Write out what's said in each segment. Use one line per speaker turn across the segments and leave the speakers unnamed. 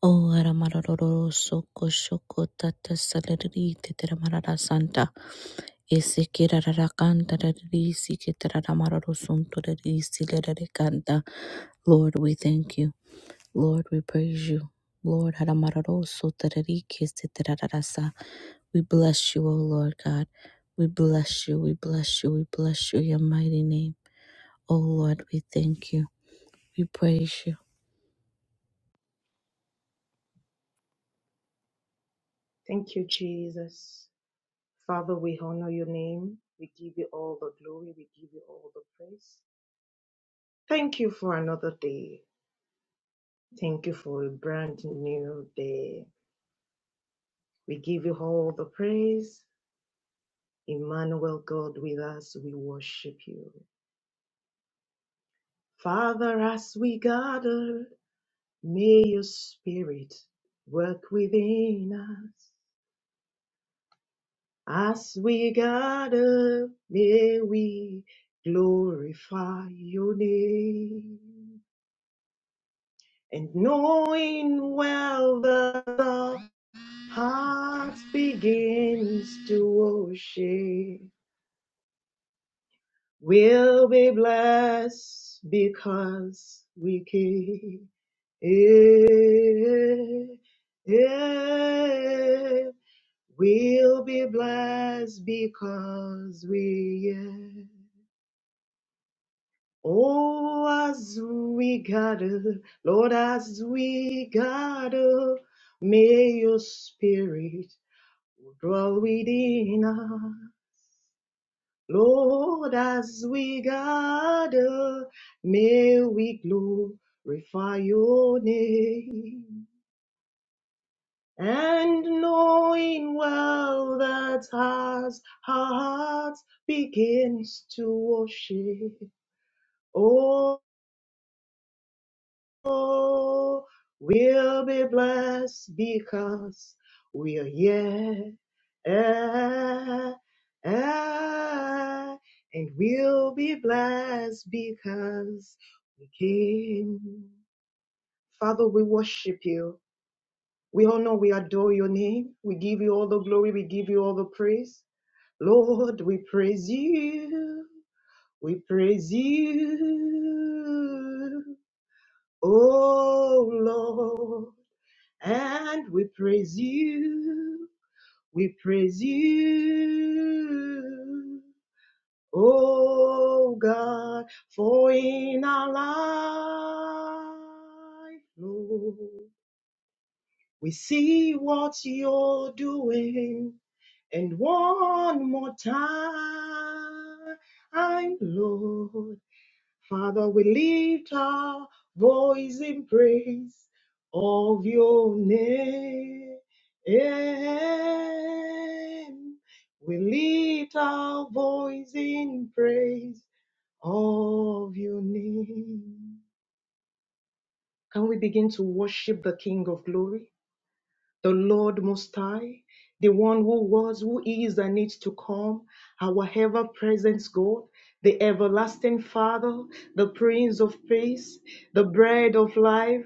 O Aramaroro Soko Shoko Tata Saleri Teteramarara Santa Esekirara Kanta Risi Ketaramaroro Sunto Risi Kanta Lord, we thank you. Lord, we praise you. Lord, Aramaroro Sotarari Kesetararasa. We bless you, O Lord God. We bless you, we bless you, we bless you, your mighty name. O Lord, we thank you. We praise you.
Thank you, Jesus. Father, we honor your name. We give you all the glory. We give you all the praise. Thank you for another day. Thank you for a brand new day. We give you all the praise. Emmanuel, God with us, we worship you. Father, as we gather, may your spirit work within us. As we gather, may we glorify your name. And knowing well that our heart begins to worship, we'll be blessed because we came. Eh, eh. We'll be blessed because we are. Oh, as we gather, Lord, as we gather, may your spirit dwell within us. Lord, as we gather, may we glorify your name. And knowing well that as our hearts begins to worship, oh, Oh, we will be blessed because we are yet and we'll be blessed because we came. Father, we worship you. We honor, we adore your name. We give you all the glory. We give you all the praise. Lord, we praise you. We praise you. Oh Lord. and we praise you. We praise you, oh God, for in our life, Lord, we see what you're doing, and one more time, Lord, Father, we lift our voice in praise of your name. We lift our voice in praise of your name. Can we begin to worship the King of glory? the Lord Most High, the one who was, who is, and needs to come, our ever present God, the everlasting Father, the Prince of Peace, the bread of life,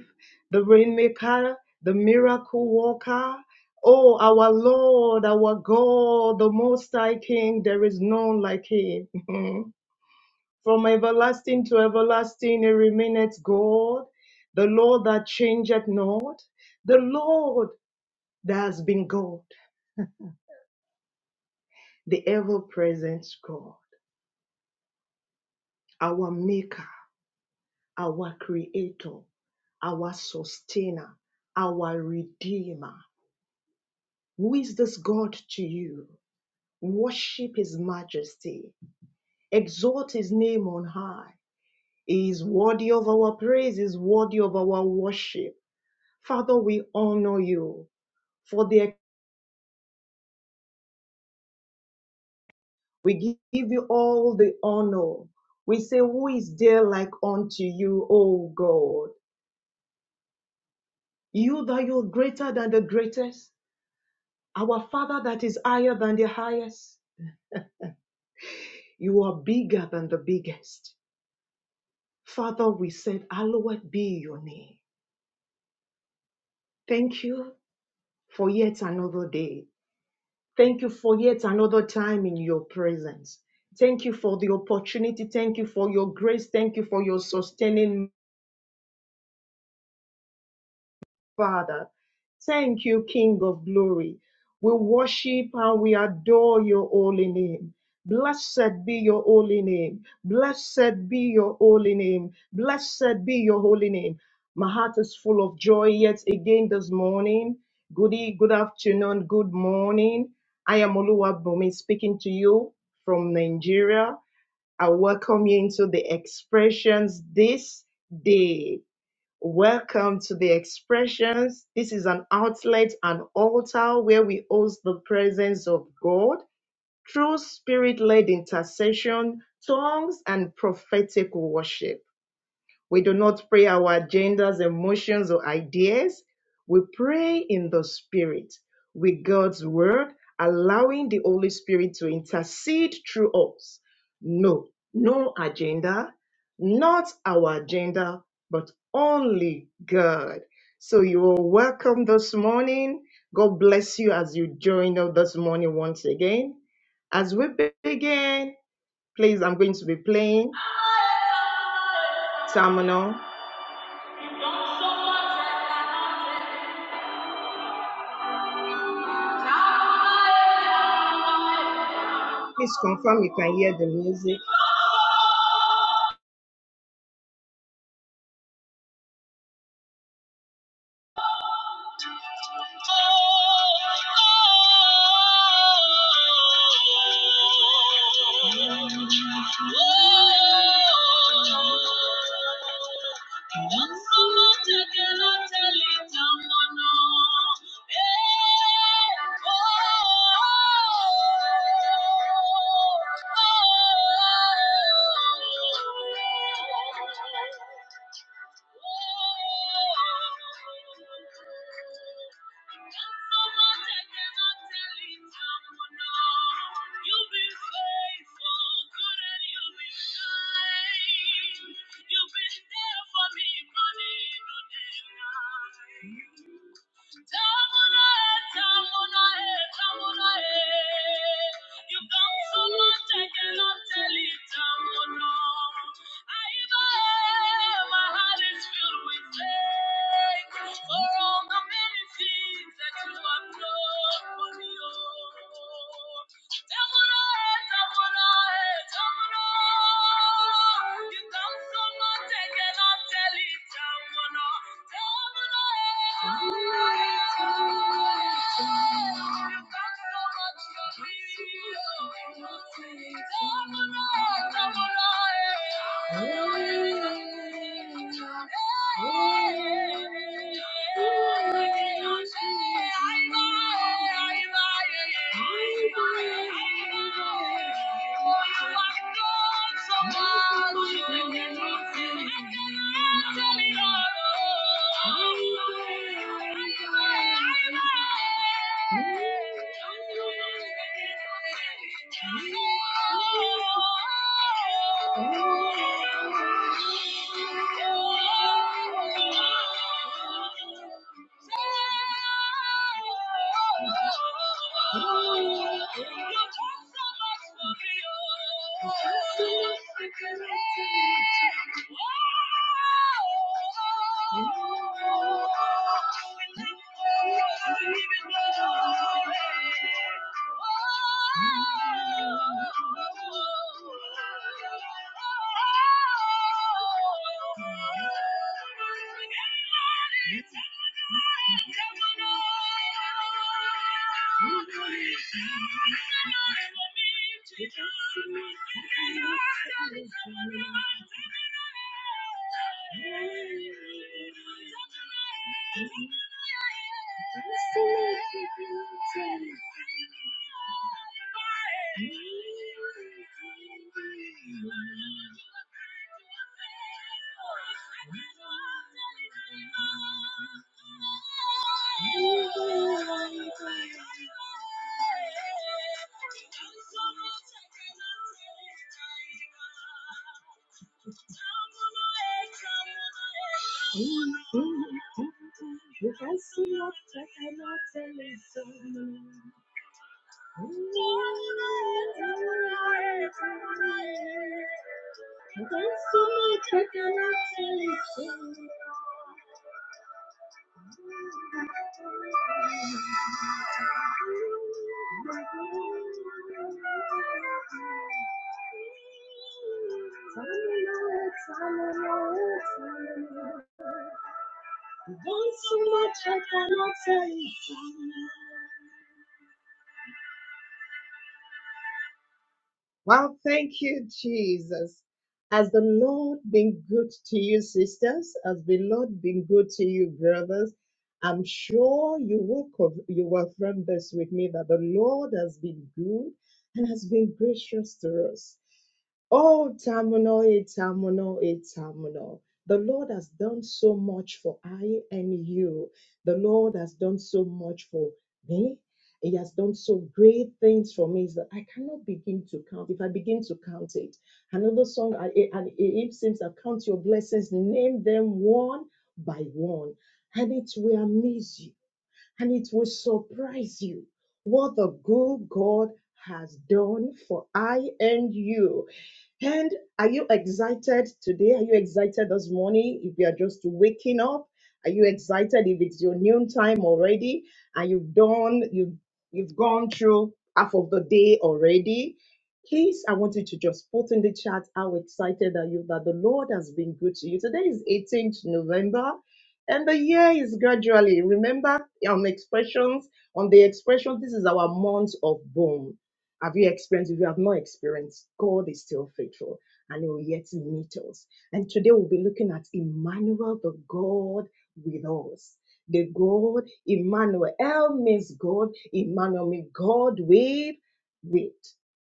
the rainmaker, the miracle worker. Oh, our Lord, our God, the Most High King, there is none like Him. From everlasting to everlasting, He remaineth God, the Lord that changeth not, the Lord that's been God, the ever present God, our Maker, our Creator, our Sustainer, our Redeemer. Who is this God to you? Worship His majesty, exalt His name on high. He is worthy of our praise, He is worthy of our worship. Father, we honor you for the we give you all the honor. We say, Who is there like unto you, O God? You that you're greater than the greatest, our Father that is higher than the highest. You are bigger than the biggest. Father, we said, Hallowed be your name. Thank you for yet another day. Thank you for yet another time in your presence. Thank you for the opportunity. Thank you for your grace. Thank you for your sustaining Father. Thank you, King of glory. We worship and we adore your holy name. Blessed be your holy name. Blessed be your holy name. Blessed be your holy name. My heart is full of joy yet again this morning. Good, e- good afternoon, good morning. I am Oluwabomi speaking to you from Nigeria. I welcome you into the expressions this day. Welcome to the expressions. This is an outlet, an altar where we host the presence of God through spirit led intercession, tongues, and prophetic worship. We do not pray our agendas, emotions, or ideas. We pray in the Spirit with God's Word, allowing the Holy Spirit to intercede through us. No, no agenda, not our agenda, but only God. So you are welcome this morning. God bless you as you join us this morning once again. As we begin, please, I'm going to be playing Terminal. Please confirm you can hear the music. You've been there for me, money, no for all the many things that you have done for me, oh. Tamuna, oh, you. Oh, Thank you. Yes, I see your second, I'll tell you so. There's so much I cannot tell you. Well, thank you, Jesus. Has the Lord been good to you, sisters? Has the Lord been good to you, brothers? I'm sure you will co- you will affirm this with me that the Lord has been good and has been gracious to us. Oh, Tamuno, eh, Tamuno, eh, Tamuno. The Lord has done so much for I and you. The Lord has done so much for me. He has done so great things for me is that I cannot begin to count. If I begin to count it, another song, and it seems, I count your blessings, name them one by one. And it will amaze you and it will surprise you what the good God has done for I and you. And are you excited today? Are you excited this morning? If you are just waking up, are you excited if it's your noon time already and you've done you you've gone through half of the day already? Please, I want you to just put in the chat how excited are you that the Lord has been good to you. Today is 18th November and the year is gradually. Remember on expressions, on the expression, this is our month of bone. Have you experienced? If you have not experienced, God is still faithful and He will yet meet us. And today we'll be looking at Emmanuel, the God with us. The God, Emmanuel. El means God, Emmanuel means God with, with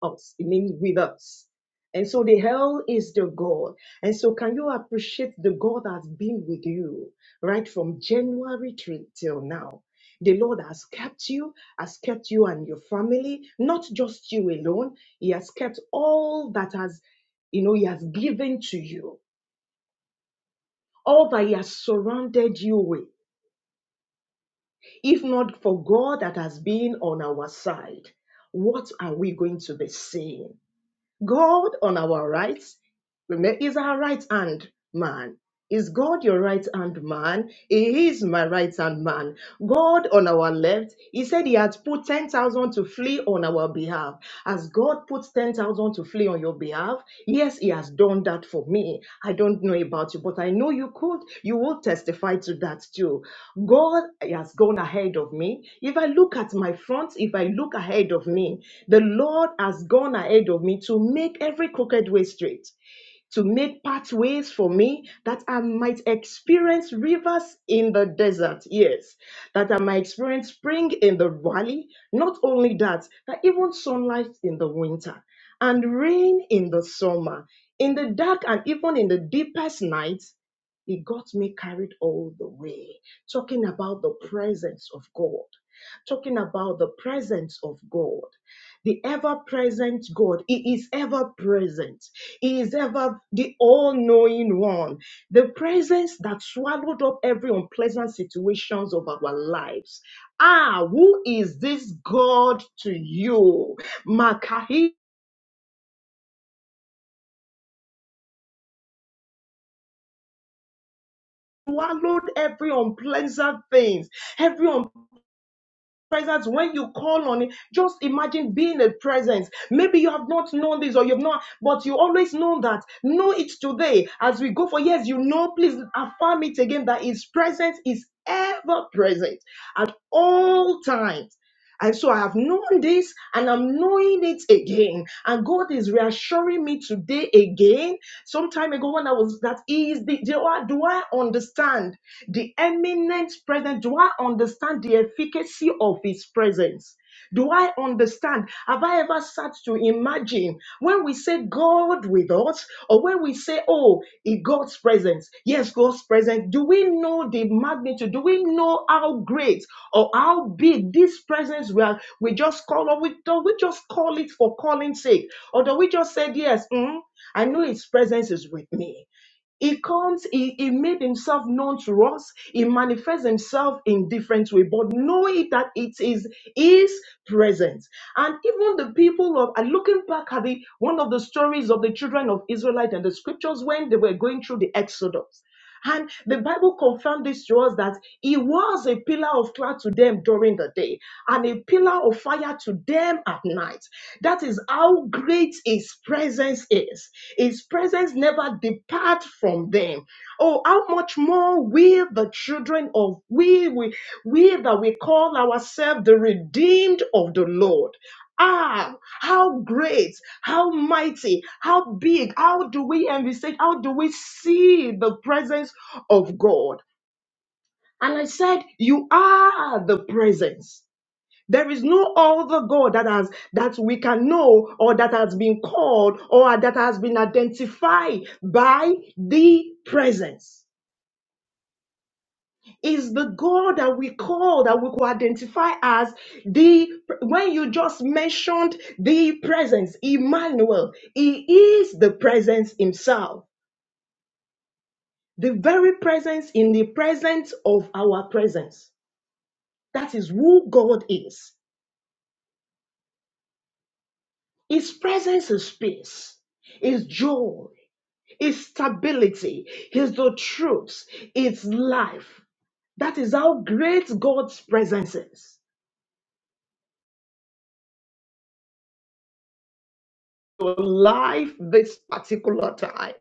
us. It means with us. And so the hell is the God. And so can you appreciate the God that's been with you right from January till till now? The Lord has kept you, has kept you and your family, not just you alone. He has kept all that has, you know, He has given to you, all that He has surrounded you with. If not for God that has been on our side, what are we going to be saying? God on our right, Remember, he's our right hand man. Is God your right hand man? He is my right hand man. God on our left, he said he had put 10,000 to flee on our behalf. As God puts 10,000 to flee on your behalf, yes, he has done that for me. I don't know about you, but I know you could. You will testify to that too. God has gone ahead of me. If I look at my front, if I look ahead of me, the Lord has gone ahead of me to make every crooked way straight to make pathways for me that I might experience rivers in the desert. Yes, that I might experience spring in the valley. Not only that, that even sunlight in the winter and rain in the summer, in the dark and even in the deepest night. He got me carried all the way, talking about the presence of God, talking about the presence of God the ever present God. He is ever present. He is ever the all knowing one. The presence that swallowed up every unpleasant situations of our lives. Ah, who is this God to you? Makahi swallowed every unpleasant things, every presence when you call on it just imagine being a presence maybe you have not known this or you've not but you always know that know it today as we go for years you know please affirm it again that his presence is ever present at all times and so I have known this and I'm knowing it again. And God is reassuring me today again. Some time ago, when I was that is the do I, do I understand the eminent presence? Do I understand the efficacy of his presence? Do I understand? Have I ever sat to imagine when we say God with us, or when we say, oh, in God's presence, yes, God's presence, do we know the magnitude? Do we know how great or how big this presence we are? We just call, or we, do we just call it for calling's sake? Or do we just say, yes, mm, I know His presence is with me? He comes, he, he made himself known to us, he manifests himself in different way, but know it that it is his presence. And even the people of and looking back at the one of the stories of the children of Israelite and the scriptures when they were going through the Exodus. And the Bible confirmed this to us that he was a pillar of cloud to them during the day and a pillar of fire to them at night. That is how great his presence is. His presence never depart from them. Oh, how much more we, the children of we, we, we that we call ourselves the redeemed of the Lord. Ah, how great, how mighty, how big, how do we envisage, how do we see the presence of God? And I said, You are the presence. There is no other God that has that we can know or that has been called or that has been identified by the presence. is the God that we call, that we could identify as the, when you just mentioned the presence, Emmanuel, He is the presence Himself, the very presence in the presence of our presence. That is who God is. His presence is peace, His joy, His stability, His the truth, His life. That is how great God's presence is. your life this particular time.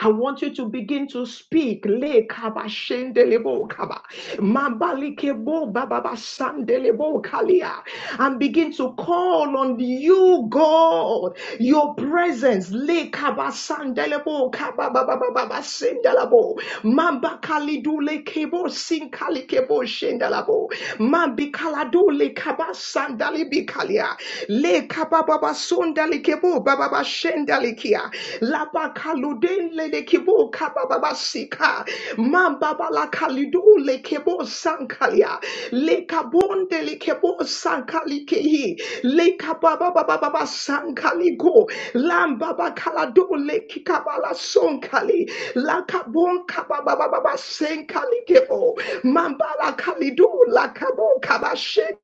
I want you to begin to speak. Le kaba shendelebo kaba. Mabali kebo bababa sandelebo kalia. And begin to call on you, God, your presence. Le kaba sandelebo kaba bababa sendelebo. Mamba kalidu le kebo sinkali kebo shendelebo. Mambi kaladu le kaba sand shandali bikalia le kababa sondali kebo bababa shendali kia la le de kababa sika mambaba la kalidu le kebo sankalia le kabonde le kebo sankali kehi le kababa bababa sankali go lamba bakaladu le kikabala sonkali la kabon kababa bababa senkali kebo mambala kalidu la kabon kabashe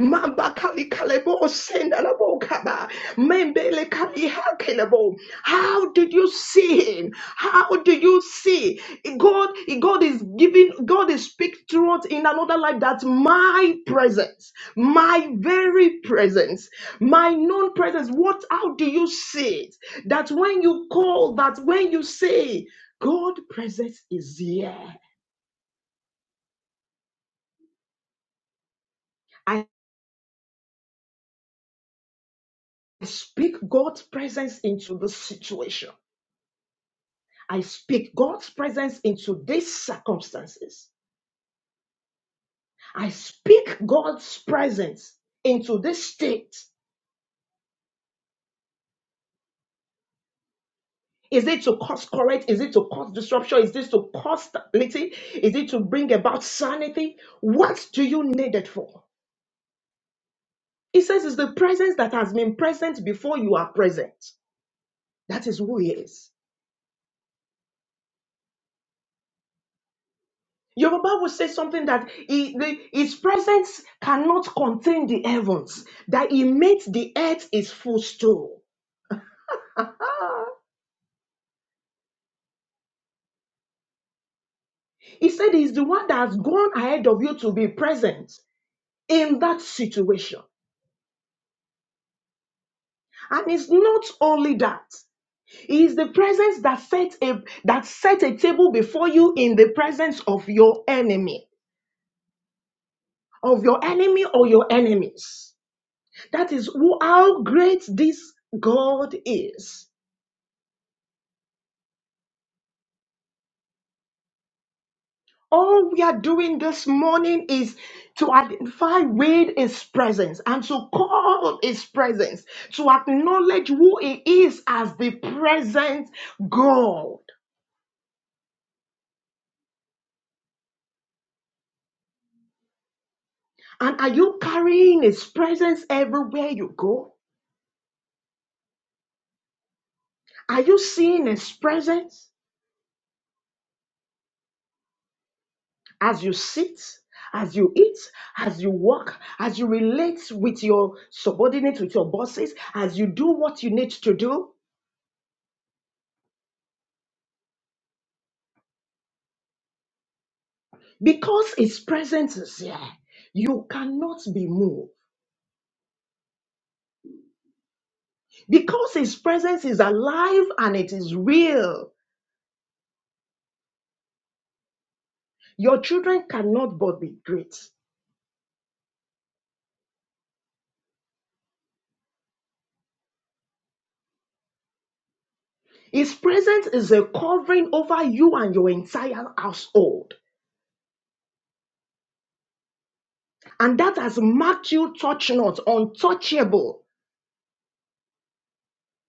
Mamba Kali Kalebo, Sendalabo Kaba, Membele Kali Hakelebo. How did you see him? How do you see? God, God is giving, God is speaking to us in another life that my presence, my very presence, my known presence, what, how do you see it? That when you call, that when you say, God presence is here. I speak God's presence into the situation. I speak God's presence into these circumstances. I speak God's presence into this state. Is it to cause correct? Is it to cause disruption? Is this to cause stability? Is it to bring about sanity? What do you need it for? He says it's the presence that has been present before you are present. That is who he is. Your Bible says something that he- the- his presence cannot contain the heavens, that he made the earth his footstool. He said he's the one that's gone ahead of you to be present in that situation. And it's not only that. He is the presence that set a that set a table before you in the presence of your enemy, of your enemy or your enemies. That is who, how great this God is. All we are doing this morning is to identify with His presence and to call on His presence, to acknowledge who He is as the present God. And are you carrying His presence everywhere you go? Are you seeing His presence as you sit? As you eat, as you walk, as you relate with your subordinates, with your bosses, as you do what you need to do, Because His presence is here, you cannot be moved. Because His presence is alive and it is real, your children cannot but be great. His presence is a covering over you and your entire household. And that has marked you touch not, untouchable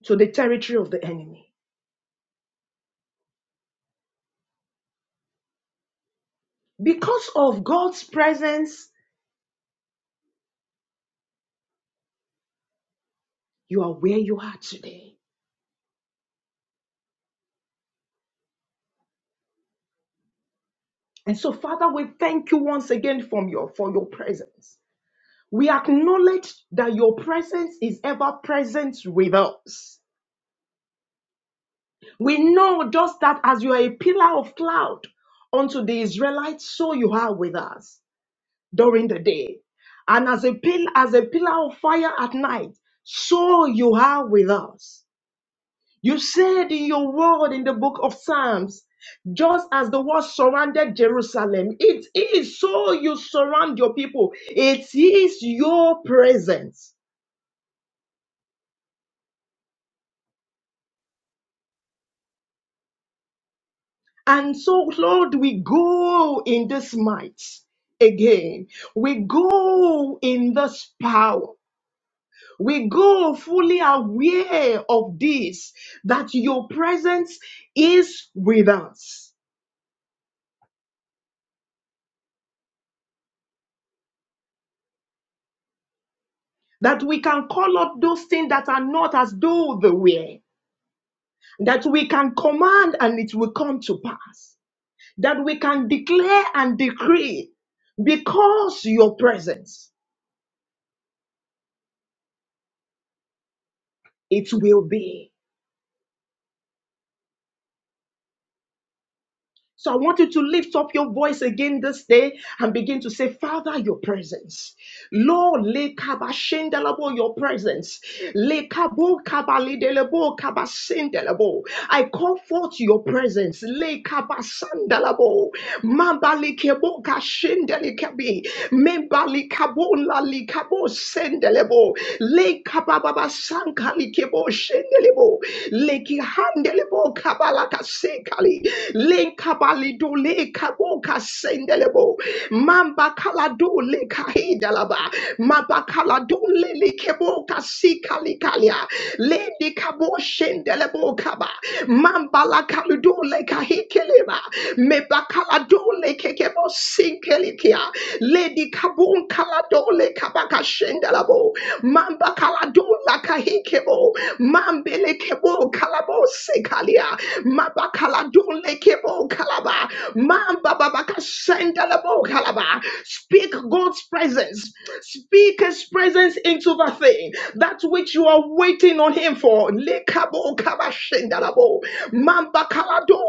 to the territory of the enemy. Because of God's presence, you are where you are today. And so, Father, we thank you once again from your, for your presence. We acknowledge that your presence is ever present with us. We know just that as you are a pillar of cloud unto the Israelites, so you are with us during the day. And as a pill, as a pillar of fire at night, so you are with us. You said in your word in the book of Psalms, just as the word surrounded Jerusalem, it is so you surround your people. It is your presence. And so, Lord, we go in this might again. We go in this power. We go fully aware of this, that your presence is with us, that we can call up those things that are not as though they were, that we can command and it will come to pass, that we can declare and decree because your presence, it will be. So I want you to lift up your voice again this day and begin to say, Father, your presence. Lord, lekabashendelebo, your presence. Lekabo kabalidelebo, kabashendelebo. I call forth your presence. Lekabasandelebo. Mambalikebo kashendelekabi. Membalikabo lalikabo sendelebo sankali kebo shendelebo leki handelebo kabala kasekali lenkabali do lekabo kasendelebo mamba kala do lekahidalaba mamba kala do lelekebo kasikali kalia lede kabo shendelebo kaba mamba la kalu do lekahikeleba meba kala do lekekebo sinkelikia ledi kabun kala do lekabaka shendelebo mamba kalado lakahikebo, mambelekebo kalabo sekalia, mabakaladole kebo kalaba, mambabababasendelebo kalaba. Speak God's presence. Speak His presence into the thing. That which you are waiting on Him for. Lekabo kaba sendalabo, mambakala dole.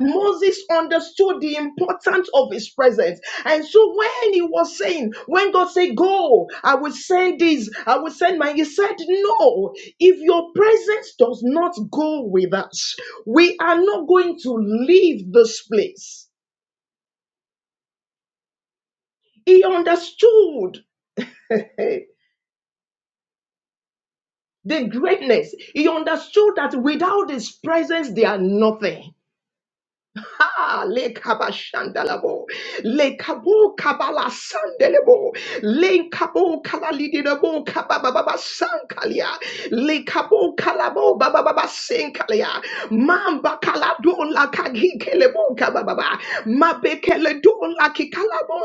Moses understood the importance of his presence. And so when he was saying, when God said, Go, I will send this, I will send my, he said, No, if your presence does not go with us, we are not going to leave this place. He understood the greatness. He understood that without his presence, they are nothing. Ha! le Lekabo kabala sandelebo. le Lekabo kalalidinabo kabababa sankalia. Lekabo kalabo bababa sankalia. Mamba kalado la kagikelebo kabababa. Mabekele do la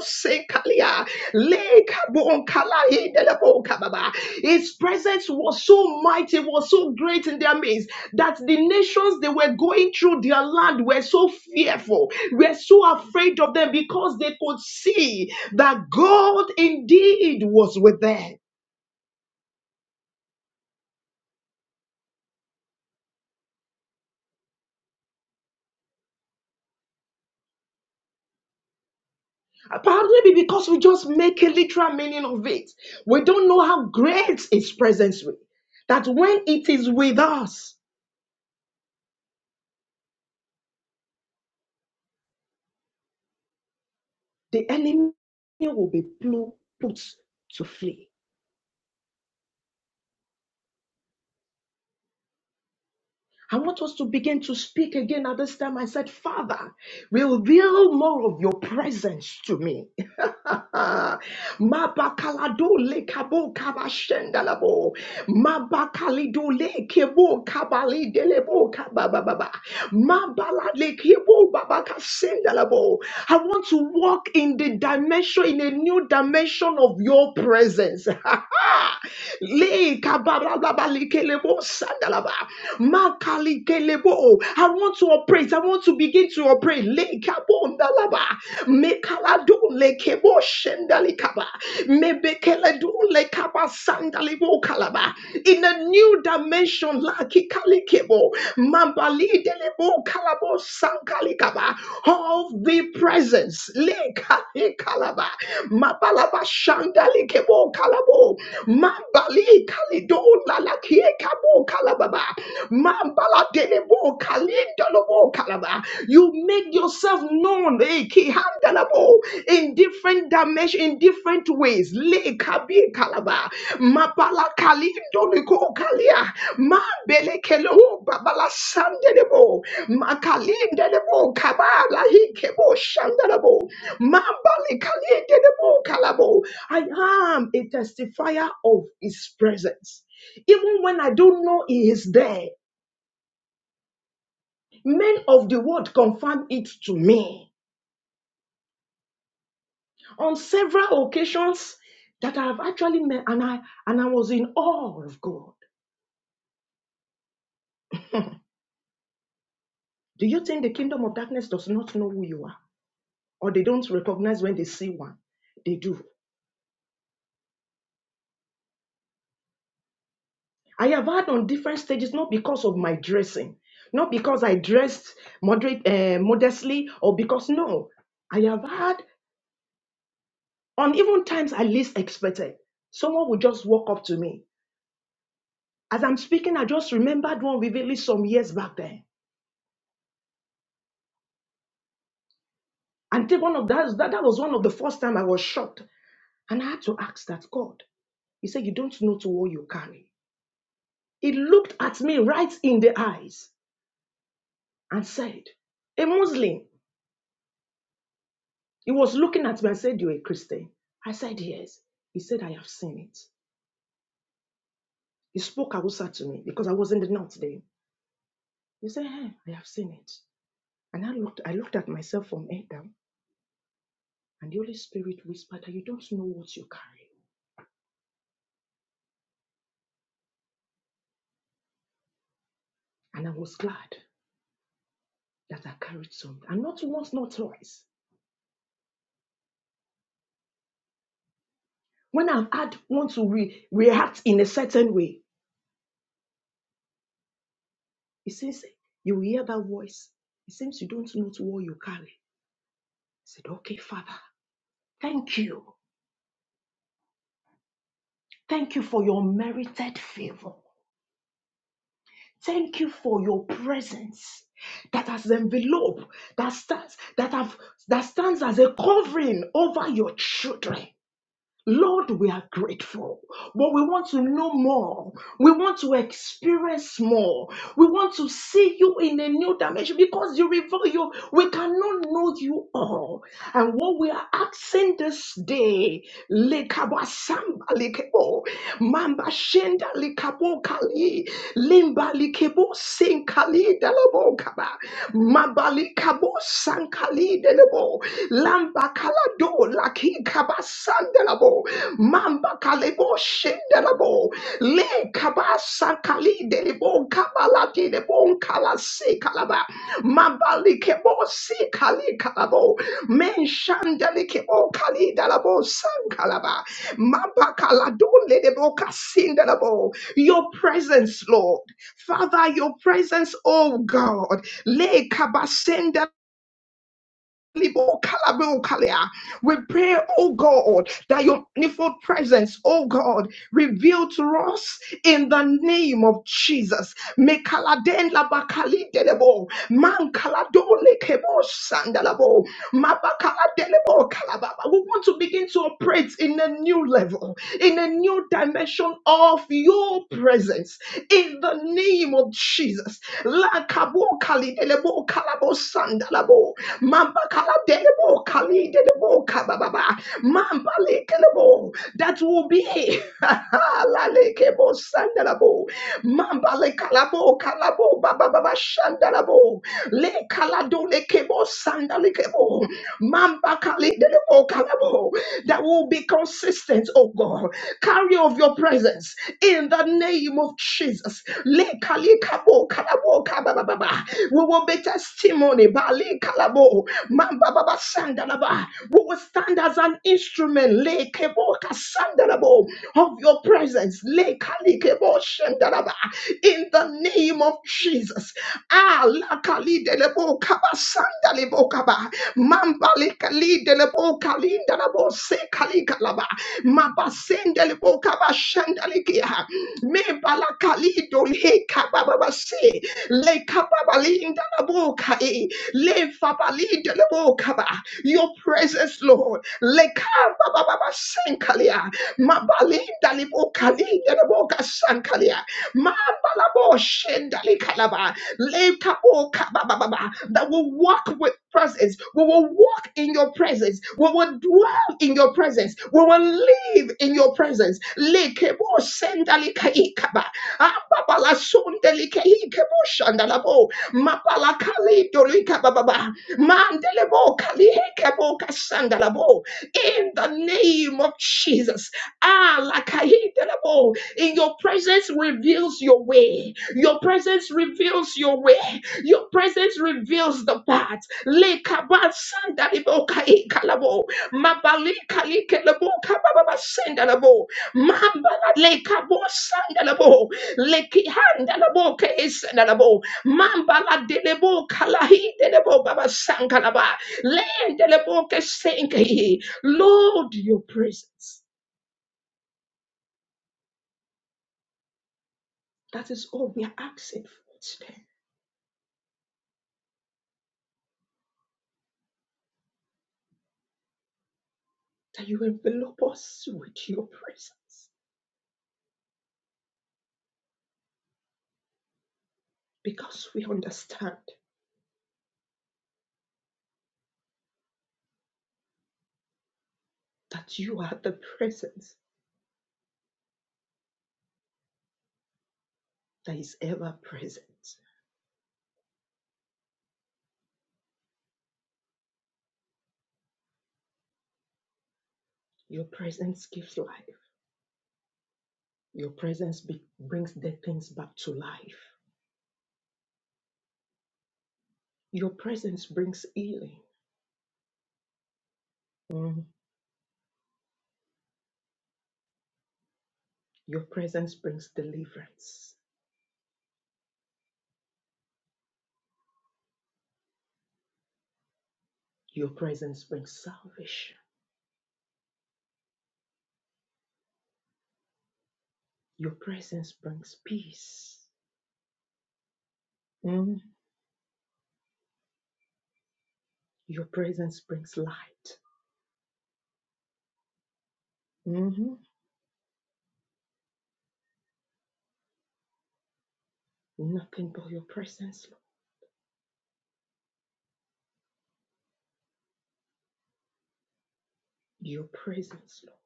Sekalia, Lekabonkalai, Delebokababa. His presence was so mighty, was so great in their midst that the nations they were going through their land were so fearful, were so afraid of them because they could see that God indeed was with them. Probably because we just make a literal meaning of it. We don't know how great His presence is. That when it is with us, the enemy will be plu- put to flee. I want us to begin to speak again at this time. I said, Father, reveal more of your presence to me. Mabakalado le kabo kabashendalabo. Mabakalido le kebo kabali delebo kabababa. Mabala le kebo babakasendalabo. I want to walk in the dimension, in a new dimension of your presence. Le kabarababa le kelebo sandalaba. Makali kelebo. I want to operate. I want to begin to operate pray. Lekabondalaba. Mekaladun lekebo shendalikaba. Mebekeladun lekaba sandalibo kalaba. In a new dimension, lakikalikebo. Mambalidelebo kalabo sankalikaba. Of the presence. Lekalikalaba. Mabalaba shandalikebo kalabo. Mambali kalidon lalakie kabo kalababa. Adelebo, kalendalobo, kalaba. You make yourself known eh, kihandalabo, in different dimensions, in different ways. Le kabi kalaba. Mapala kalindoliko kalia. Mabele kelo babala sandelebo. Makalindelebo kabala hikebo shandelebo. Mambali kalindelebo kalabo. I am a testifier of his presence. Even when I don't know he is there, Men of the world confirm it to me on several occasions that I have actually met, and I and I was in awe of God. Do you think the kingdom of darkness does not know who you are, or they don't recognize when they see one? They do. I have had on different stages, not because of my dressing, not because I dressed moderate, uh, modestly, or because no, I have had on even times I least expected. Someone would just walk up to me as I'm speaking. I just remembered one vividly some years back then And take one of that, that, that was one of the first time I was shocked. And I had to ask that God. He said, You don't know to what you carry. He looked at me right in the eyes and said, A Muslim. He was looking at me and said, You're a Christian. I said, Yes. He said, I have seen it. He spoke Hausa to me because I was in the north then. He said, hey, I have seen it. And I looked, I looked at myself from head down, and the Holy Spirit whispered that you don't know what you carry. And I was glad that I carried something. And not once, not twice. When I've had want to re- react in a certain way, it seems you will hear that voice. It seems you don't know what you carry. I said, okay, Father, thank you. Thank you for your merited favor. Thank you for your presence that has enveloped, that stands, that have that stands as a covering over your children. Lord, we are grateful, but we want to know more. We want to experience more. We want to see you in a new dimension because you reveal you. We cannot know you all. And what we are asking this day, lekabasamba lekebo, mamba shenda lekabo kali, limba lekebo senkali delebo kaba, mamba lekabo sankali delebo, bakalado laki kabasandelabo mamba kalebo shendelabo le kabasakali delebo kabalati debo kalase kalaba mambali kebo si kali kalabo men shandeli kebo kali dalabo san kalaba mamba kalado ledebo kasindelabo your presence Lord Father your presence oh God le kabasendela we pray, oh God, that your manifold presence, oh God, reveal to us in the name of Jesus. Me kaladen la man kalado lekebo sandalabo, mabakala kalababa. We want to begin to operate in a new level, in a new dimension of your presence, in the name of Jesus. La kabo kali kalabo dalabo mamba kala delebo kali delebo kabababa mamba lekelebo that will be la lekebo sandalabo mamba lekalabo kalabo bababa shandalabo le kalado lekebo sandalekebo mamba kali delebo kalabo that will be consistent oh God carry of your presence in the name of Jesus le kali kabo kalabo kabababa we will be testimony. Bali kalabo. Mamba baba sandalaba. We will stand as an instrument. Le kebo kasandalabo of your presence. Le kali kebo shandalaba. In the name of Jesus. Ah, la kali delebo kaba sandalebo kaba. Mamba le kali delebo kali dalabo se kali kalaba. Mamba sendelebo kaba shandalikia. Me bala kali dole kaba baba se. Le kapabali indalabo kae. Le fabali indalabo kaba. Your presence, Lord. Le kabababa sankalia. Mabali indalibo kali indalabo kasankalia. Mabalabo shendali kalaba. Le kabo kabababa. That will walk with presence. We will walk in your presence. We will dwell in your presence. We will live in your presence. Lekebo sendalika ikaba shandalabo mapala kali dolika bababa mandelebo kali hekebo kasandalabo in the name of Jesus ah lakahidelabo in your presence reveals your way your presence reveals your way your presence reveals the path lekaba sandalebo kai kalabo mabali kali kelebo kababa sandalabo mabala lekabo sandalabo leki handa la bo ke es na la bo mamba la de le bo baba sanka la land de le bo lord your presence that is all we are asking for today that you envelop us with your presence because we understand that you are the presence that is ever present your presence gives life your presence be- brings dead things back to life your presence brings healing Mm. Your presence brings deliverance. Your presence brings salvation. Your presence brings peace. Mhm. Your presence brings light. Mhm. Nothing but your presence, Lord. Your presence, Lord.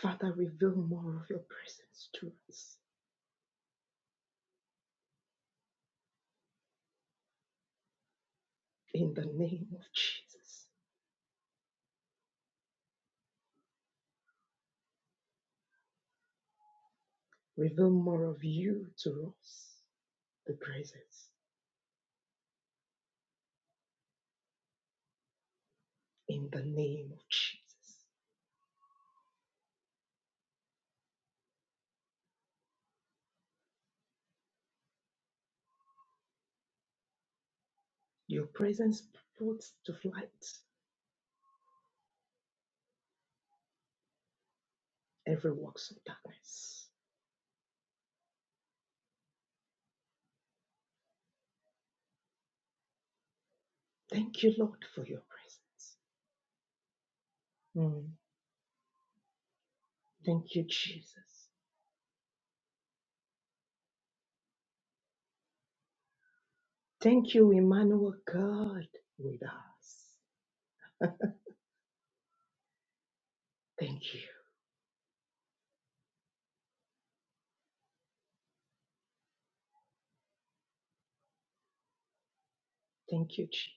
Father, reveal more of your presence to us. In the name of Jesus, reveal more of you to us. The presence. In the name of Jesus. Your presence puts to flight every works of darkness. Thank you, Lord, for your presence. Mm. Thank you, Jesus. Thank you, Emmanuel, God with us. Thank you. Thank you, Jesus.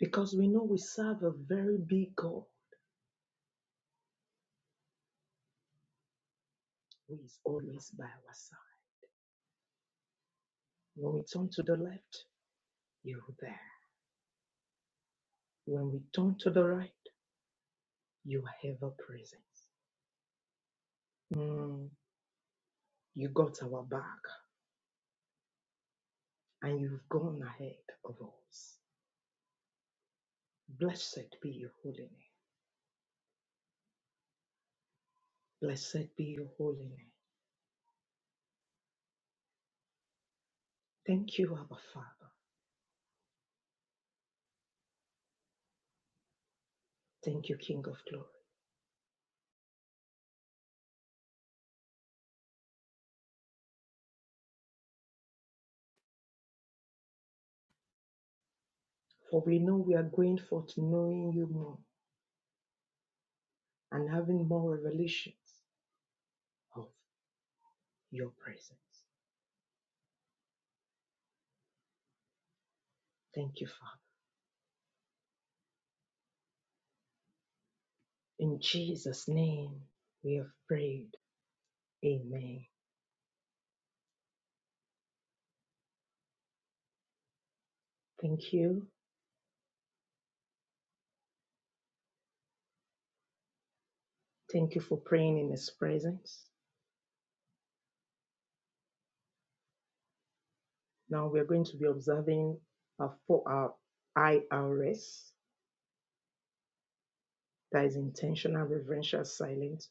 Because we know we serve a very big God who is always by our side. When we turn to the left, you're there. When we turn to the right, you are ever present. Mm. You got our back and you've gone ahead of us. Blessed be your holy name. Blessed be your holy name. Thank you, Abba Father. Thank you, King of Glory. For we know we are going forth knowing you more and having more revelations of your presence. Thank you, Father. In Jesus' name, we have prayed. Amen. Thank you. Thank you for praying in His presence. Now we are going to be observing our for our IRS, that is intentional reverential silence.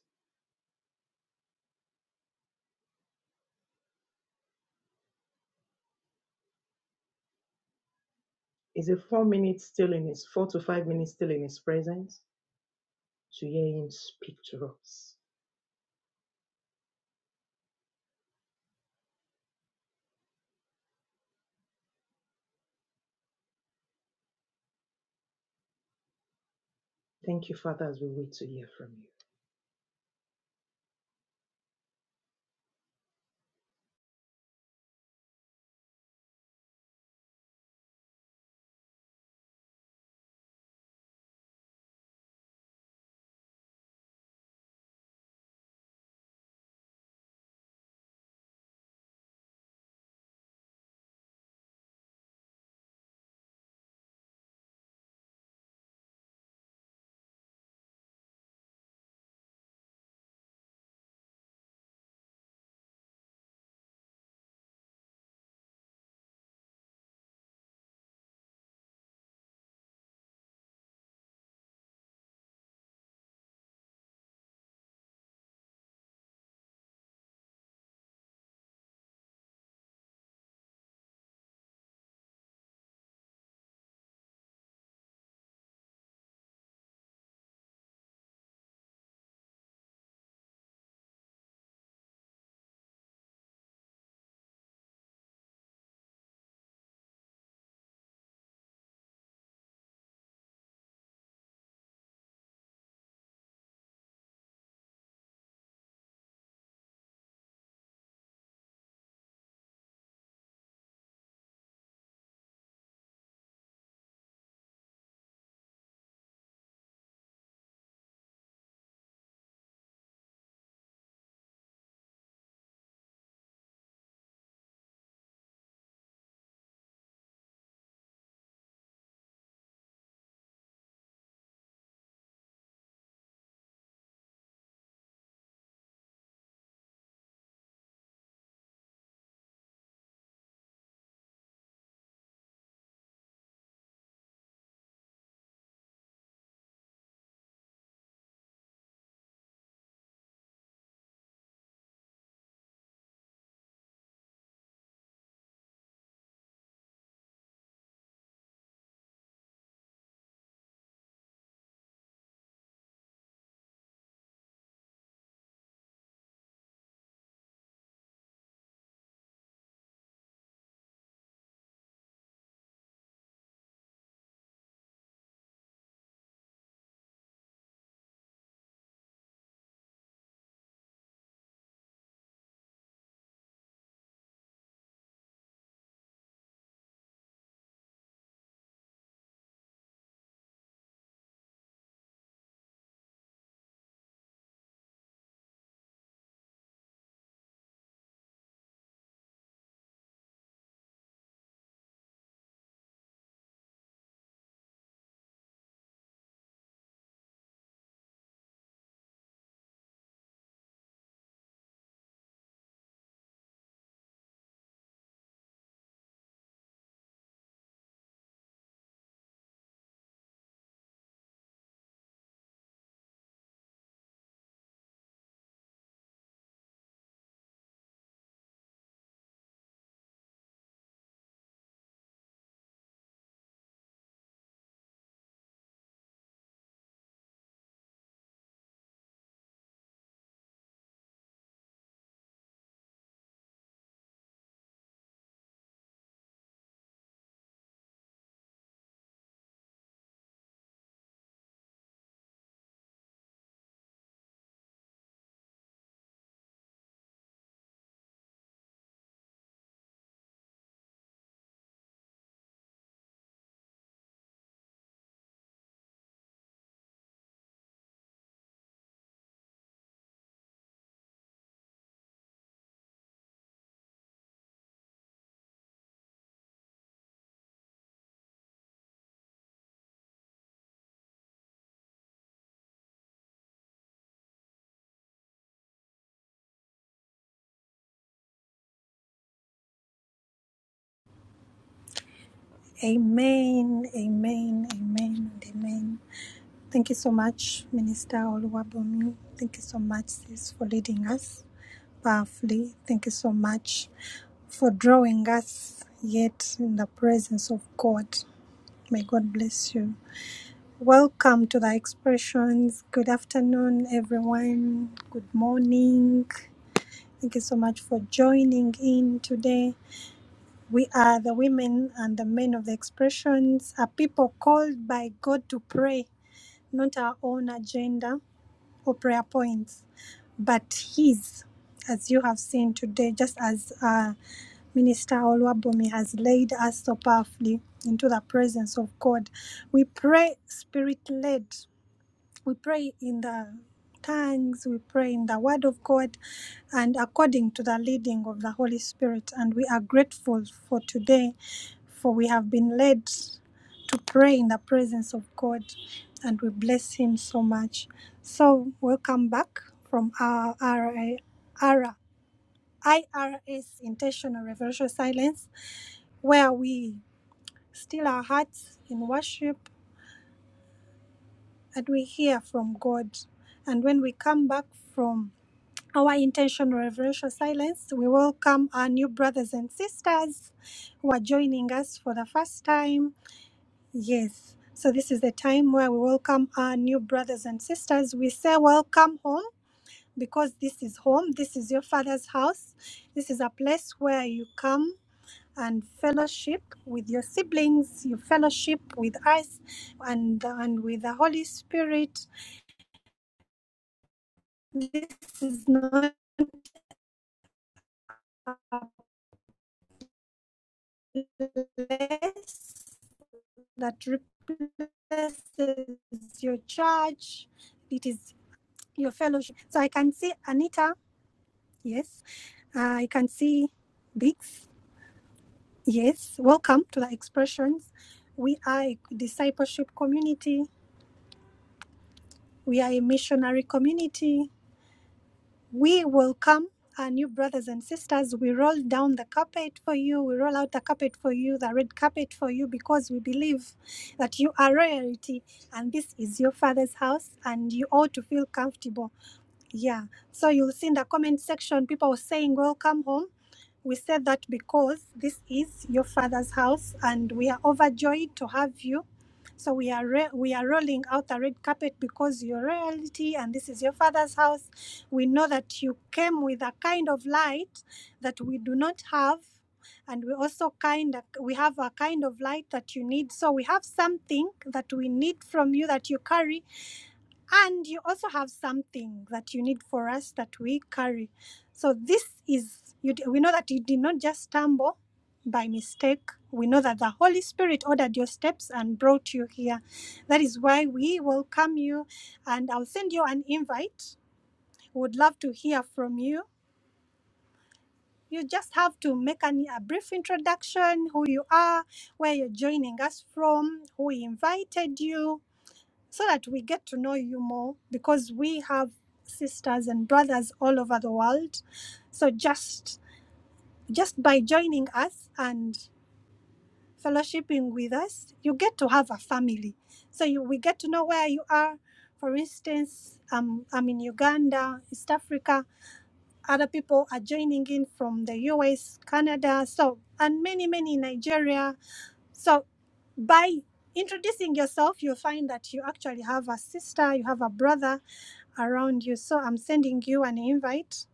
Is a four minutes still in His four to five minutes still in His presence? to hear Him speak to us. Thank you, Father, as we wait to hear from you.
Amen, amen, amen, and amen. Thank you so much, Minister Oluwabomi. Thank you so much, sis, for leading us powerfully. Thank you so much for drawing us yet in the presence of God. May God bless you. Welcome to the expressions. Good afternoon, everyone. Good morning. Thank you so much for joining in today. We are the women and the men of the expressions, a people called by God to pray, not our own agenda or prayer points, but His, as you have seen today, just as uh, Minister Olwabomi has laid us so powerfully into the presence of God. We pray spirit led we pray in the tongues, we pray in the Word of God, and according to the leading of the Holy Spirit. And we are grateful for today, for we have been led to pray in the presence of God, and we bless Him so much. So, welcome back from our RI IRS intentional reverential silence, where we still our hearts in worship and we hear from God. And when we come back from our intention of reverential silence. We welcome our new brothers and sisters who are joining us for the first time. Yes, so this is the time where we welcome our new brothers and sisters. We say welcome home because this is home, this is your father's house, this is a place where you come. And fellowship with your siblings, you fellowship with us, and and with the Holy Spirit. This is not a place that replaces your church. It is your fellowship. So I can see Anita, yes. Uh, I can see Biggs, yes. Welcome to the expressions. We are a discipleship community. We are a missionary community. we welcome our new brothers and sisters we roll down the carpet for you we roll out the carpet for you the red carpet for you because we believe that you are royalty and this is your father's house and you ought to feel comfortable yeah so you'll see in the comment section people saying welcome home we said that because this is your father's house and we are overjoyed to have you. So we are re- we are rolling out a red carpet because you're royalty and this is your father's house. We know that you came with a kind of light that we do not have and we also kind of, we have a kind of light that you need. So we have something that we need from you that you carry and you also have something that you need for us that we carry. So this is, you, we know that you did not just stumble by mistake. We know that the Holy Spirit ordered your steps and brought you here. That is why we welcome you and I'll send you an invite. We Would love to hear from you. You just have to make an, a brief introduction, who you are, where you're joining us from, who invited you, so that we get to know you more because we have sisters and brothers all over the world so just just by joining us and fellowshipping with us you get to have a family so you, we get to know where you are for instance um, i'm in uganda east africa other people are joining in from the us canada so and many many in nigeria so by introducing yourself you'll find that you actually have a sister you have a brother around you. So I'm sending you an invite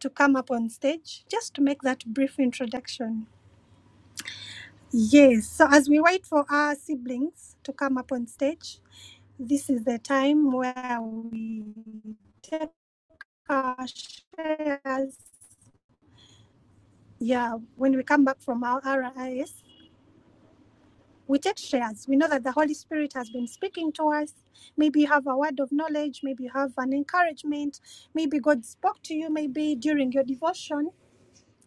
to come up on stage just to make that brief introduction. Yes, so as we wait for our siblings to come up on stage, this is the time where we take our shares. Yeah, when we come back from our RIS, we take shares. We know that the Holy Spirit has been speaking to us. Maybe you have a word of knowledge, maybe you have an encouragement, maybe God spoke to you, maybe during your devotion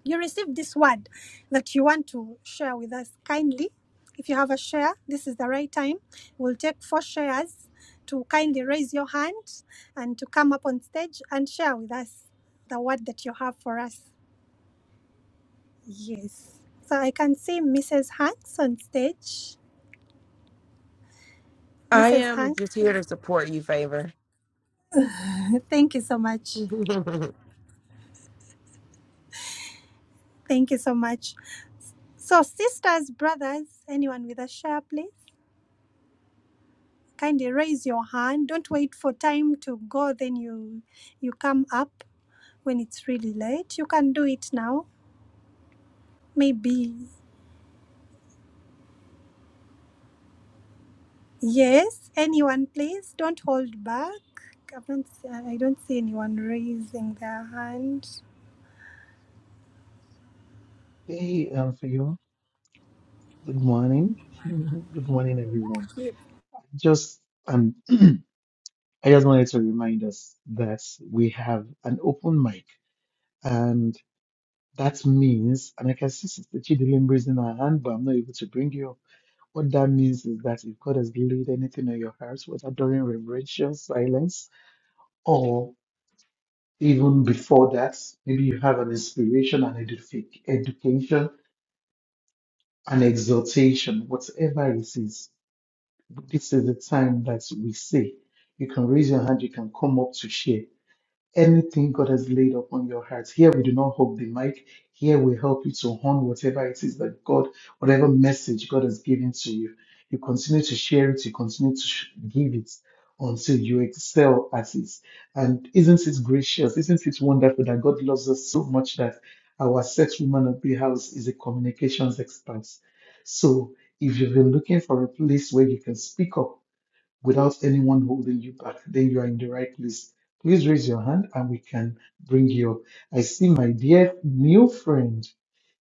you received this word that you want to share with us kindly if you have a share this is the right time we'll take four shares to kindly raise your hand and to come up on stage and share with us the word that you have for us yes so i can see mrs hanks on stage
I
mrs
am
hanks
just here to support you, favor.
thank you so much
thank
thank you so much so sisters brothers anyone with a share please kindly raise your hand. Don't wait for time to go, then you you come up when it's really late. You can do it now. Maybe yes. Anyone, please don't hold back. I don't, see- I don't see anyone raising their hand.
Hey, um, for you. Good morning. Good morning, everyone. Just um, I just wanted to remind us that we have an open mic, and that means, and I can see Sister Chidilim in her hand, but I'm not able to bring you up. What that means is that if God has laid anything on your hearts, whether during reverential silence or even before that, maybe you have an inspiration, an edific, education, an exhortation, whatever it is This is the time that we say you can raise your hand, you can come up to share anything God has laid upon your heart. Here we do not hold the mic. Here we help you to hone whatever it is that God, whatever message God has given to you. You continue to share it, you continue to sh- give it until you excel at it. And isn't it gracious? Isn't it wonderful that God loves us so much that our sex woman of the house is a communications expert? So if you've been looking for a place where you can speak up without anyone holding you back, then you are in the right place. Please raise your hand and we can bring you up. I see my dear new friend,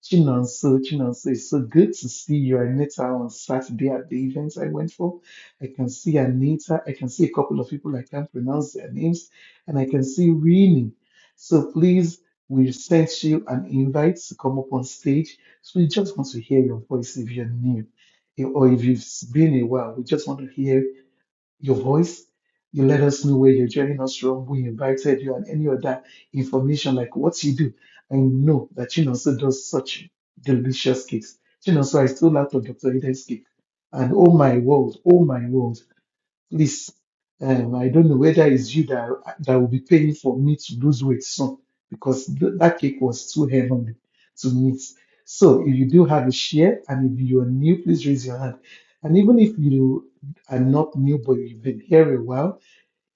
Chinonso. Chinonso, it's so good to see you. I met her on Saturday at the event I went for. I can see Anita. I can see a couple of people I can't pronounce their names. And I can see Rini. So please, we sent you an invite to come up on stage. So we just want to hear your voice if you're new or if you've been a while. We just want to hear your voice. You let us know where you're joining us from. We invited you and any other information like what you do. I know that Chinonso does such delicious cakes. Chinonso, I stole out of Dr. Eden's cake. And oh my world, oh my world please, um, I don't know whether it's you that, that will be paying for me to lose weight soon because th- that cake was too heavenly to meet. So if you do have a share and if you are new, please raise your hand. And even if you are not new but you've been here a while,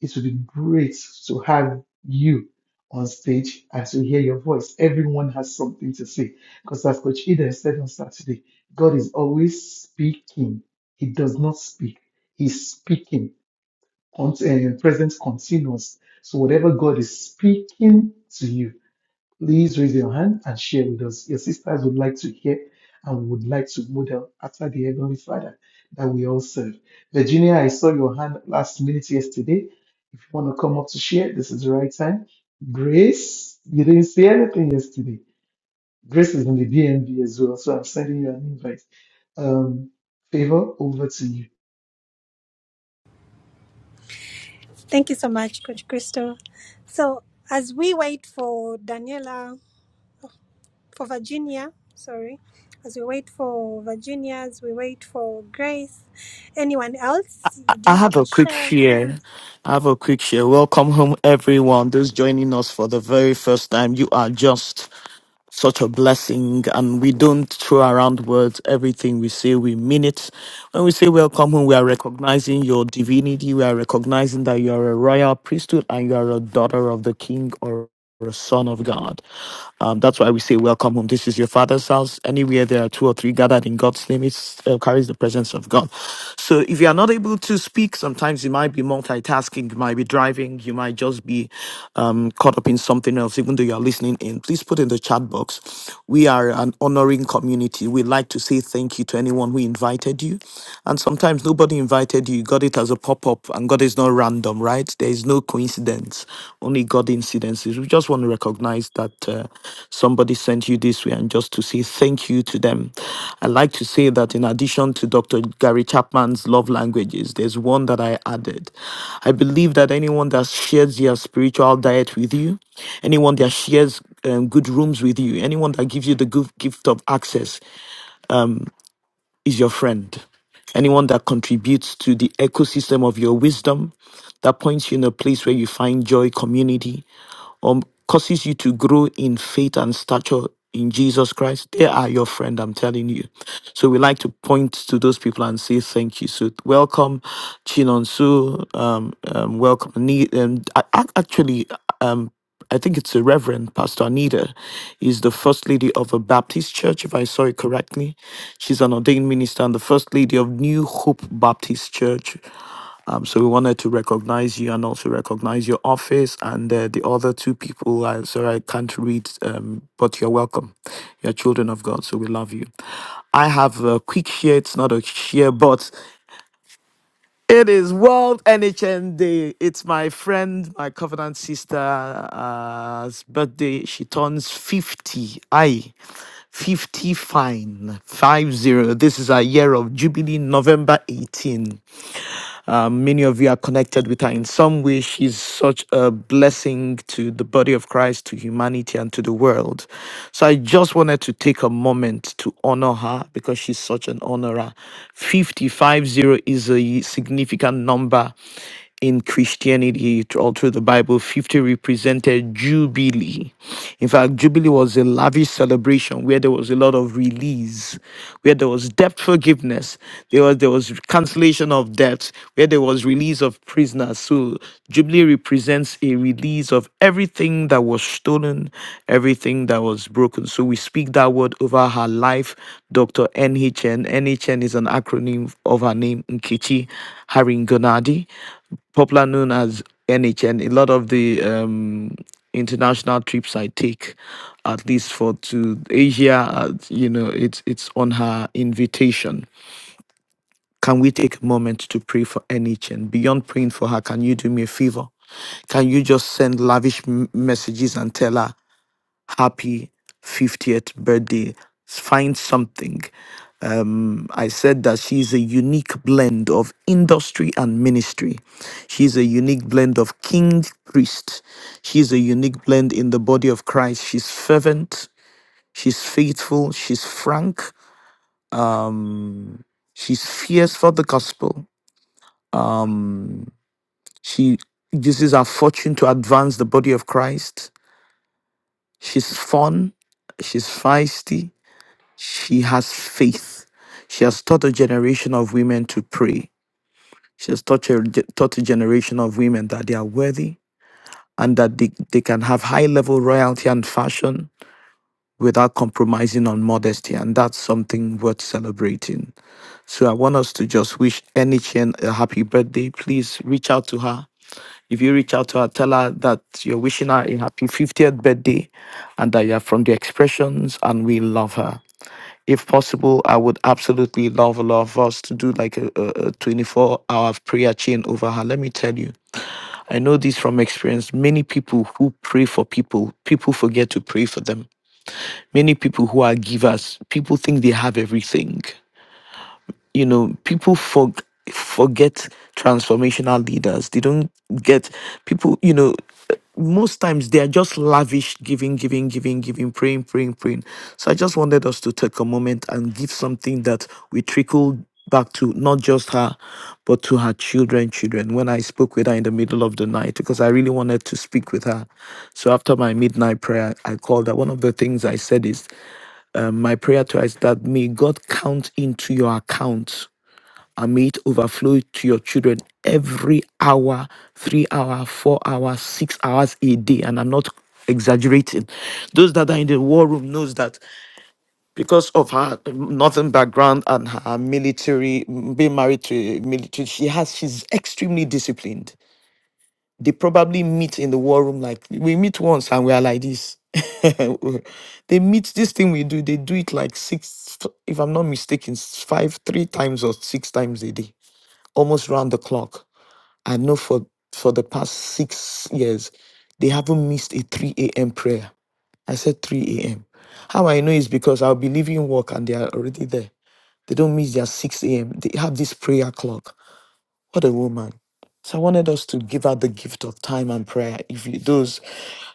it would be great to have you on stage and to hear your voice. Everyone has something to say because as Coach Eden said on Saturday, God is always speaking. He does not speak. He's speaking cont- uh, present continuous. So whatever God is speaking to you, please raise your hand and share with us. Your sisters would like to hear and would like to model after the Heavenly Father that we all serve. Virginia, I saw your hand last minute yesterday. If you want to come up to share, this is the right time. Grace, you didn't say anything yesterday. Grace is in the DMV as well, so I'm sending you an invite. Um, favor, over to you.
Thank you so much, Coach Christo. So as we wait for Daniela, for Virginia, sorry, as we wait for Virginia, as we wait for Grace, anyone else,
I
do
I
you
have
have a
a quick
share?
share. I have a quick share. Welcome home, everyone. Those joining us for the very first time, you are just such a blessing. And we don't throw around words. Everything we say, we mean it. When we say welcome home, we are recognizing your divinity. We are recognizing that you are a royal priesthood and you are a daughter of the King or a son of God. Um, that's why we say, Welcome home. This is your father's house. Anywhere there are two or three gathered in God's name, it uh, carries the presence of God. So if you are not able to speak, sometimes you might be multitasking, you might be driving, you might just be um, caught up in something else, even though you are listening in. Please put in the chat box. We are an honoring community. We like to say thank you to anyone who invited you. And sometimes nobody invited you, you got it as a pop up and. And God is not random, right? There is no coincidence, only God incidences. We just want to recognize that uh, somebody sent you this way and just to say thank you to them. I like to say that in addition to Dr. Gary Chapman's love languages, there's one that I added. I believe that anyone that shares their spiritual diet with you, anyone that shares um, good rooms with you, anyone that gives you the good gift of access, is your friend. Anyone that contributes to the ecosystem of your wisdom, that points you in a place where you find joy, community, um, causes you to grow in faith and stature in Jesus Christ, they are your friend, I'm telling you. So we like to point to those people and say thank you. So welcome, Chinonsu, um, um, welcome. Ni- Um, a- a- actually, um, I think it's a Reverend Pastor Anita. Is the First Lady of a Baptist Church, if I saw it correctly. She's an ordained minister and the First Lady of New Hope Baptist Church. Um, so we wanted to recognize you and also recognize your office and uh, the other two people. i sorry I can't read, um, but you're welcome. You're children of God, so we love you. I have a quick share. It's not a share, but it is World NHN Day. It's my friend, my covenant sister's birthday. She turns 50. Aye. 50 fine. 50. This is a year of Jubilee, November 18. Um, many of you are connected with her in some way. She's such a blessing to the body of Christ, to humanity, and to the world. So I just wanted to take a moment to honor her because she's such an honorer. 550 is a significant number in Christianity all through the Bible, 50 represented Jubilee. In fact, Jubilee was a lavish celebration where there was a lot of release, where there was debt forgiveness, there was, there was cancellation of debts, where there was release of prisoners. So, Jubilee represents a release of everything that was stolen, everything that was broken. So, we speak that word over her life, Dr. NHN. NHN is an acronym of her name, Nkechi Haringonadi popular known as NHN. A lot of the um, international trips I take, at least for to Asia, uh, you know, it's it's on her invitation. Can we take a moment to pray for NHN? Beyond praying for her, can you do me a favor? Can you just send lavish m- messages and tell her happy 50th birthday? Find something. I said that she's a unique blend of industry and ministry. She's a unique blend of king priest. She's a unique blend in the body of Christ. She's fervent, she's faithful, she's frank, um, she's fierce for the gospel. Um, she uses her fortune to advance the body of Christ. She's fun, she's feisty, she has faith. She has taught a generation of women to pray. She has taught a, taught a generation of women that they are worthy and that they, they can have high level royalty and fashion without compromising on modesty. And that's something worth celebrating. So I want us to just wish Enichen a happy birthday. Please reach out to her. If you reach out to her, tell her that you're wishing her a happy 50th birthday and that you're from the expressions and we love her. If possible, I would absolutely love a lot of us to do like a, a, a 24 hour prayer chain over her. Let me tell you, I know this from experience. Many people who pray for people, people forget to pray for them. Many people who are givers, people think they have everything you know people for, forget transformational leaders they don't get people you know most times they are just lavish giving giving giving giving praying praying praying so i just wanted us to take a moment and give something that we trickle back to not just her but to her children children when i spoke with her in the middle of the night because i really wanted to speak with her so after my midnight prayer i called her one of the things i said is um, my prayer to her is that may god count into your account and may it overflow to your children every hour, three hour, four hours, six hours a day. And I'm not exaggerating. Those that are in the war room knows that because of her northern background and her military being married to a military, she has she's extremely disciplined. They probably meet in the war room like we meet once and we are like this. they meet this thing we do, they do it like six, if I'm not mistaken, s- five, three times or six times a day almost round the clock. I know for for the past six years, they haven't missed a 3 a.m. prayer. I said 3 a.m. How I know is because I'll be leaving work and they are already there. They don't miss their 6 a.m. They have this prayer clock. What a woman. So I wanted us to give her the gift of time and prayer. If you, those,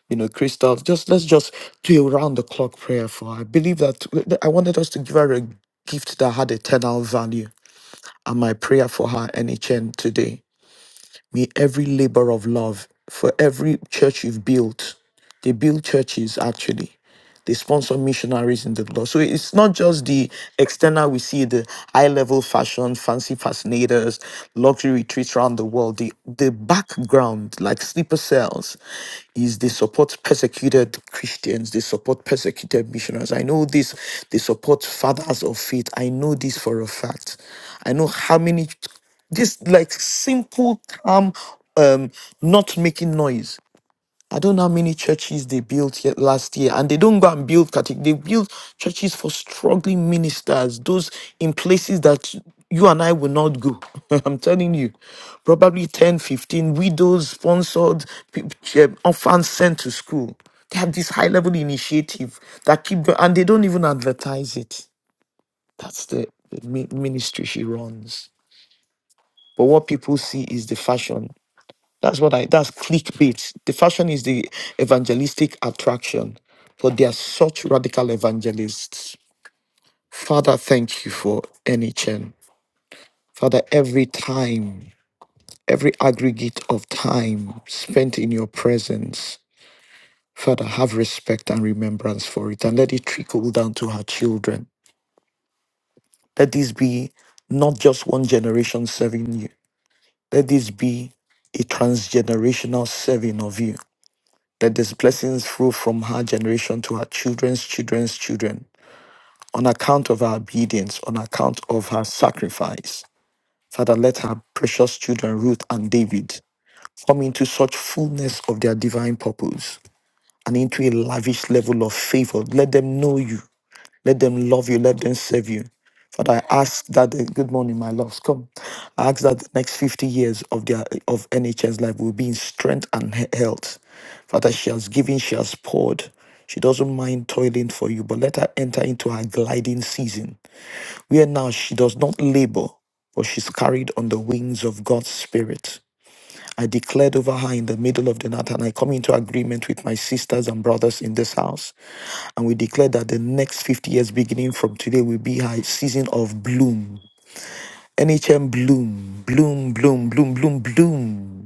you know, Christoph, just let's just do a round the clock prayer for. her. I believe that I wanted us to give her a gift that had eternal value. And my prayer for her and HN today May every labor of love for every church you've built, they build churches actually. They sponsor missionaries in the Lord. So it's not just the external we see, the high level fashion, fancy fascinators, luxury retreats around the world. The, the background, like sleeper cells, is they support persecuted Christians, they support persecuted missionaries. I know this, they support fathers of faith. I know this for a fact. I know how many this like simple calm, um, not making noise. I don't know how many churches they built yet last year, and they don't go and build catech. They build churches for struggling ministers, those in places that you and I will not go. I'm telling you, probably 10, 15 widows sponsored, pe- eh, orphans sent to school. They have this high level initiative that keep going, and they don't even advertise it. That's the the mi- ministry she runs but what people see is the fashion. That's what I that's clickbait. The fashion is the evangelistic attraction, but they are such radical evangelists. Father, thank you for NHN. Father, every time, every aggregate of time spent in your presence, Father, have respect and remembrance for it and let it trickle down to her children. Let this be not just one generation serving you. Let this be a transgenerational serving of you. that these blessings flow from her generation to her children's children's children on account of her obedience, on account of her sacrifice. Father, let her precious children, Ruth and David, come into such fullness of their divine purpose and into a lavish level of favor. Let them know you. Let them love you. Let them serve you. Father, I ask that the, good morning, my loves. Come, I ask that the next 50 years of their of NHS life will be in strength and he- health. Father, she has given, she has poured. She doesn't mind toiling for you, but let her enter into her gliding season, where now she does not labor, but she's carried on the wings of God's Spirit. I declared over her in the middle of the night, and I come into agreement with my sisters and brothers in this house. And we declare that the next 50 years, beginning from today, will be her season of bloom. NHM bloom, bloom, bloom, bloom, bloom, bloom.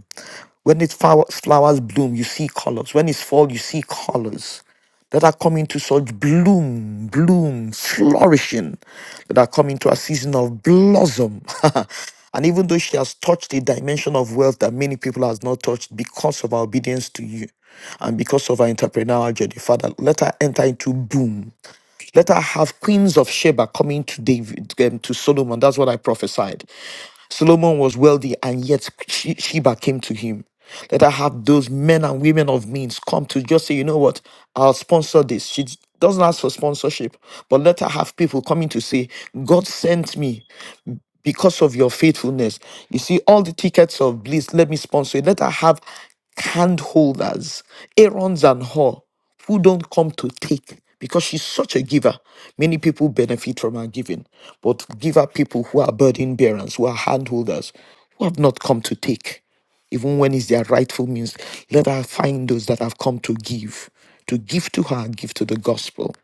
When its flower- flowers bloom, you see colors. When it's fall, you see colors that are coming to such bloom, bloom, flourishing, that are coming to a season of blossom. and even though she has touched a dimension of wealth that many people has not touched because of our obedience to you and because of our entrepreneurial journey, Father, let her enter into boom let her have queens of Sheba coming to David um, to Solomon. That's what I prophesied. Solomon was wealthy, and yet She- Sheba came to him. Let her have those men and women of means come to just say, you know what, I'll sponsor this. She doesn't ask for sponsorship, but let her have people coming to say, God sent me because of your faithfulness. You see, all the tickets of bliss, let me sponsor it. Let her have hand holders, Aaron's and her, who don't come to take because she's such a giver. Many people benefit from her giving, but give her people who are burden bearers, who are hand holders, who have not come to take, even when it's their rightful means. Let her find those that have come to give, to give to her, give to the gospel.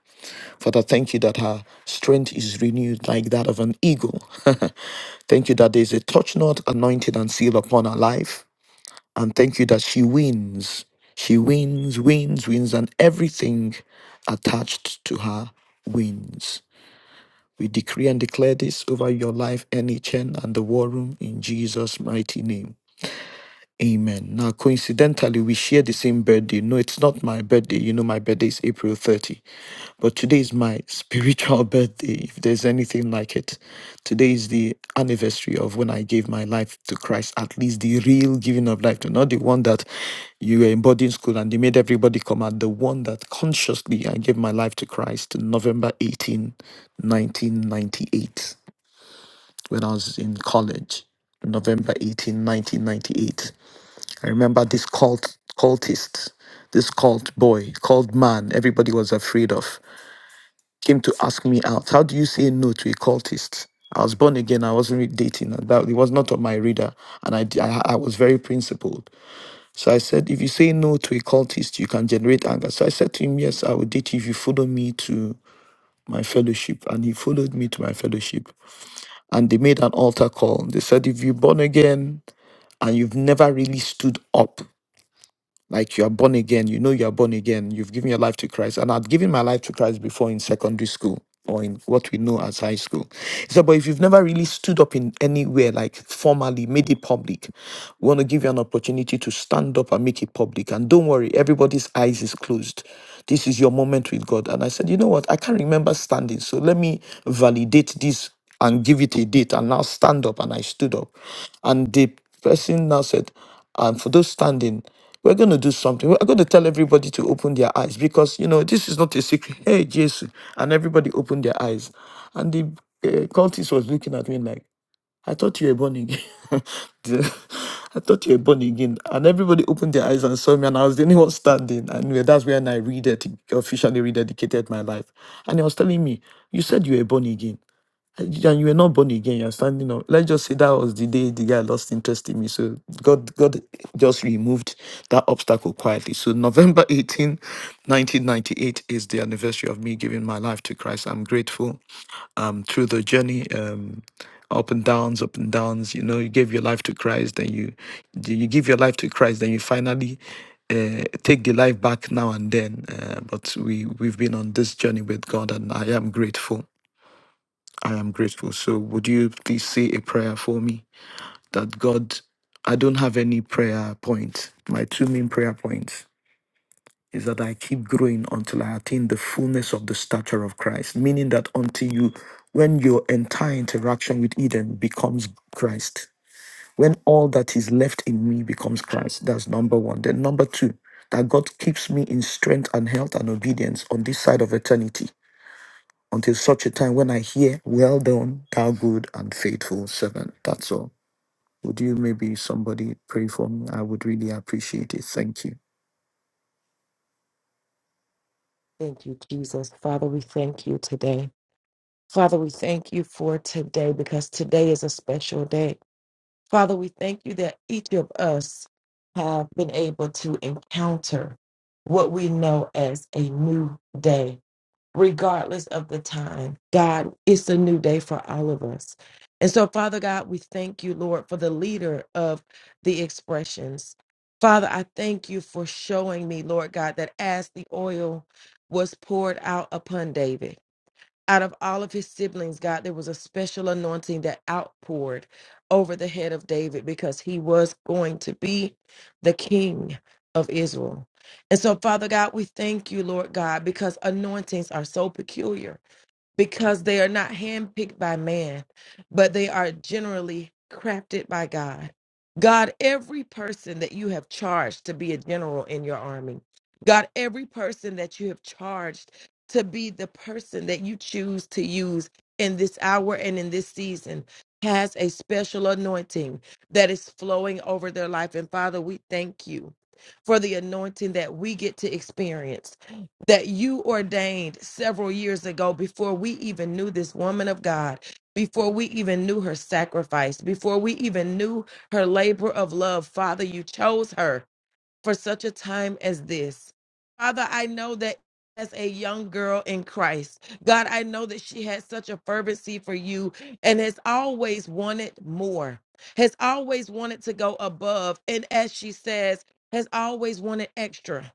Father, thank you that her strength is renewed like that of an eagle. Thank you that there's a touch not anointed and seal upon her life. And thank you that she wins. She wins, wins, wins, and everything attached to her wins. We decree and declare this over your life, NHN, and the war room in Jesus' mighty name. Amen. Now, coincidentally, we share the same birthday. No, it's not my birthday. You know, my birthday is April 30. But today is my spiritual birthday, if there's anything like it. Today is the anniversary of when I gave my life to Christ, at least the real giving of life to, not the one that you were in boarding school and they made everybody come out, the one that consciously I gave my life to Christ November 18, 1998, when I was in college. November 18, 1998. I remember this cult cultist, this cult boy, cult man everybody was afraid of, came to ask me out. How do you say no to a cultist? I was born again. I wasn't really dating. and That it was not on my radar, and I, d- I I was very principled. So I said, if you say no to a cultist, you can generate anger. So I said to him, yes, I will date you if you follow me to my fellowship, and he followed me to my fellowship. And they made an altar call. They said, if you're born again and you've never really stood up Like you are born again, you know you are born again, you've given your life to Christ. And I'd given my life to Christ before in secondary school or in what we know as high school. He said, but if you've never really stood up in anywhere, like formally made it public, we want to give you an opportunity to stand up and make it public. And don't worry, everybody's eyes is closed. This is your moment with God. And I said, you know what? I can't remember standing. So let me validate this and give it a date. And now stand up. And I stood up. And the person now said, and for those standing, we're going to do something. We're going to tell everybody to open their eyes because, you know, this is not a secret. Hey, Jesus. And everybody opened their eyes. And the uh, cultist was looking at me like, I thought you were born again. The- I thought you were born again. And everybody opened their eyes and saw me, and I was the only one standing. And that's when I rededic- officially rededicated my life. And he was telling me, You said you were born again and you were not born again, you're standing up. Let's just say that was the day the guy lost interest in me. So God God just removed that obstacle quietly. So November 18, 1998 is the anniversary of me giving my life to Christ. I'm grateful um through the journey. Um up and downs, up and downs. You know, you gave your life to Christ, then you you give your life to Christ, then you finally uh, take the life back now and then. Uh, but we we've been on this journey with God, and I am grateful. I am grateful. So, would you please say a prayer for me that God, I don't have any prayer points. My two main prayer points is that I keep growing until I attain the fullness of the stature of Christ, meaning that until you, when your entire interaction with Eden becomes Christ, when all that is left in me becomes Christ, that's number one. Then, number two, that God keeps me in strength and health and obedience on this side of eternity until such a time when I hear, Well done, thou good and faithful servant. That's all. Would you maybe somebody pray for me? I would really appreciate it. Thank you.
you, Jesus. Father, we thank you today. Father, we thank you for today because today is a special day. Father, we thank you that each of us have been able to encounter what we know as a new day. regardless of the time. God, it's a new day for all of us. And so, Father God, we thank you, Lord, for the leader of the expressions. Father, I thank you for showing me, Lord God, that as the oil was poured out upon David, out of all of his siblings, God, there was a special anointing that outpoured over the head of David because he was going to be the king of Israel. And so, Father God, we thank you, Lord God, because anointings are so peculiar because they are not handpicked by man, but they are generally crafted by God. God, every person that you have charged to be a general in your army, God, every person that you have charged to be the person that you choose to use in this hour and in this season has a special anointing that is flowing over their life. And Father, we thank you for the anointing that we get to experience that you ordained several years ago before we even knew this woman of God, before we even knew her sacrifice, before we even knew her labor of love. Father, you chose her for such a time as this. Father, I know that. As a young girl in Christ, God, I know that she had such a fervency for you and has always wanted more, has always wanted to go above. And as she says, has always wanted extra.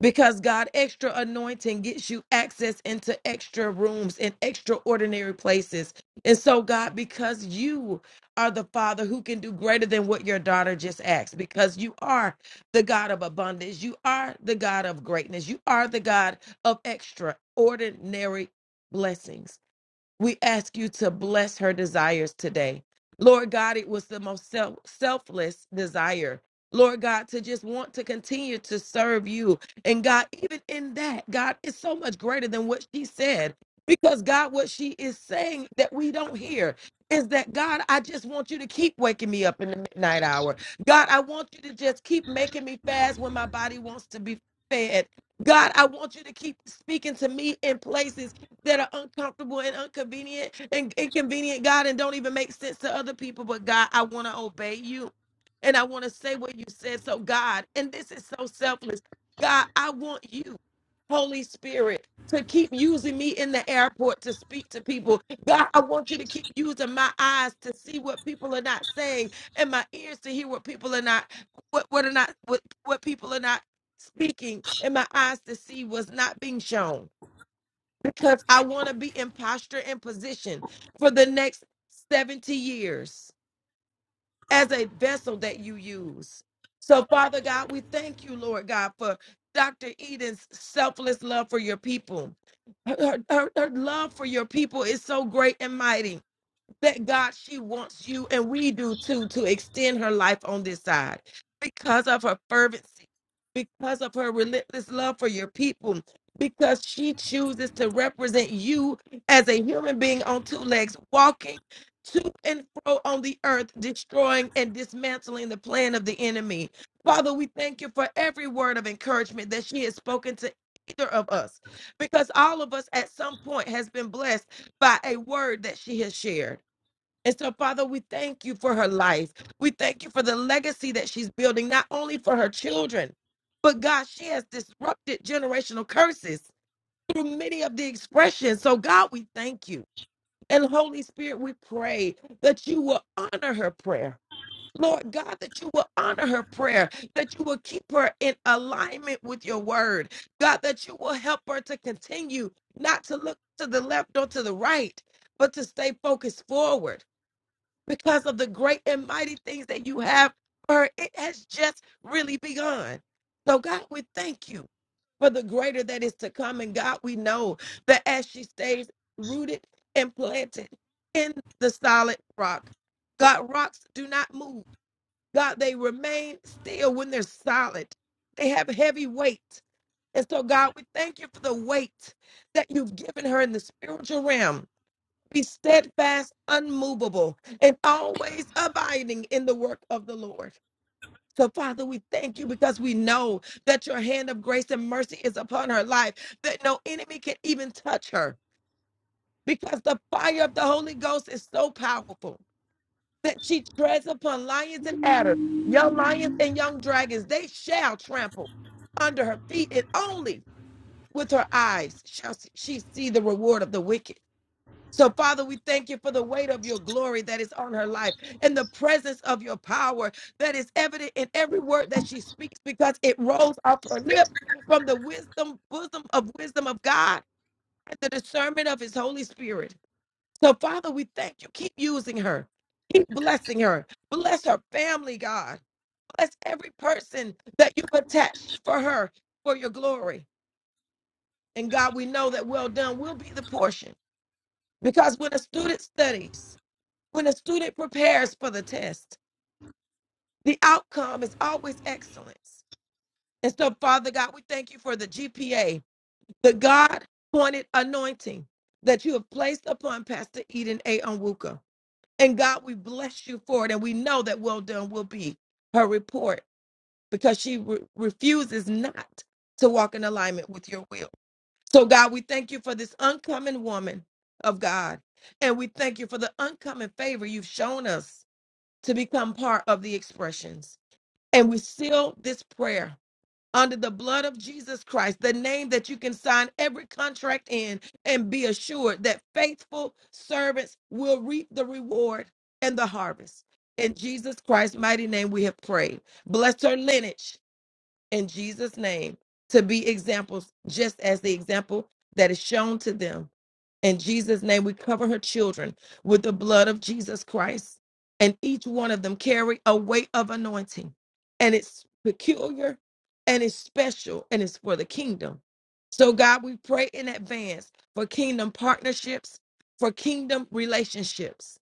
Because God, extra anointing gets you access into extra rooms and extraordinary places. And so, God, because you are the Father who can do greater than what your daughter just asked, because you are the God of abundance, you are the God of greatness, you are the God of extraordinary blessings. We ask you to bless her desires today. Lord God, it was the most self- selfless desire. Lord God, to just want to continue to serve you. And God, even in that, God is so much greater than what she said. Because God, what she is saying that we don't hear is that God, I just want you to keep waking me up in the midnight hour. God, I want you to just keep making me fast when my body wants to be fed. God, I want you to keep speaking to me in places that are uncomfortable and inconvenient and inconvenient, God, and don't even make sense to other people. But God, I want to obey you and I want to say what you said. So, God, and this is so selfless. God, I want you, Holy Spirit, to keep using me in the airport to speak to people. God, I want you to keep using my eyes to see what people are not saying and my ears to hear what people are not what what are not what, what people are not speaking and my eyes to see what's not being shown because I want to be in posture and position for the next 70 years as a vessel that you use. So, Father God, we thank you, Lord God, for Dr. Eden's selfless love for your people. Her, her, her love for your people is so great and mighty that God, she wants you, and we do too, to extend her life on this side because of her fervency, because of her relentless love for your people, because she chooses to represent you as a human being on two legs, walking to and fro on the earth, destroying and dismantling the plan of the enemy. Father, we thank you for every word of encouragement that she has spoken to either of us because all of us at some point has been blessed by a word that she has shared and so, Father, we thank you for her life. We thank you for the legacy that she's building, not only for her children, but God, she has disrupted generational curses through many of the expressions. So, God, we thank you. And Holy Spirit, we pray that you will honor her prayer. Lord God, that you will honor her prayer, that you will keep her in alignment with your word. God, that you will help her to continue not to look to the left or to the right, but to stay focused forward because of the great and mighty things that you have for her. It has just really begun. So, God, we thank you for the greater that is to come. And God, we know that as she stays rooted and planted in the solid rock, God, rocks do not move. God, they remain still when they're solid, they have heavy weight. And so, God, we thank you for the weight that you've given her in the spiritual realm be steadfast, unmovable, and always abiding in the work of the Lord. So, Father, we thank you because we know that your hand of grace and mercy is upon her life, that no enemy can even touch her, because the fire of the Holy Ghost is so powerful that she treads upon lions and adders, young lions and young dragons. They shall trample under her feet, and only with her eyes shall she see the reward of the wicked. So, Father, we thank you for the weight of your glory that is on her life and the presence of your power that is evident in every word that she speaks because it rolls off her lip from the wisdom, bosom of wisdom of God and the discernment of his Holy Spirit. So, Father, we thank you. Keep using her, keep blessing her. Bless her family, God. Bless every person that you've attached for her for your glory. And God, we know that well done will be the portion because when a student studies, When a student prepares for the test, the outcome is always excellence. And so, Father God, we thank you for the GPA, the God pointed anointing that you have placed upon Pastor Eden A. Onwuka. And God, we bless you for it. And we know that well done will be her report because she re- refuses not to walk in alignment with your will. So, God, we thank you for this uncommon woman of God. And we thank you for the uncommon favor you've shown us to become part of the expressions. And we seal this prayer under the blood of Jesus Christ, the name that you can sign every contract in and be assured that faithful servants will reap the reward and the harvest. In Jesus Christ's mighty name, we have prayed. Bless her lineage in Jesus' name to be examples, just as the example that is shown to them. In Jesus' name, we cover her children with the blood of Jesus Christ, and each one of them carry a weight of anointing, and it's peculiar, and it's special, and it's for the kingdom. So, God, we pray in advance for kingdom partnerships, for kingdom relationships,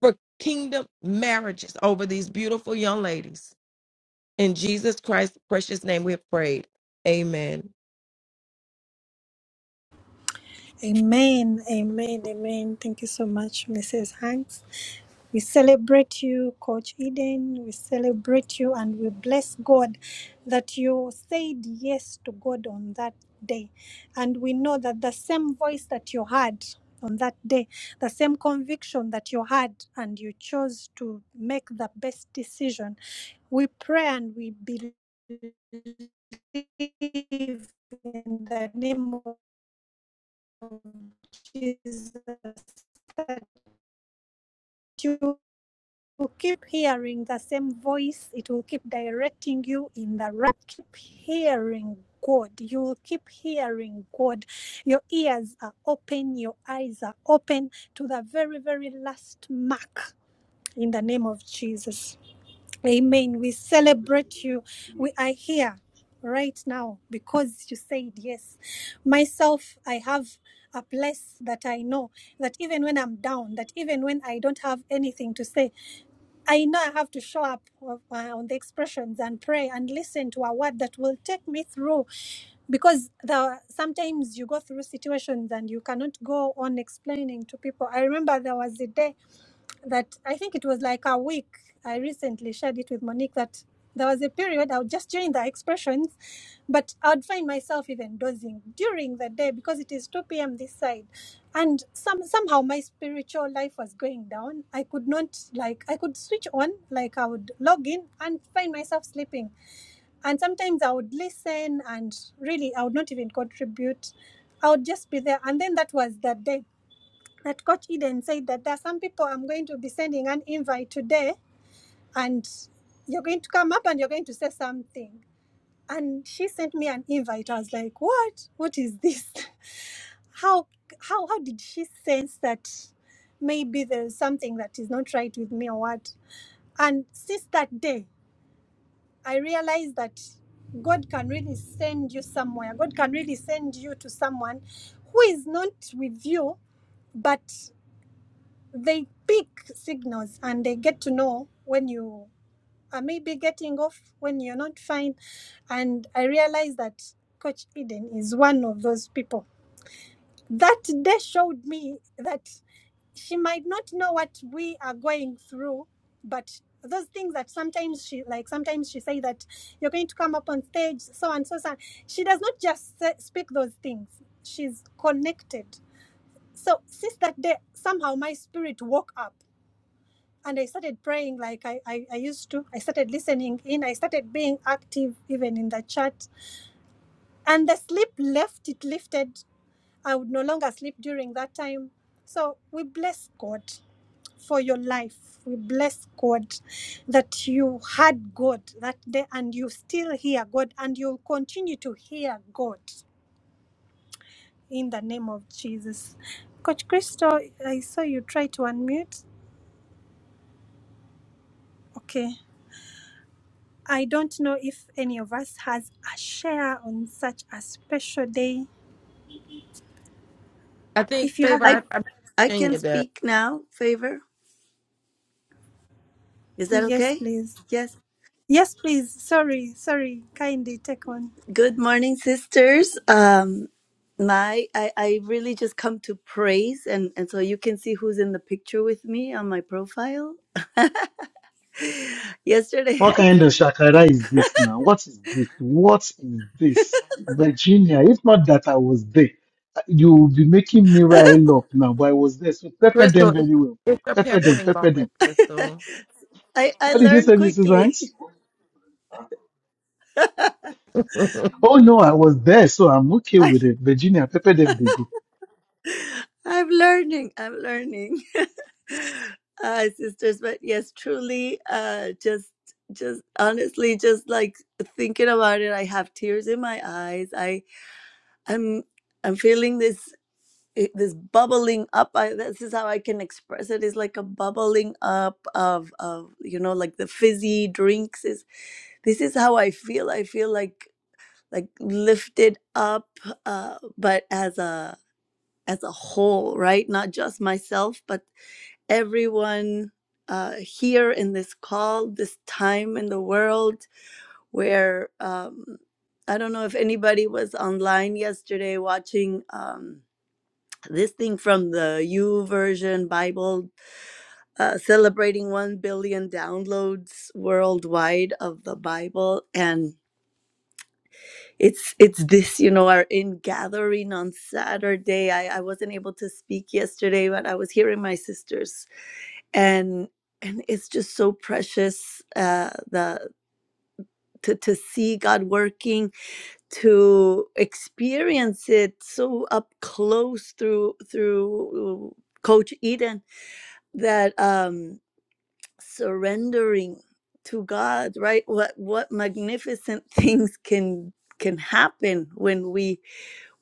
for kingdom marriages over these beautiful young ladies. In Jesus Christ's precious name we have prayed. Amen.
Amen, amen, amen. Thank you so much, Mrs. Hanks. We celebrate you, Coach Eden. We celebrate you and we bless God that you said yes to God on that day. And we know that the same voice that you had on that day, the same conviction that you had, and you chose to make the best decision. We pray and we believe in the name Jesus, that you keep hearing the same voice. It will keep directing you in the right. Keep hearing God. You will keep hearing God. Your ears are open. Your eyes are open to the very, very last mark in the name of Jesus. Amen. We celebrate you. We are here right now because you said yes. Myself, I have a place that I know that even when I'm down, that even when I don't have anything to say, I know I have to show up uh, uh, on the expressions and pray and listen to a word that will take me through because there are- sometimes you go through situations and you cannot go on explaining to people. I remember there was a day that I think it was like a week. I recently shared it with Monique that there was a period I would just during the expressions, but I would find myself even dozing during the day because it is 2 p.m. this side. And some somehow my spiritual life was going down. I could not like I could switch on, like I would log in and find myself sleeping. And sometimes I would listen and really I would not even contribute. I would just be there. And then that was the day that Coach Eden said that there are some people I'm going to be sending an invite today, and you're going to come up and you're going to say something. And she sent me an invite. I was like, what? What is this? How how how did she sense that maybe there's something that is not right with me or what? And since that day, I realized that God can really send you somewhere. God can really send you to someone who is not with you, but they pick signals and they get to know when you are maybe getting off, when you're not fine. And I realized that Coach Eden is one of those people. That day showed me that she might not know what we are going through, but those things that sometimes she like sometimes she say that you're going to come up on stage so and so so on. she does not just say, speak those things she's connected so since that day somehow my spirit woke up and I started praying like I, I, I used to. I started listening in. I started being active even in the chat. And the sleep left, it lifted. I would no longer sleep during that time. So we bless God for your life. We bless God that you had God that day and you still hear God and you'll continue to hear God in the name of Jesus. Coach Christo, I saw you try to unmute. Okay. I don't know if any of us has a share on such a special day.
I think,
If you have
Favor,
a
I
I, I
I can
Virginia does.
speak now, favor. Is that
yes,
okay?
please.
Yes.
Yes, please. Sorry, sorry. Kindly take on.
Good morning, sisters. Um my I, I really just come to praise and, and so you can see who's in the picture with me on my profile. Yesterday
What
I
kind of shakara is this now? What is this? What is this? Virginia, if not that I was there, you will be making me rile up now, but I was there. So pepper
Crystal,
them
it's,
very well.
it's a
Pepper them,
peppering
pepper them.
moment, Crystal.
I, I
What did you say,
learned
Mrs.
quickly.
Hanks?
I'm
Oh no, I was there, so I'm okay
I
with it. Virginia, pepper them, they go.
I'm learning. I'm learning. uh sisters, but yes, truly uh just just honestly just like thinking about it, I have tears in my eyes. I I'm I'm feeling this it, this bubbling up I, this is how i can express it is like a bubbling up of of you know like the fizzy drinks is this is how i feel i feel like like lifted up uh but as a as a whole right not just myself but everyone uh here in this call this time in the world where um i don't know if anybody was online yesterday watching um this thing from the U Version Bible, uh, celebrating 1 billion downloads worldwide of the Bible. And it's it's this, you know, our in gathering on Saturday. I, I wasn't able to speak yesterday, but I was hearing my sisters. And and it's just so precious uh, the to, to see God working, to experience it so up close through through uh, Coach Eden that um surrendering to god right what what magnificent things can can happen when we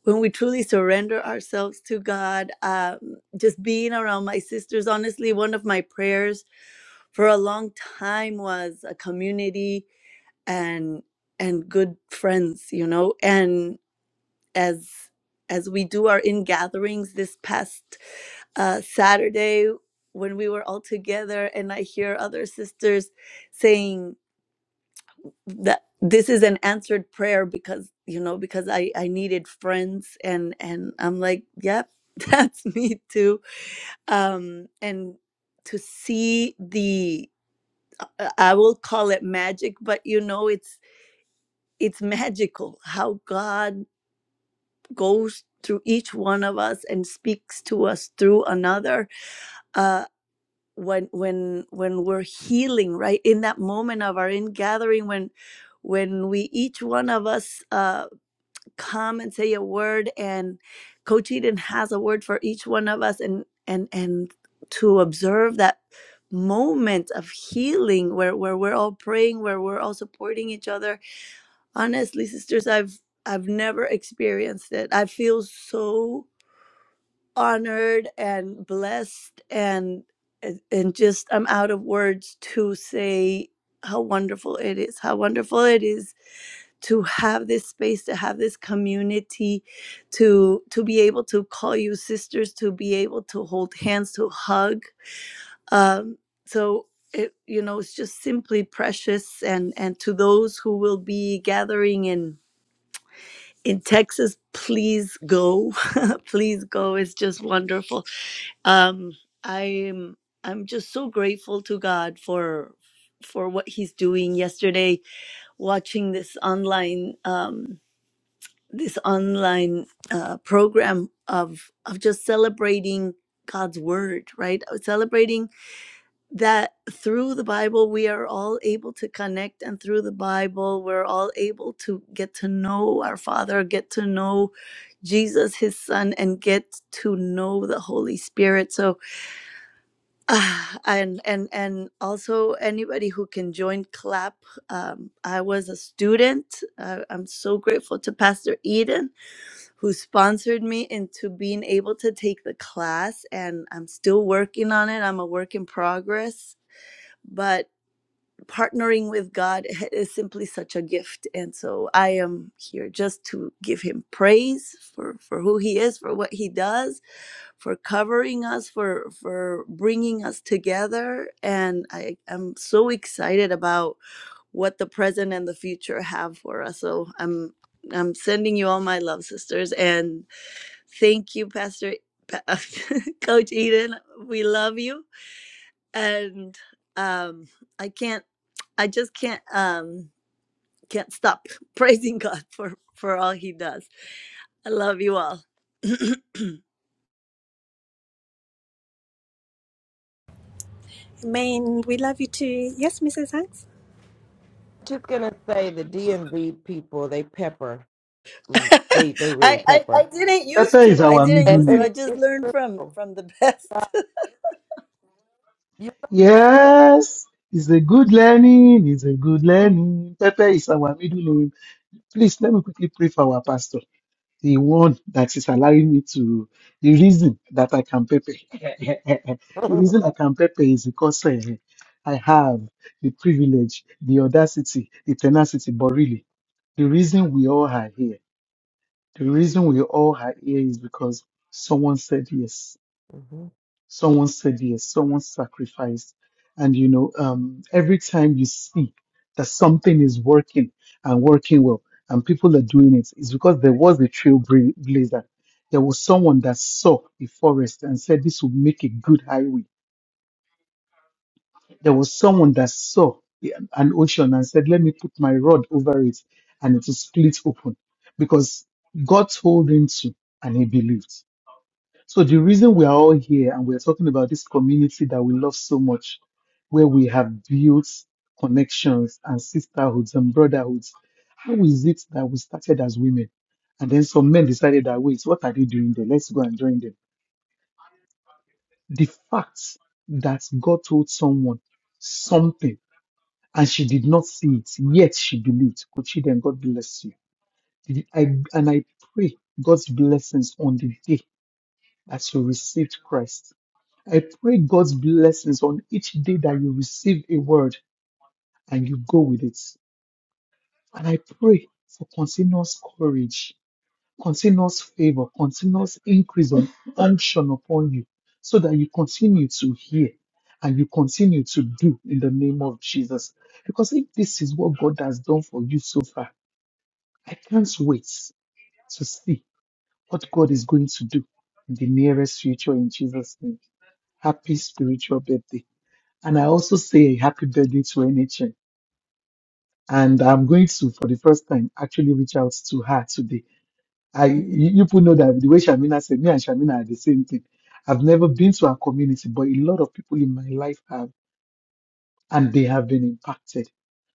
when we truly surrender ourselves to god um just being around my sisters honestly one of my prayers for a long time was a community and and good friends you know and as as we do our in gatherings this past uh, Saturday when we were all together, and I hear other sisters saying that this is an answered prayer because you know because I I needed friends, and and I'm like, yep, that's me too. Um, and to see the I I will call it magic, but you know it's it's magical how God goes through each one of us and speaks to us through another uh when when when we're healing right in that moment of our in gathering when when we each one of us uh come and say a word and coach eden has a word for each one of us and and and to observe that moment of healing where where we're all praying where we're all supporting each other honestly sisters i've i've never experienced it i feel so honored and blessed and and just I'm out of words to say how wonderful it is how wonderful it is to have this space to have this community to to be able to call you sisters to be able to hold hands to hug um so it you know it's just simply precious and and to those who will be gathering in in Texas please go please go it's just wonderful um i'm i'm just so grateful to god for for what he's doing yesterday watching this online um this online uh program of of just celebrating god's word right Uh, celebrating that through the bible we are all able to connect and through the bible we're all able to get to know our father get to know jesus his son and get to know the holy spirit so Ah, and and and also anybody who can join clap um, i was a student uh, i'm so grateful to pastor eden who sponsored me into being able to take the class and i'm still working on it i'm a work in progress but partnering with god is simply such a gift and so i am here just to give him praise for for who he is for what he does for covering us, for for bringing us together, and I am so excited about what the present and the future have for us. So I'm I'm sending you all my love, sisters, and thank you, Pastor Pa- Coach Eden. We love you, and um, I can't, I just can't, um, can't stop praising God for for all He does. I love you all.
Amen. We love you too. Yes, Mrs. Hanks.
Just gonna say the DMV people, they pepper. Mm, They they really
I, I I
pepper.
didn't
Pepper
used to.
is
I
our
didn't
middle
And,
used to.
and
name.
I
it,
just
it's
learned from
Crystal.
from the
God,
best.
You,
Yes, it's a good learning. It's a good learning. Pepper is our middle name. Please let me quickly pray for our pastor. the one that is allowing me to the reason that I can pepe. the reason I can pepe is because eh, I have the privilege, the audacity, the tenacity. But really, the reason we all are here, the reason we all are here is because someone said yes
Mhm.
Someone said yes, someone sacrificed. And you know, um, every time you see that something is working and working well, and people are doing it, it's because there was a trailblazer. There was someone that saw a forest and said, This will make a good highway. There was someone that saw an ocean and said, Let me put my rod over it, and it will split open because God told him to, and he believed. So the reason we are all here and we're talking about this community that we love so much, where we have built connections and sisterhoods and brotherhoods, how is it that we started as women? And then some men decided that, wait, what are they doing there? Let's go and join them. The fact that God told someone something and she did not see it, yet she believed. Could she then, God bless you. I, and I pray God's blessings on the day that you received Christ I pray God's blessings on each day that you receive a word and you go with it. And I pray for continuous courage, continuous favor, continuous increase on unction upon you so that you continue to hear and you continue to do in the name of Jesus. Because if this is what God has done for you so far, I can't wait to see what God is going to do in the nearest future in Jesus' name. Happy spiritual birthday. And I also say happy birthday to NHN. And I'm going to, for the first time, actually reach out to her today. I, you you people know that the way Shamina said, me and Shamina are the same thing. I've never been to her community, but a lot of people in my life have, and they have been impacted.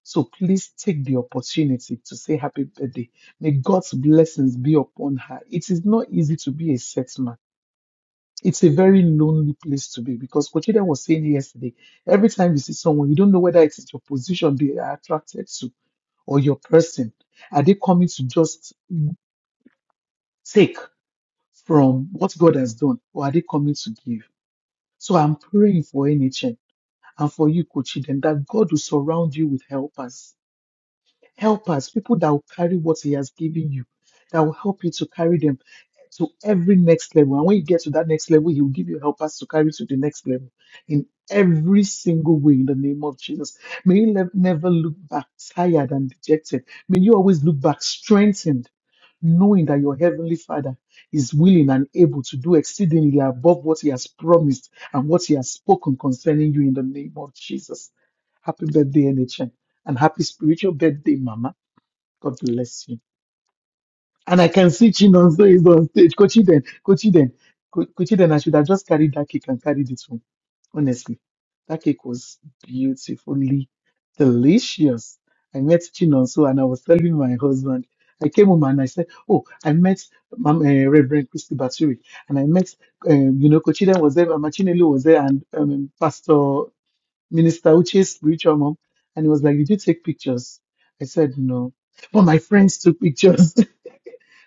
So please take the opportunity to say happy birthday. May God's blessings be upon her. It is not easy to be a settled it's a very lonely place to be because Kochida was saying yesterday, every time you see someone, you don't know whether it's your position they are attracted to or your person. Are they coming to just take from what God has done or are they coming to give? So I'm praying for NHN and for you, Kochiden, that God will surround you with helpers helpers, people that will carry what He has given you, that will help you to carry them to every next level. And when you get to that next level, He will give you helpers to carry to the next level in every single way in the name of Jesus. May you ne- never look back tired and dejected. May you always look back strengthened, knowing that your Heavenly Father is willing and able to do exceedingly above what He has promised and what He has spoken concerning you in the name of Jesus. Happy birthday, NHN and happy spiritual birthday, Mama. God bless you. And I can see Chinonso is on stage. Kochi then, Kochi then, Kochi then. I should have just carried that cake and carried it home. Honestly, that cake was beautifully delicious. I met Chinonso and I was telling my husband. I came home and I said, "Oh, I met Mam- eh, Reverend Christy Baturi, and I met, um, you know, Kochi then was there, Mama Chinelo was there, and um, Pastor." Minister Uche's spiritual mom, and he was like, Did you take pictures? I said, No. But my friends took pictures,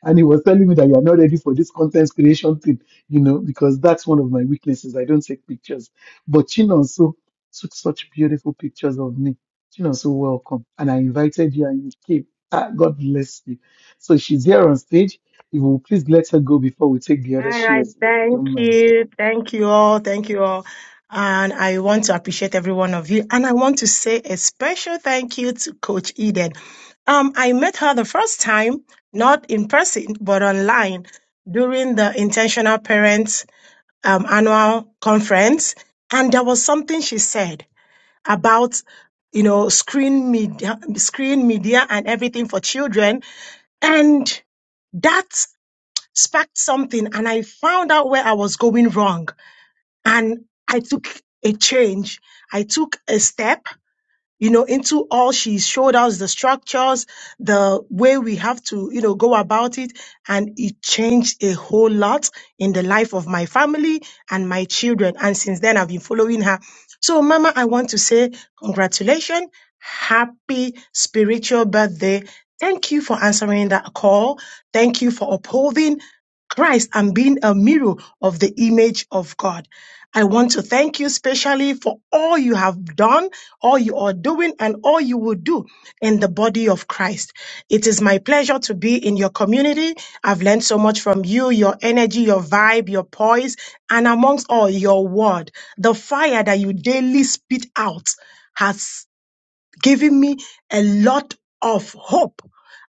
and he was telling me that you are not ready for this content creation thing, you know, because that's one of my weaknesses. I don't take pictures. But Chinonso took such beautiful pictures of me. Chinonso, welcome. And I invited you, and you came. Ah, God bless you. So she's here on stage. If you will please let her go before we take the other
All right.
shares, if you
Thank
don't mind.
you. Thank you all. Thank you all. And I want to appreciate every one of you. And I want to say a special thank you to Coach Eden. Um, I met her the first time, not in person, but online during the Intentional Parents um, annual conference. And there was something she said about, you know, screen media, screen media and everything for children. And that sparked something and I found out where I was going wrong. And I took a change. I took a step, you know, into all she showed us the structures, the way we have to, you know, go about it. And it changed a whole lot in the life of my family and my children. And since then, I've been following her. So, Mama, I want to say congratulations. Happy spiritual birthday. Thank you for answering that call. Thank you for upholding. Christ and being a mirror of the image of God. I want to thank you specially for all you have done, all you are doing, and all you will do in the body of Christ. It is my pleasure to be in your community. I've learned so much from you, your energy, your vibe, your poise, and amongst all, your word. The fire that you daily spit out has giving me a lot of hope.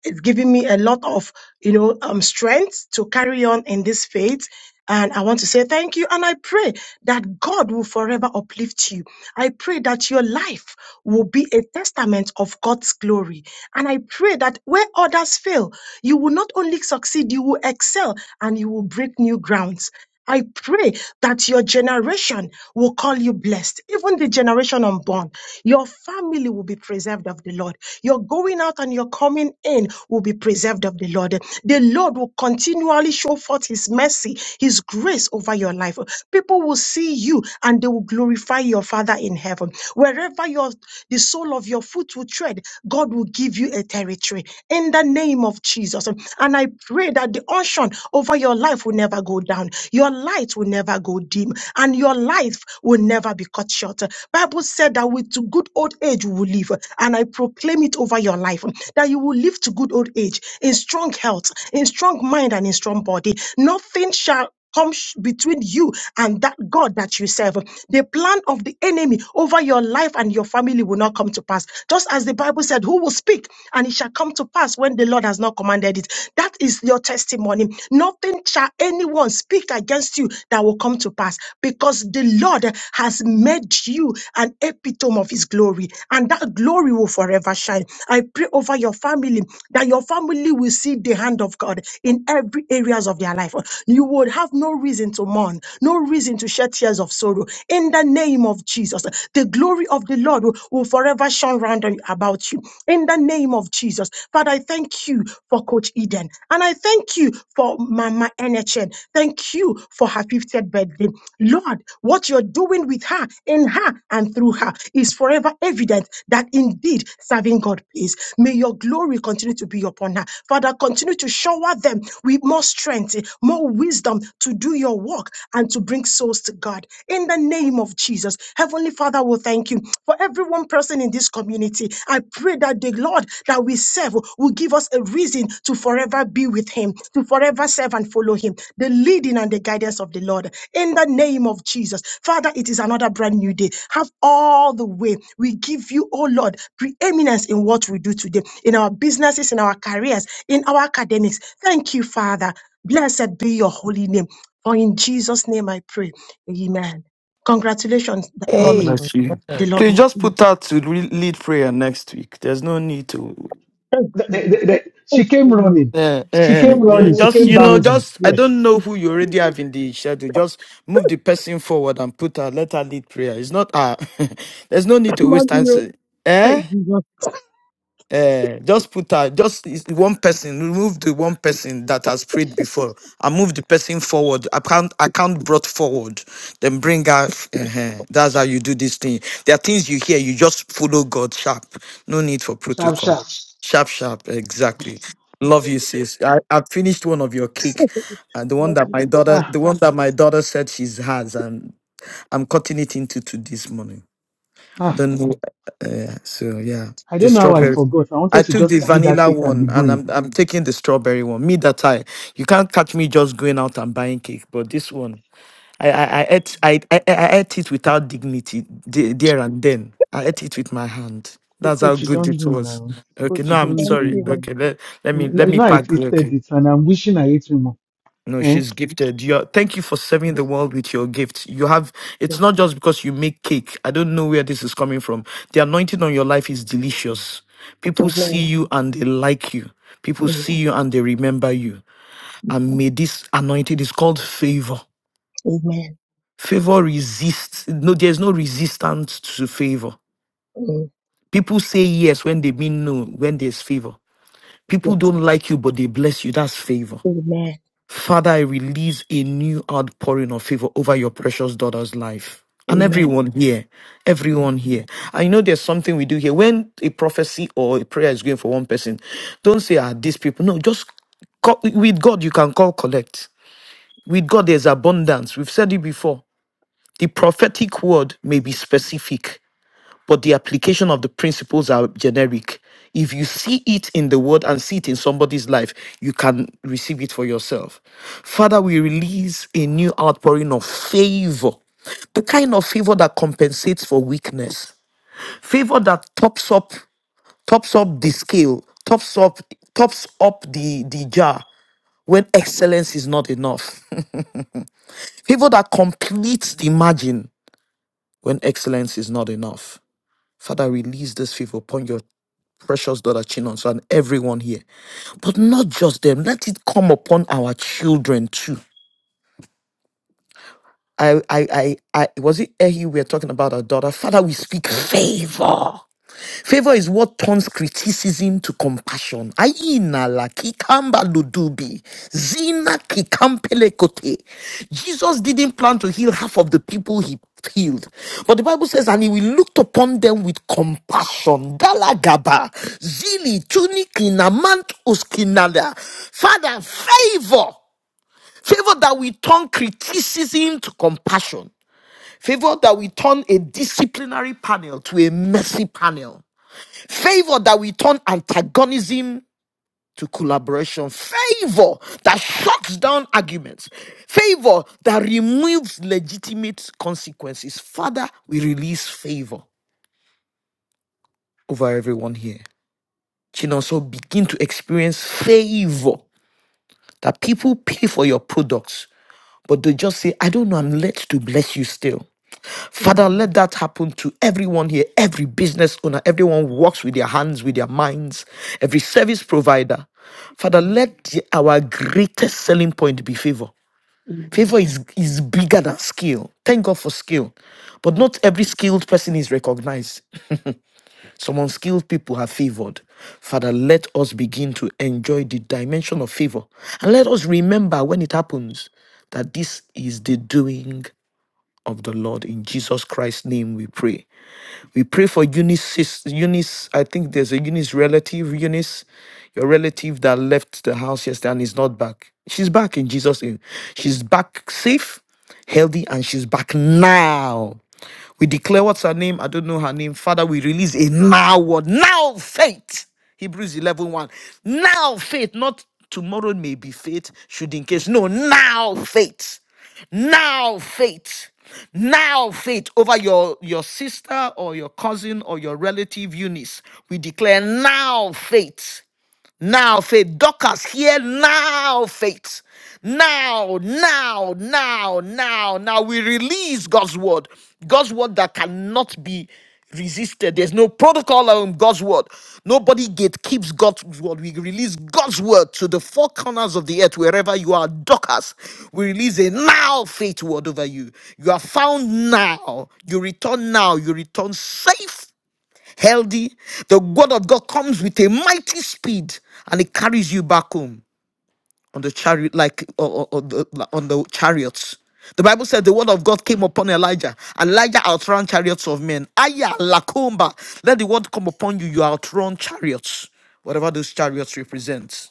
It's giving me a lot of, you know, um, strength to carry on in this faith. And I want to say thank you. And I pray that God will forever uplift you. I pray that your life will be a testament of God's glory. And I pray that where others fail, you will not only succeed, you will excel and you will break new grounds. I pray that your generation will call you blessed, even the generation unborn. Your family will be preserved of the Lord. Your going out and your coming in will be preserved of the Lord. The Lord will continually show forth His mercy, His grace over your life. People will see you and they will glorify your Father in heaven. Wherever your the sole of your foot will tread, God will give you a territory in the name of Jesus. And I pray that the unction over your life will never go down. Your light will never go dim and your life will never be cut short. Bible said that with to good old age we will live. And I proclaim it over your life that you will live to good old age in strong health, in strong mind and in strong body. Nothing shall comes between you and that God that you serve. The plan of the enemy over your life and your family will not come to pass. Just as the Bible said, Who will speak and it shall come to pass when the Lord has not commanded it. That is your testimony. Nothing shall anyone speak against you that will come to pass because the Lord has made you an epitome of his glory and that glory will forever shine. I pray over your family that your family will see the hand of God in every areas of their of their life. You would have no reason to mourn, no reason to shed tears of sorrow. In the name of Jesus, the glory of the Lord will, will forever shine round on- about you. In the name of Jesus, Father, I thank you for Coach Eden, and I thank you for Mama NHN. Thank you for her 50th birthday. Lord, what you're doing with her, in her, and through her is forever evident that indeed serving God pays. May your glory continue to be upon her. Father, continue to shower empower them with more strength, more wisdom to do your work and to bring souls to God. In the name of Jesus, Heavenly Father, we thank you for every one person in this community. I pray that the Lord that we serve will give us a reason to forever be with Him, to forever serve and follow Him. The leading and the guidance of the Lord. In the name of Jesus, Father, it is another brand new day. Have all the way. We give you, oh Lord, preeminence in what we do today, in our businesses, in our careers in our academics. Thank you, Father. Blessed be your holy name. For in Jesus' name I pray. Amen. Congratulations,
God
mommy.
Amen.
bless you.
The Lord
Please
bless
just
you.
put that to re- lead prayer next week. There's no need to.
Thank
The-
you.
the-
Lord.
the- the- she
Thank
came
you. Lord.
running.
Yeah,
She
Thank you,
yeah,
came
yeah.
running.
Lord.
She
Just
came
you know,
bounding.
just I
Yes.
don't know who you already have in the schedule. Just move the person forward and put her. Let her lead prayer. It's not uh There's no need to waste
Thank you, Lord. Thank you, Lord. Thank you,
time.
Lord.
Say,
Hey,
Eh?
Jesus.
Uh, just put out just is- one person. Remove the one person that has prayed before. and move the person forward. Account account brought forward. Then bring out. uh That's how you do this thing. There are things you hear. You just follow God sharp. No need for
Sharp,
protocol.
sharp.
Sharp, sharp. Exactly. Love you, sis. I, I finished one of your cake, uh, the one that my
Amen.
daughter,
Ah,
the one that my daughter said she's has, and I'm cutting it into two this morning. I
ah.
don't know. Uh, so yeah,
I
the
don't know how I
strawberry.
forgot. I wanted
I
to
took
just
the
carry that
vanilla
cake and be
one and
going.
I'm I'm taking the strawberry one. Me that I you can't catch me just going out and buying cake, but this one I I, I ate I, I I ate it without dignity the- there and then. I ate it with my hand.
Co-
That's how
Coach, you
good
don't
it
do
was.
now.
Okay,
Coach,
no,
you
I'm
don't do
sorry.
now.
Okay, let, let me
Mm,
let
You
me
know, I
pack. Okay.
tasted it and I'm wishing I ate more.
No,
Eh?
she's gifted. You thank you for serving the world with your gift. You have it's not just because you make cake. I don't know where this is coming from. The anointing on your life is delicious. People see
Amen.
you and they like you. People see you and they remember you. And may this anointing is called favor.
Amen.
Favor resists. No, there's no resistance to favor.
Amen.
People say yes when they mean no, when there's favor.
Yes.
People don't like you, but they bless you. That's favor.
Amen.
Father, I release a new outpouring of favor over your precious daughter's life. And
Amen.
everyone here, everyone here. I know there's something we do here. When a prophecy or a prayer is going for one person, don't say, ah, these people. No, just call, with God, you can call collect. With God, there's abundance. We've said it before. The prophetic word may be specific but the application of the principles are generic. If you see it in the word and see it in somebody's life, you can receive it for yourself. Father, we release a new outpouring of favor, the kind of favor that compensates for weakness, favor that tops up, tops up the scale, tops up, tops up the, the jar when excellence is not enough. Favor that completes the margin when excellence is not enough. Father, release this favor upon your precious daughter Chinonso and everyone here. But not just them. Let it come upon our children too. I, I, I, I was it Ehi we are talking about our daughter. Father, we speak favor. Favor is what turns criticism to compassion. Aina la kikamba ludubi. Zina kikampele kote. Jesus didn't plan to heal half of the people he healed. But the Bible says, and he will looked upon them with compassion. Dalagaba. Zili tunikina mant uskinada. Father, favor. Favor that we turn criticism to compassion. Favor that we turn a disciplinary panel to a mercy panel. Favor that we turn antagonism to collaboration. Favor that shuts down arguments. Favor that removes legitimate consequences. Father, we release favor over everyone here. Children, so begin to experience favor that people pay for your products, but they just say, I don't know, I'm led to bless you still. Father,
Amen.
let that happen to everyone here, every business owner, everyone who works with their hands, with their minds, every service provider. Father, let the- our greatest selling point be favor.
Amen.
Favor is, is bigger than skill. Thank God for skill. But not every skilled person is recognized. Some unskilled people are favored. Father, let us begin to enjoy the dimension of favor. And let us remember when it happens that this is the doing of the Lord. In Jesus Christ's name we pray. We pray for Eunice, sis- Eunice. I think there's a Eunice relative, Eunice, your relative that left the house yesterday and is not back. She's back in Jesus' name. She's back safe, healthy, and she's back now. We declare what's her name? I don't know her name. Father, we release a now word. Now faith. Hebrews eleven one. Now faith, not tomorrow may be faith, should in case. No, now faith. Now faith. Now faith over your, your sister or your cousin or your relative Eunice. We declare now faith. Now faith. Dorcas, hear now faith. Now, now, now, now, now we release God's word. God's word that cannot be resisted. There's no protocol on God's word. Nobody gatekeeps God's word. We release God's word to the four corners of the earth, wherever you are, Dorcas. We release a now faith word over you. You are found now. You return now. You return safe healthy, the word of God comes with a mighty speed and it carries you back home on the chariot, like or, or- or the, like, on the chariots. The Bible said the word of God came upon Elijah. Elijah outran chariots of men. Aya lakomba. Let the word come upon you. You outrun chariots, whatever those chariots represent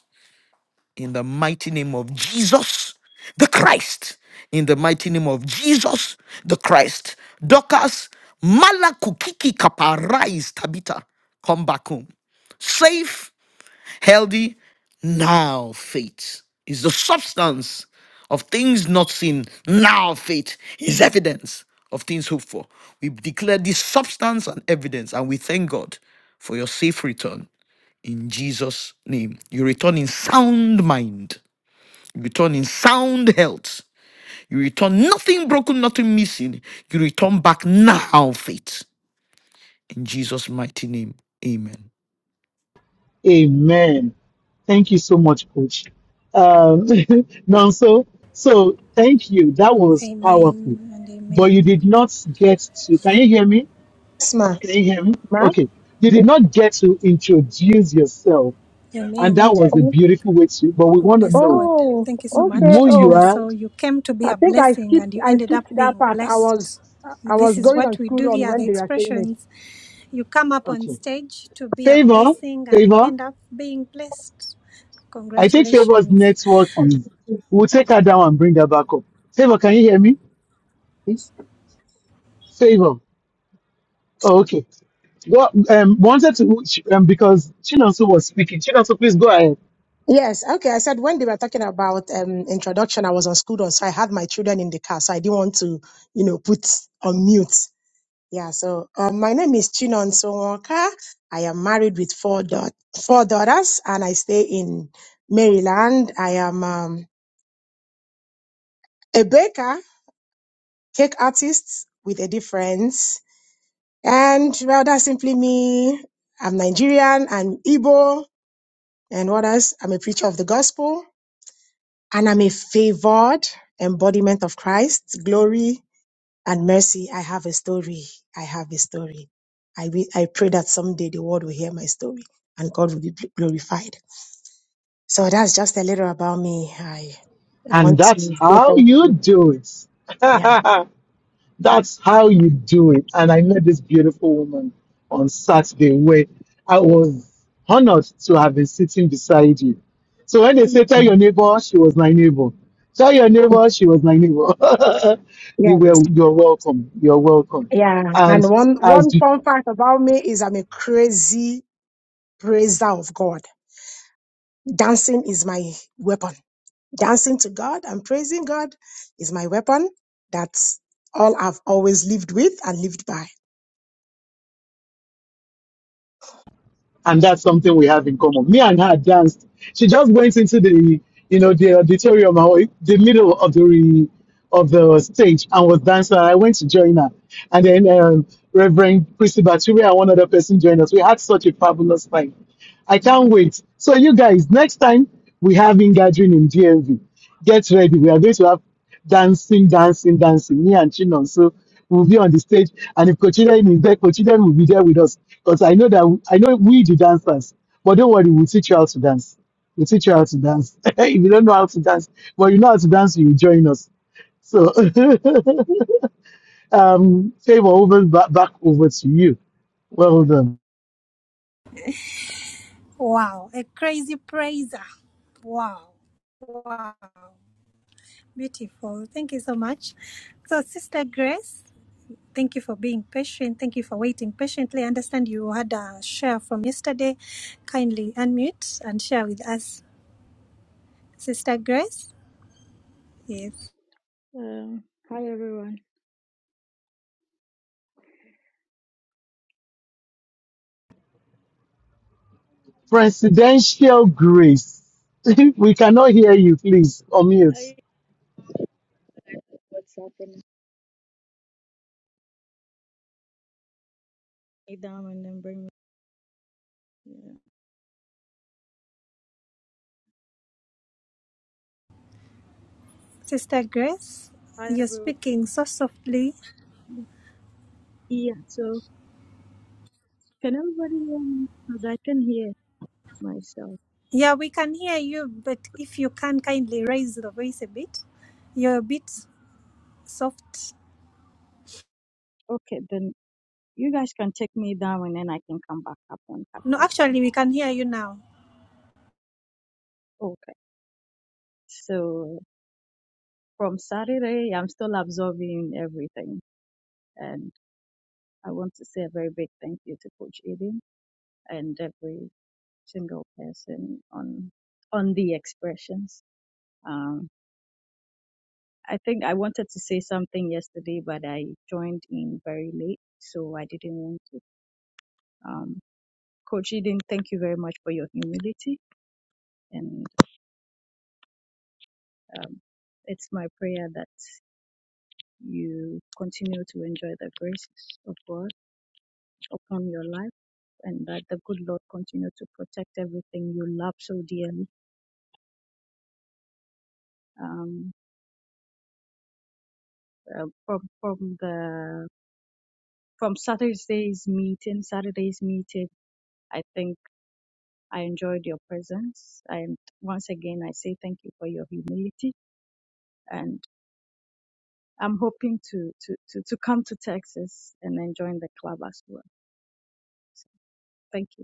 in the mighty name of Jesus the Christ. In the mighty name of Jesus the Christ. Dokas malakukiki kaparais tabita. Come back home. Safe, healthy, now faith is the substance of things not seen. Now faith is evidence of things hoped for. We declare this substance and evidence, and we thank God for your safe return in Jesus' name. You return in sound mind you return in sound health. You return nothing broken, nothing missing. You return back now, faith. In Jesus' mighty name, amen.
Amen. Thank you so much, Coach. Um, now, so, so thank you. That was powerful.
Amen and
But you
amen.
did not get to, can you hear me?
Smart,
Can you hear me?
right?
Okay. You did not get to introduce yourself, and
Amen.
that was a
Oh,
beautiful way to. But we
We
want to
bless
know
God.
oh,
Thank you so
okay.
who
much,
you
Oh,
China.
are.
So you came to be
I
a
think I
blessing
skipped
and you
I
ended up
skipped that
being
part. I was
blessed.
I
This
was
is
going on
what we
school
do
run
here,
when
the
they were saying
expressions. You come up on
Okay.
stage to be a
Favor,
blessing and you
favor.
end up being blessed.
I think favor's
Congratulations.
network is.
it.
We'll take her down and bring her back up. Favor, can you hear me?
Yes.
Favor. Oh, okay. Well, um, wanted to um, because Chinonso was speaking. Chinonso, please go ahead.
Yes, okay. I said when they were talking about um introduction, I was on school run, so I had my children in the car, so I didn't want to, you know, put on mute. Yeah, so um, my name is Chinon Sonwoka. I am married with four daughters, four daughters, and I stay in Maryland. I am um, a baker, cake artist with a difference. And well, that's simply me. I'm Nigerian, I'm Igbo, and what else? I'm a preacher of the gospel, and I'm a favored embodiment of Christ's glory and mercy. I have a story. I have a story. I, will, I pray that someday the world will hear my story and God will be gl- glorified. So that's just a little about me. I I
And
want to
that's
say
how
thank
you
you.
do it.
Yeah.
That's how you do it. And I met this beautiful woman on Saturday where I was honored to have been sitting beside you. So when they say, tell your neighbor, she was my neighbor. Tell your neighbor, she was my neighbor. you were,
Yes.
you're welcome. You're welcome.
Yeah. And
And
one
as
one
the
fun fact about me is I'm a crazy praiser of God. dancing is my weapon. Dancing to God and praising God is my weapon. That's all I've always lived with and lived by.
and that's something we have in common. Me and her danced. She just went into the, you know, the auditorium, or the middle of the of the stage, and was dancing. I went to join her, and then um, Reverend Christy Baturi and one other person joined us. We had such a fabulous time. I can't wait. So you guys, next time we have in gathering in DMV, get ready. We are going to have dancing, dancing, dancing. Me and Chinon. So we'll be on the stage. And if Kochiden is there, Kochiden will be there with us. Because I know that I know we the dancers. But don't worry, we'll teach you how to dance. We'll teach you how to dance. if you don't know how to dance, but you know how to dance, you join us. So um favor over back, back over to you. Well done.
Wow. A crazy praiser. Wow. Wow. Beautiful. Thank you so much. So, Sister Grace. Thank you for being patient. Thank you for waiting patiently. I understand you had a share from yesterday. Kindly unmute and share with us. Sister Grace? Yes.
Um, hi everyone.
Presidential grace. we cannot hear you, please. Unmute.
I what's happening. Hey, Dom, and then bring me. Yeah.
Sister Grace,
Hi
you're
everyone.
speaking so softly.
Yeah. So can everybody hear me? Cause I can hear myself.
Yeah, we can hear you, but if you can kindly raise the voice a bit. You're a bit soft.
Okay, then you guys can take me down and then I can come back up on
No,
Kakaista.
actually, we can hear you now.
Okay. So from Saturday, I'm still absorbing everything, and I want to say a very big thank you to Coach Eden and every single person on on the expressions. Um, I think I wanted to say something yesterday, but I joined in very late, so I didn't want to. Um, Coach Eden, thank you very much for your humility, and um, it's my prayer that you continue to enjoy the graces of God upon your life, and that the good Lord continue to protect everything you love so dearly. Um, uh, from from the from Saturday's meeting, Saturday's meeting. I think. I enjoyed your presence. And once again, I say thank you for your humility. And I'm hoping to, to, to, to come to Texas and then join the club as well. So thank you.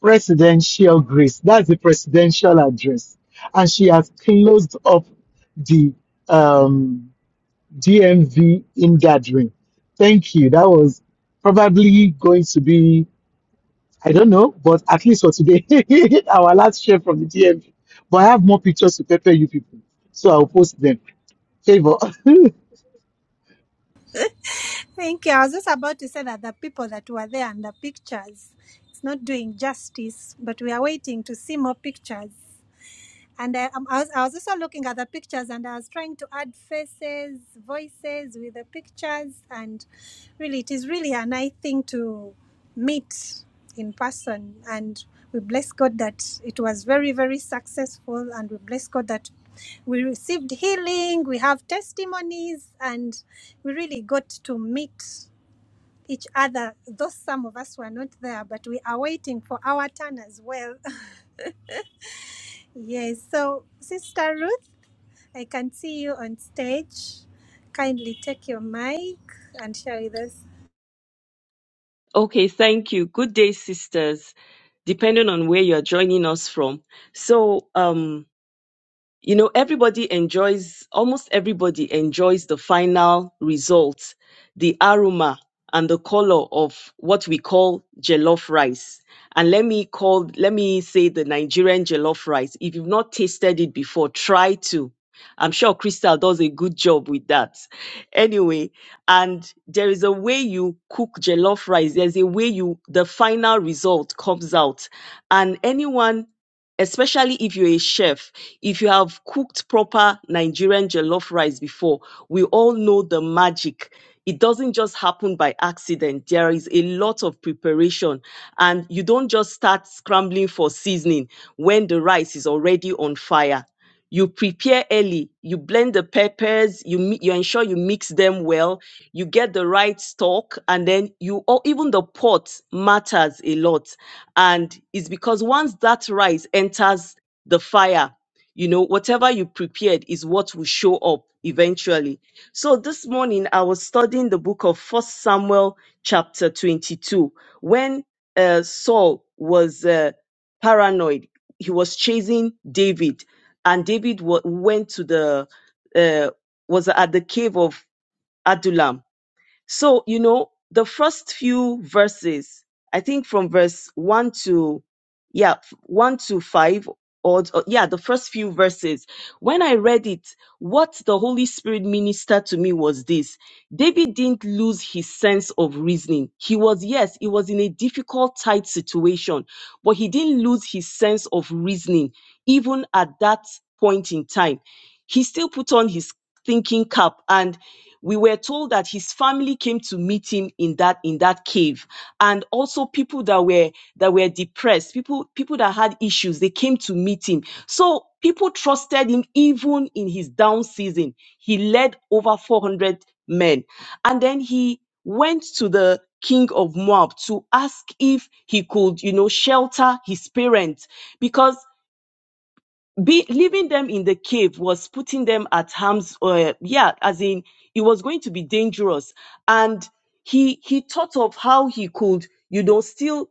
presidential grace. That's the presidential address. And she has closed up the um, DMV in Thank you. That was probably going to be, I don't know, but at least for today, our last share from the DMV. But I have more pictures to pepper you people. So I'll post them. Favor.
Thank you. I was just about to say that the people that were there and the pictures, it's not doing justice, but we are waiting to see more pictures. And I, um, I, was, I was also looking at the pictures and I was trying to add faces, voices with the pictures. And really, it is really a nice thing to meet in person. And we bless God that it was very, very successful. And we bless God that we received healing, we have testimonies, and we really got to meet each other. Though some of us were not there, but we are waiting for our turn as well. Yes. So, Sister Ruth, I can see you on stage. Kindly take your mic and share with us.
Okay, thank you. Good day, sisters, depending on where you're joining us from. So, um, you know everybody enjoys almost everybody enjoys the final result the aroma and the color of what we call jollof rice and let me call let me say the nigerian jollof rice if you've not tasted it before try to i'm sure crystal does a good job with that anyway and there is a way you cook jollof rice there's a way you the final result comes out and anyone especially if you're a chef, if you have cooked proper Nigerian jollof rice before, we all know the magic. It doesn't just happen by accident. There is a lot of preparation, and you don't just start scrambling for seasoning when the rice is already on fire you prepare early you blend the peppers you mi- you ensure you mix them well you get the right stock and then you or even the pot matters a lot and it's because once that rice enters the fire you know whatever you prepared is what will show up eventually so this morning i was studying the book of first samuel chapter 22 when uh, saul was uh, paranoid he was chasing david and David wa went to the uh, was at the cave of Adullam. So you know the first few verses, I think from verse one to yeah f- one to five or, or yeah the first few verses. When I read it, what the Holy Spirit ministered to me was this. David didn't lose his sense of reasoning. He was, yes, he was in a difficult, tight situation, but he didn't lose his sense of reasoning even at that point in time. He still put on his thinking cap and we were told that his family came to meet him in that in that cave and also people that were that were depressed people people that had issues they came to meet him so people trusted him even in his down season he led over 400 men. And then he went to the king of Moab to ask if he could, you know, shelter his parents because be, leaving them in the cave was putting them at harm's, uh, yeah, as in it was going to be dangerous. And he he thought of how he could, you know, still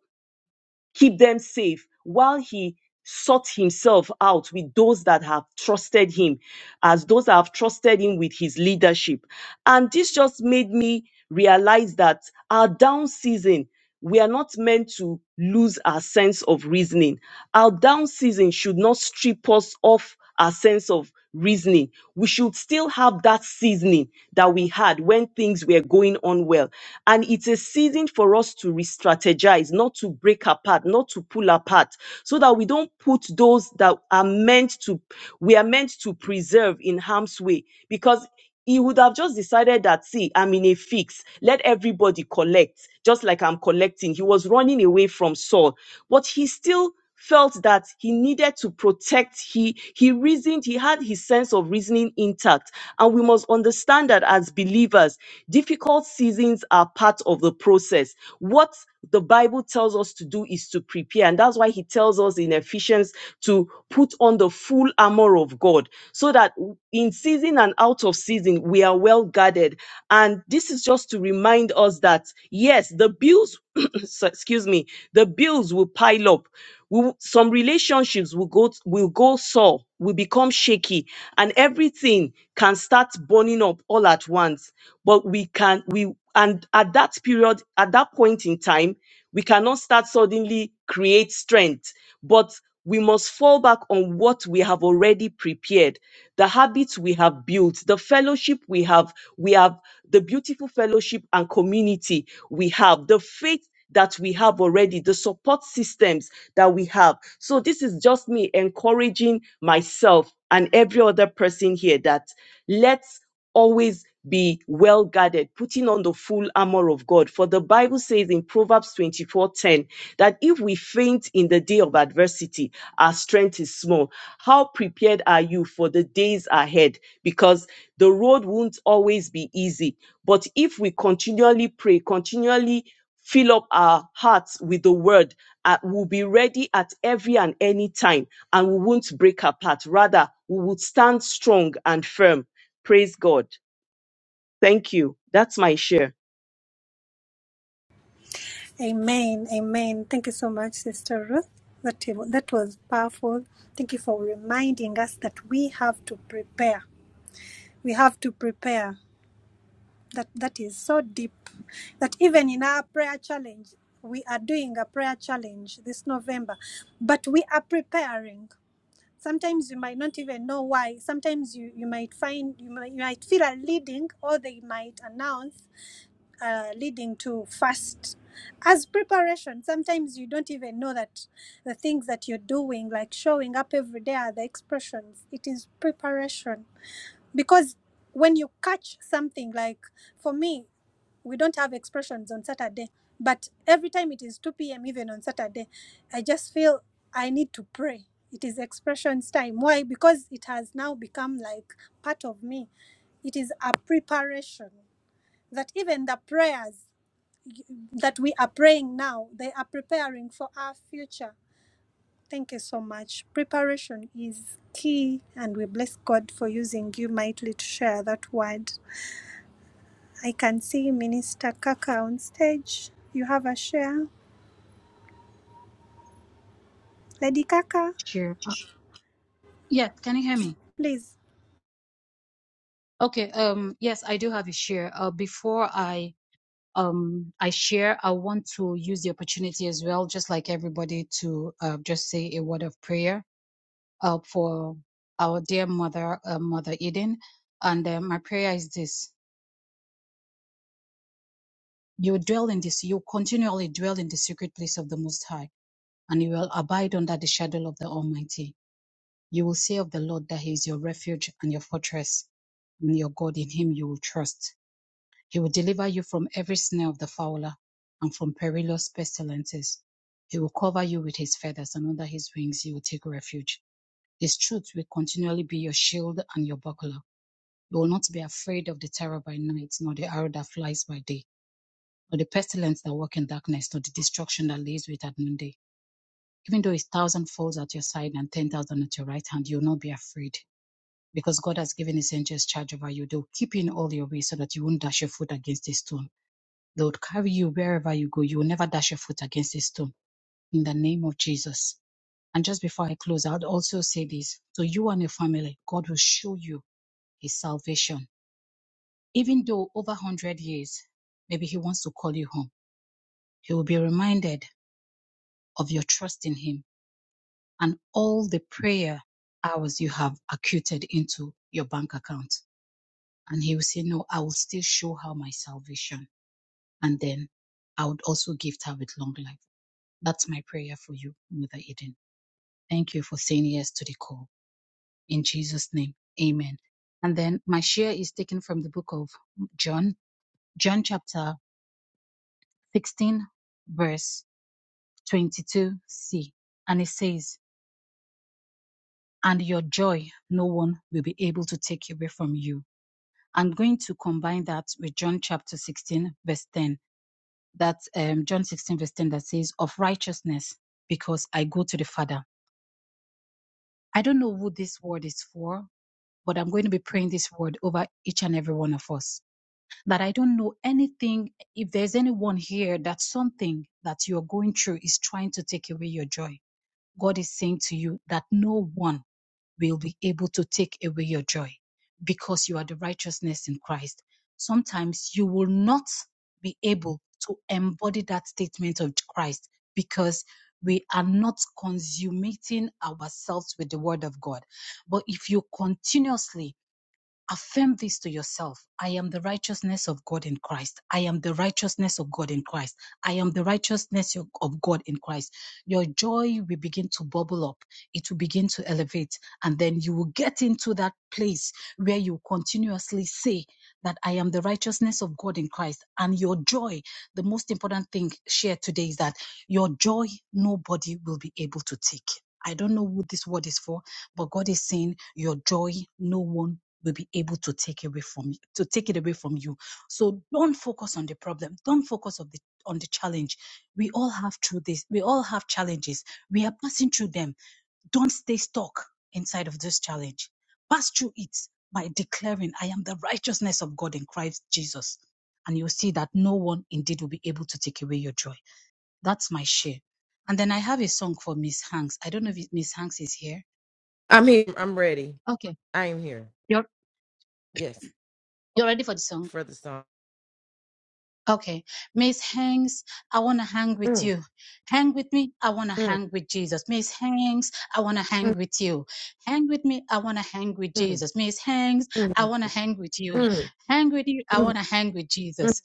keep them safe while he sought himself out with those that have trusted him as those that have trusted him with his leadership and this just made me realize that our down season we are not meant to lose our sense of reasoning our down season should not strip us of our sense of reasoning. We should still have that seasoning that we had when things were going on well. And it's a season for us to re strategize, not to break apart, not to pull apart, so that we don't put those that are meant to, we are meant to preserve in harm's way. Because he would have just decided that, see, I'm in a fix. Let everybody collect, just like I'm collecting. He was running away from Saul, but he still felt that he needed to protect he he reasoned he had his sense of reasoning intact and we must understand that as believers difficult seasons are part of the process what the bible tells us to do is to prepare and that's why he tells us in ephesians to put on the full armor of god so that in season and out of season we are well guarded and this is just just to remind us that yes, the bills, so- excuse me, the bills will pile up. We, will- some relationships will go will go sore, will become shaky, and everything can start burning up all at once. But we can we and at that period, at that point in time, we cannot start suddenly create strength. But we must fall back on what we have already prepared the habits we have built the fellowship we have we have the beautiful fellowship and community we have the faith that we have already the support systems that we have so this is just me encouraging myself and every other person here that let's always be well guarded, putting on the full armor of God. For the Bible says in Proverbs 24:10 that if we faint in the day of adversity, our strength is small. How prepared are you for the days ahead? Because the road won't always be easy. But if we continually pray, continually fill up our hearts with the word, uh, we'll be ready at every and any time, and we won't break apart. Rather, we will stand strong and firm Praise God. Thank you. That's my share.
Amen. Amen. Thank you so much, Sister Ruth. That, that was powerful. Thank you for reminding us that we have to prepare. We have to prepare. That that is so deep. That even in our prayer challenge, we are doing a prayer challenge this November, but we are preparing. sometimes you might not even know why sometimes you, you might find you might, you might feel a leading or they might announce uh, leading to fast as preparation sometimes you don't even know that the things that you're doing like showing up every day are the expressions it is preparation because when you catch something like for me we don't have expressions on Saturday, but every time it is 2 p.m., even on Saturday, I just feel I need to pray. It is expressions time. Why? Because it has now become like part of me. It is a preparation that even the prayers that we are praying now, they are preparing for our future. Thank you so much. Preparation is key, and we bless God for using you mightily to share that word. I can see Minister Kaka on stage. You have a share. Lady Kaka,
Sure. Uh, yeah, can you hear me?
please.
Okay. Um, yes, I do have a share. Uh, before I um I share, I want to use the opportunity as well, just like everybody, to uh, just say a word of prayer uh, for our dear mother, uh, Mother Eden. And uh, my prayer is this: You dwell in this, you continually dwell in the secret place of the Most High, and you will abide under the shadow of the Almighty. You will say of the Lord that He is your refuge and your fortress, and your God. In Him you will trust. He will deliver you from every snare of the fowler and from perilous pestilences. He will cover you with his feathers, and under his wings you will take refuge. His truth will continually be your shield and your buckler. You will not be afraid of the terror by night, nor the arrow that flies by day, nor the pestilence that walks in darkness, nor the destruction that lays wait at noonday. Even though a thousand falls at your side and ten thousand at your right hand, you will not be afraid, because God has given his angels charge over you. They will keep you in all your ways so that you won't dash your foot against a stone. They would carry you wherever you go. You will never dash your foot against a stone in the name of Jesus. And just before I close, I would also say this So you and your family, God will show you his salvation. Even though over 100 years, maybe he wants to call you home, he will be reminded of your trust in him and all the prayer hours you have acuted into your bank account. And he will say, No, I will still show her my salvation. And then I would also gift her with long life. That's my prayer for you, Mother Eden. Thank you for saying yes to the call. In Jesus' name, amen. And then my share is taken from the book of John, John chapter 16, verse 22c. And it says, And your joy no one will be able to take away from you. I'm going to combine that with John chapter 16, verse 10. That um, John 16, verse 10 that says, Of righteousness, because I go to the Father. I don't know who this word is for, but I'm going to be praying this word over each and every one of us. That I don't know anything, if there's anyone here that something that you're going through is trying to take away your joy. God is saying to you that no one will be able to take away your joy because you are the righteousness in Christ. Sometimes you will not be able to embody that statement of Christ because we are not consummating ourselves with the word of God. But if you continuously Affirm this to yourself. I am the righteousness of God in Christ. I am the righteousness of God in Christ. I am the righteousness of God in Christ. Your joy will begin to bubble up. It will begin to elevate. And then you will get into that place where you continuously say that I am the righteousness of God in Christ. And your joy, the most important thing shared today is that your joy, nobody will be able to take. I don't know who this word is for, but God is saying, Your joy, no one will be able to take away from you, to take it away from you. So don't focus on the problem. Don't focus on the on the challenge. We all have through this. We all have challenges. We are passing through them. Don't stay stuck inside of this challenge. Pass through it by declaring, "I am the righteousness of God in Christ Jesus," and you'll see that no one indeed will be able to take away your joy. That's my share. And then I have a song for Miss Hanks. I don't know if Miss Hanks is here.
I'm here. I'm ready.
Okay,
I am here.
you're
Yes.
you're ready for the song.
For the song.
Okay, Miss Hanks, I want to hang with
Mm,
you. Hang with me, I want to
mm.
hang with Jesus. Miss Hanks, I want to hang with you. Hang with me, I want to hang with
Mm,
Jesus. Miss Hanks, I
mm,
want to hang with you.
mm,
Hang with you, I
mm,
want to hang with Jesus.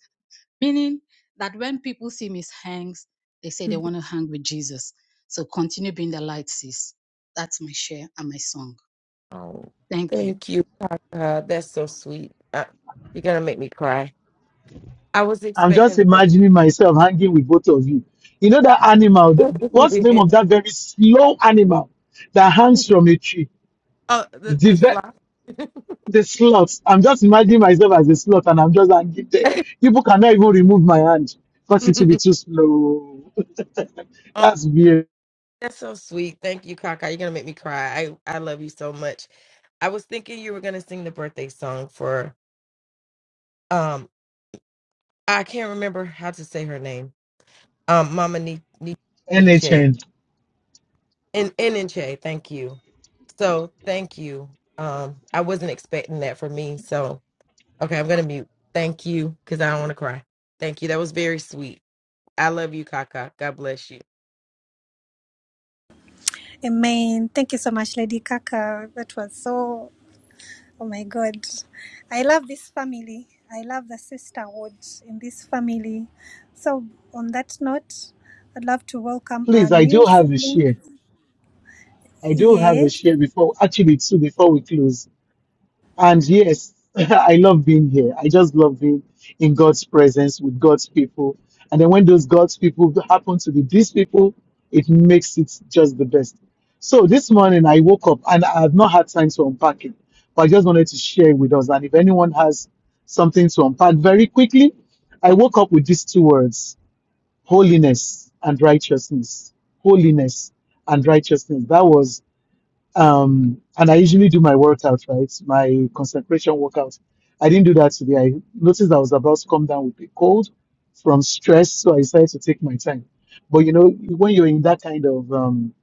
Meaning that when people see Miss Hanks, they say they
mm.
want to hang with Jesus. So continue being the light, sis. That's my share and my song.
Oh,
Thank you.
thank you, Papa. That's so sweet. Uh, you're gonna make me cry. I was
I'm
expecting
just
the birth.
imagining myself hanging with both of you. You know that animal, th-
oh,
what's the name of that very slow animal that hangs from a tree? the,
the the
ve-
slide.
the slots. I'm just imagining myself as a slot and I'm just angry there. People cannot even remove my hand because it will be too slow.
oh,
That's weird.
that's so sweet. Thank you, Kaka. You're gonna make me cry. I I love you so much. I was thinking you were gonna sing the birthday song for um. I can't remember how to say her name. Um, Mama Ni- Ni- Nietzsche.
NHN.
And and in Che, thank you. So thank you. Um, I wasn't expecting that for me. So okay, I'm gonna mute. Thank you, because I don't want to cry. Thank you. That was very sweet. I love you, Kaka. God bless you.
Amen. Thank you so much, Lady Kaka. That was so, oh my God. I love this family. I love the sisterhood in this family. So, on that note, I'd love to welcome our
Please, I do
new
have a
siblings.
share. I do have a
Yes.
share before, actually two before we close. And yes, I love being here. I just love being in God's presence with God's people. And then when those God's people happen to be these people, it makes it just the best. So this morning I woke up and I have not had time to unpack it, but I just wanted to share with us. And if anyone has something to unpack very quickly, I woke up with these two words holiness and righteousness. Holiness and righteousness. That was um, and I usually do my workouts, right? My concentration workout. I didn't do that today. I noticed I was about to come down with a cold from stress, so I decided to take my time. But you know, when you're in that kind of um,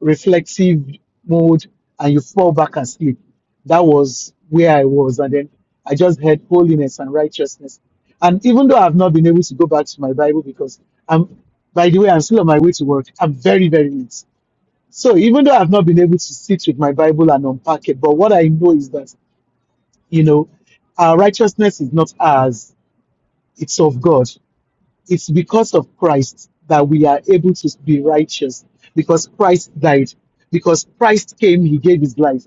reflective mode and you fall back and sleep, that was where I was. And then I just heard holiness and righteousness. And even though I've not been able to go back to my Bible because I'm, by the way, I'm still on my way to work. I'm very, very late so even though I've not been able to sit with my Bible and unpack it, but what I know is that, you know, our righteousness is not ours, it's of God. It's because of Christ that we are able to be righteous, because Christ died, because Christ came, he gave his life.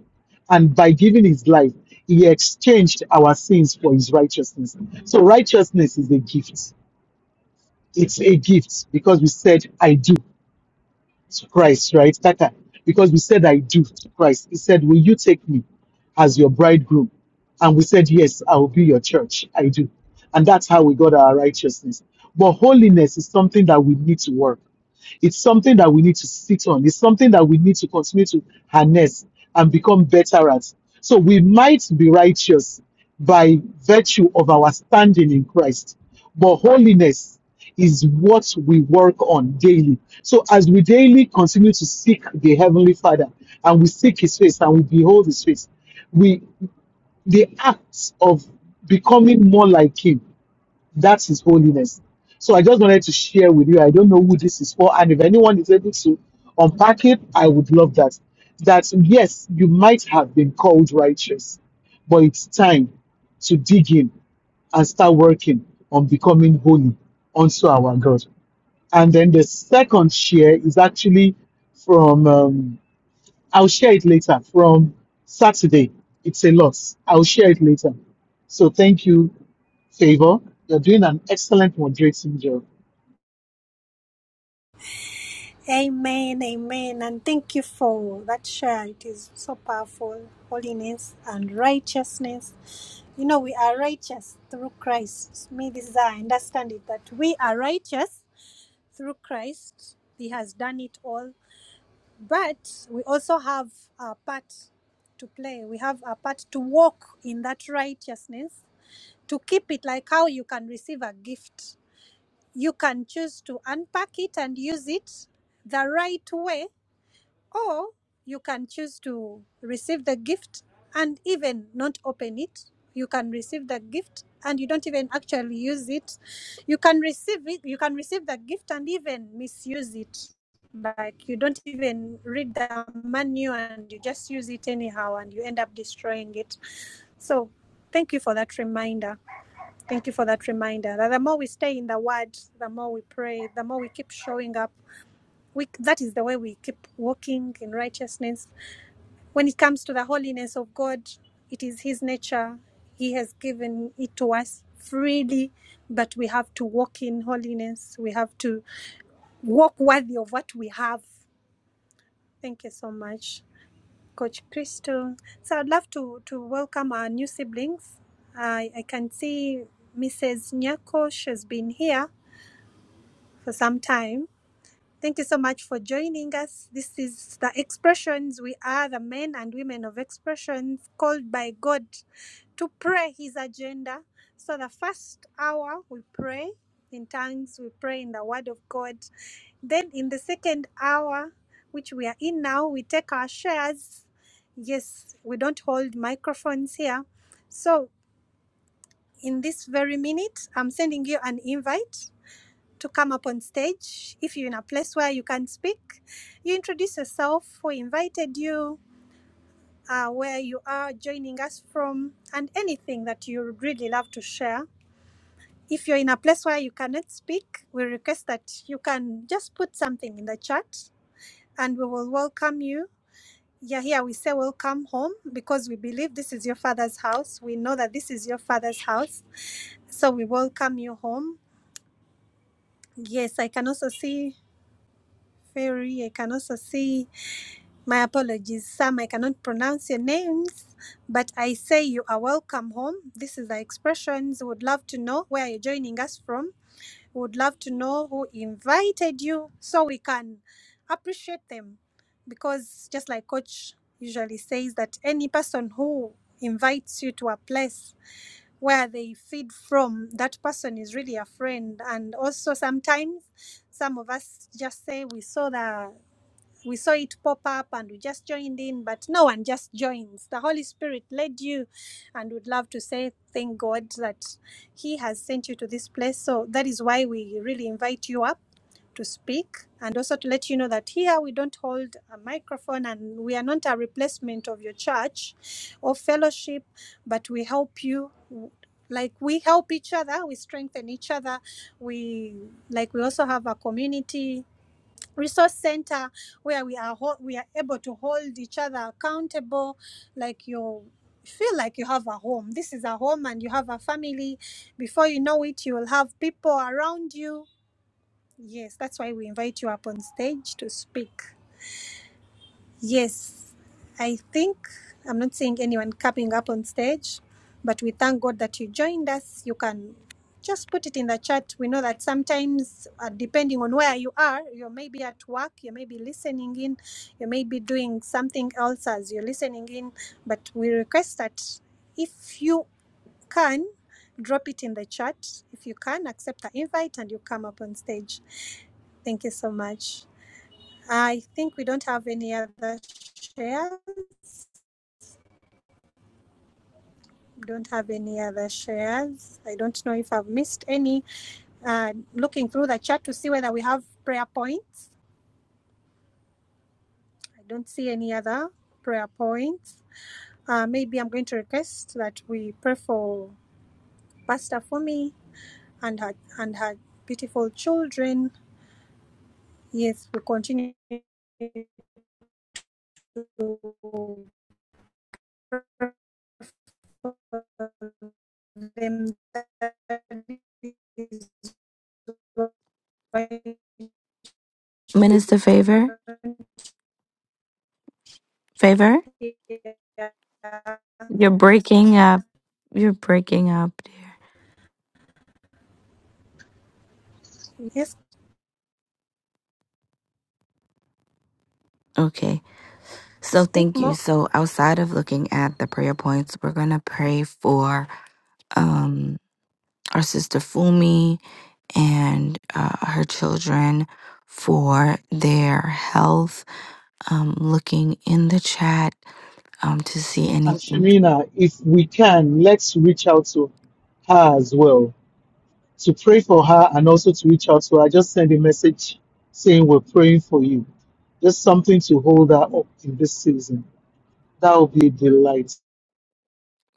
And by giving his life, he exchanged our sins for his righteousness. So righteousness is a gift. It's a gift because we said, I do to Christ, right? Tata, because we said, I do to Christ. He said, Will you take me as your bridegroom? And we said, Yes, I will be your church. I do. And that's how we got our righteousness. But holiness is something that we need to work. It's something that we need to sit on. It's something that we need to continue to harness and become better at. So we might be righteous by virtue of our standing in Christ, but holiness is what we work on daily. So as we daily continue to seek the Heavenly Father and we seek His face and we behold His face, we the acts of becoming more like Him that's His holiness. So I just wanted to share with you. I don't know who this is for, and if anyone is able to unpack it, I would love that. That yes, you might have been called righteous, but it's time to dig in and start working on becoming holy unto our God. And then the second share is actually from, um, I'll share it later, from Saturday. It's a lot. I'll share it later. So thank you Favor, you're doing an excellent moderating job.
Amen, amen. And thank you for that share. It is so powerful. Holiness and righteousness. You know, we are righteous through Christ. May this is how I understand it that we are righteous through Christ. He has done it all. But we also have a part to play. We have a part to walk in that righteousness, to keep it like how you can receive a gift. You can choose to unpack it and use it the right way or you can choose to receive the gift and even not open it you can receive the gift and you don't even actually use it you can receive it you can receive the gift and even misuse it like you don't even read the manual and you just use it anyhow and you end up destroying it so thank you for that reminder thank you for that reminder that the more we stay in the word the more we pray the more we keep showing up we, that is the way we keep walking in righteousness when it comes to the holiness of God, it is His nature. He has given it to us freely, but we have to walk in holiness. We have to walk worthy of what we have. Thank you so much, Coach Crystal. So I'd love to, to welcome our new siblings. I, I can see Mrs. Nyako, she's been here for some time. Thank you so much for joining us. This is the expressions. We are the men and women of expressions called by God to pray his agenda. So, the first hour we pray in tongues, we pray in the word of God. Then, in the second hour, which we are in now, we take our shares. Yes, we don't hold microphones here. So, in this very minute, I'm sending you an invite to come up on stage. If you're in a place where you can speak, you introduce yourself, who invited you, uh, where you are joining us from, and anything that you would really love to share. If you're in a place where you cannot speak, we request that you can just put something in the chat and we will welcome you. Yeah, here we say welcome home because we believe this is your father's house. We know that this is your father's house. So we welcome you home. Yes, I can also see Ferry. I can also see My apologies, Sam. I cannot pronounce your names, but I say you are welcome home. This is the expressions. We Would love to know where you're joining us from. We Would love to know who invited you so we can appreciate them. Because just like Coach usually says, that any person who invites you to a place where they feed from, that person is really a friend. And also sometimes some of us just say we saw the we saw it pop up and we just joined in, but no one just joins. The Holy Spirit led you, and would love to say thank God that He has sent you to this place. So that is why we really invite you up to speak and also to let you know that here we don't hold a microphone and we are not a replacement of your church or fellowship, but we help you. Like we help each other, we strengthen each other. We like we also have a community resource center where we are ho- we are able to hold each other accountable like you feel like you have a home this is a home and you have a family before you know it you will have people around you yes that's why we invite you up on stage to speak Yes, I think I'm not seeing anyone coming up on stage, but we thank God that you joined us. You can just put it in the chat. We know that sometimes, uh, depending on where you are, you may be at work, you may be listening in, you may be doing something else as you're listening in, but we request that if you can, drop it in the chat. If you can, accept the invite and you come up on stage. Thank you so much. I think we don't have any other shares. We Don't have any other shares. I don't know if I've missed any. Uh, looking through the chat to see whether we have prayer points. I don't see any other prayer points. Uh, maybe I'm going to request that we pray for Pastor Fumi and her and her beautiful children. Yes, we continue to them
Minister Favor, Favor. You're breaking up. You're breaking up, dear.
Yes,
Okay. So
speak
thank you.
more.
So outside of looking at the prayer points, we're gonna pray for um our sister Fumi and uh, her children for their health. Um, looking in the chat um to see
And
anything
Shemina, if we can, let's reach out to her as well to pray for her and also to reach out to her. Just send a message saying we're praying for you. Just something to hold her up in this season. That would be a delight.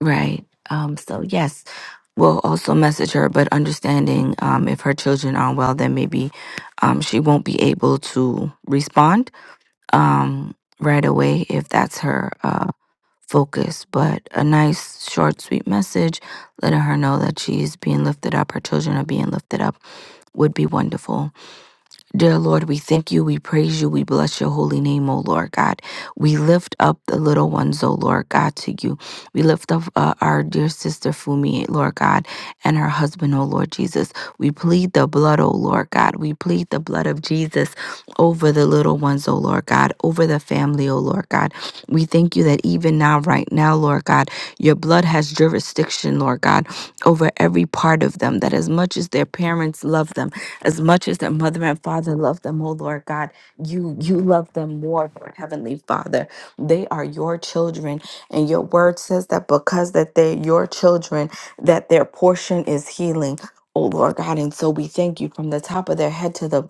right um so yes we'll also message her but understanding um if her children aren't well then maybe um she won't be able to respond um, right away if that's her uh, focus. But a nice, short, sweet message letting her know that she's being lifted up, her children are being lifted up, would be wonderful. Dear Lord, we thank you, we praise you, we bless your holy name, O Lord God. We lift up the little ones, O Lord God, to you. We lift up uh, our dear sister Fumi, Lord God, and her husband, O Lord Jesus. We plead the blood, O Lord God. We plead the blood of Jesus over the little ones, O Lord God, over the family, O Lord God. We thank you that even now, right now, Lord God, your blood has jurisdiction, Lord God, over every part of them, that as much as their parents love them, as much as their mother and father love them, oh Lord God, you you love them more, Lord Heavenly Father. They are your children, and your word says that because that they're your children, that their portion is healing. Oh Lord God, and so we thank you from the top of their head to the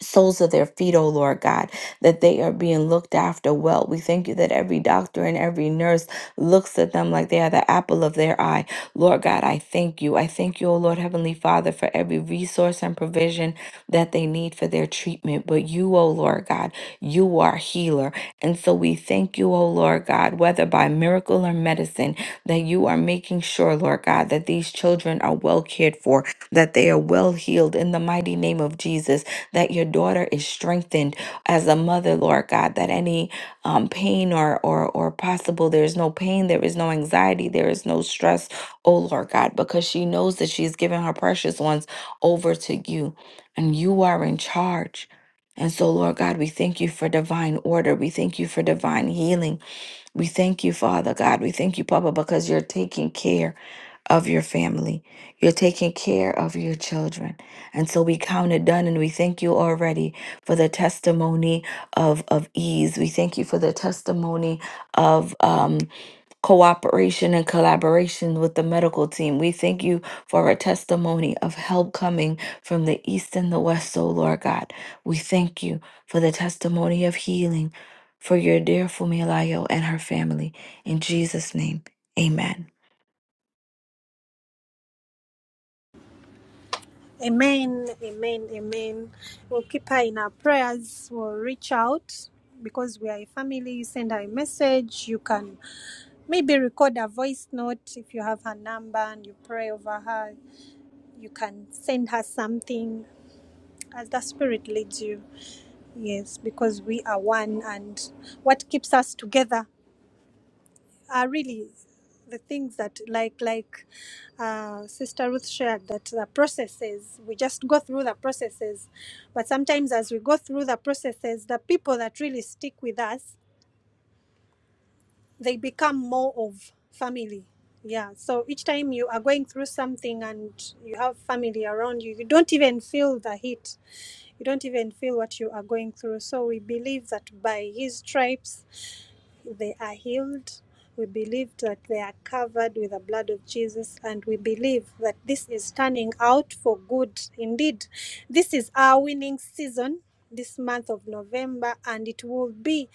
soles of their feet, O Lord God, that they are being looked after well. We thank you that every doctor and every nurse looks at them like they are the apple of their eye. Lord God, I thank you. I thank you, O Lord Heavenly Father, for every resource and provision that they need for their treatment. But you, O Lord God, you are healer. And so we thank you, O Lord God, whether by miracle or medicine, that you are making sure, Lord God, that these children are well cared for, that they are well healed in the mighty name of Jesus that your daughter is strengthened as a mother, Lord God, that any um, pain or, or, or possible, there is no pain, there is no anxiety, there is no stress, oh Lord God, because she knows that she's given her precious ones over to you and you are in charge. And so, Lord God, we thank you for divine order. We thank you for divine healing. We thank you, Father God. We thank you, Papa, because you're taking care of your family. You're taking care of your children. And so we count it done and we thank you already for the testimony of, of ease. We thank you for the testimony of um, cooperation and collaboration with the medical team. We thank you for a testimony of help coming from the east and the west, oh Lord God. We thank you for the testimony of healing for your dear Fumilayo and her family. In Jesus' name, amen.
Amen, amen, amen. We'll keep her in our prayers. We'll reach out because we are a family. You send her a message. You can maybe record a voice note if you have her number and you pray over her. You can send her something as the Spirit leads you. Yes, because we are one and what keeps us together are really the things that like like uh, sister ruth shared that the processes we just go through the processes but sometimes as we go through the processes the people that really stick with us they become more of family yeah so each time you are going through something and you have family around you you don't even feel the heat you don't even feel what you are going through so we believe that by his stripes they are healed. We believe that they are covered with the blood of Jesus, and we believe that this is turning out for good. Indeed, this is our winning season this month of November, and it will be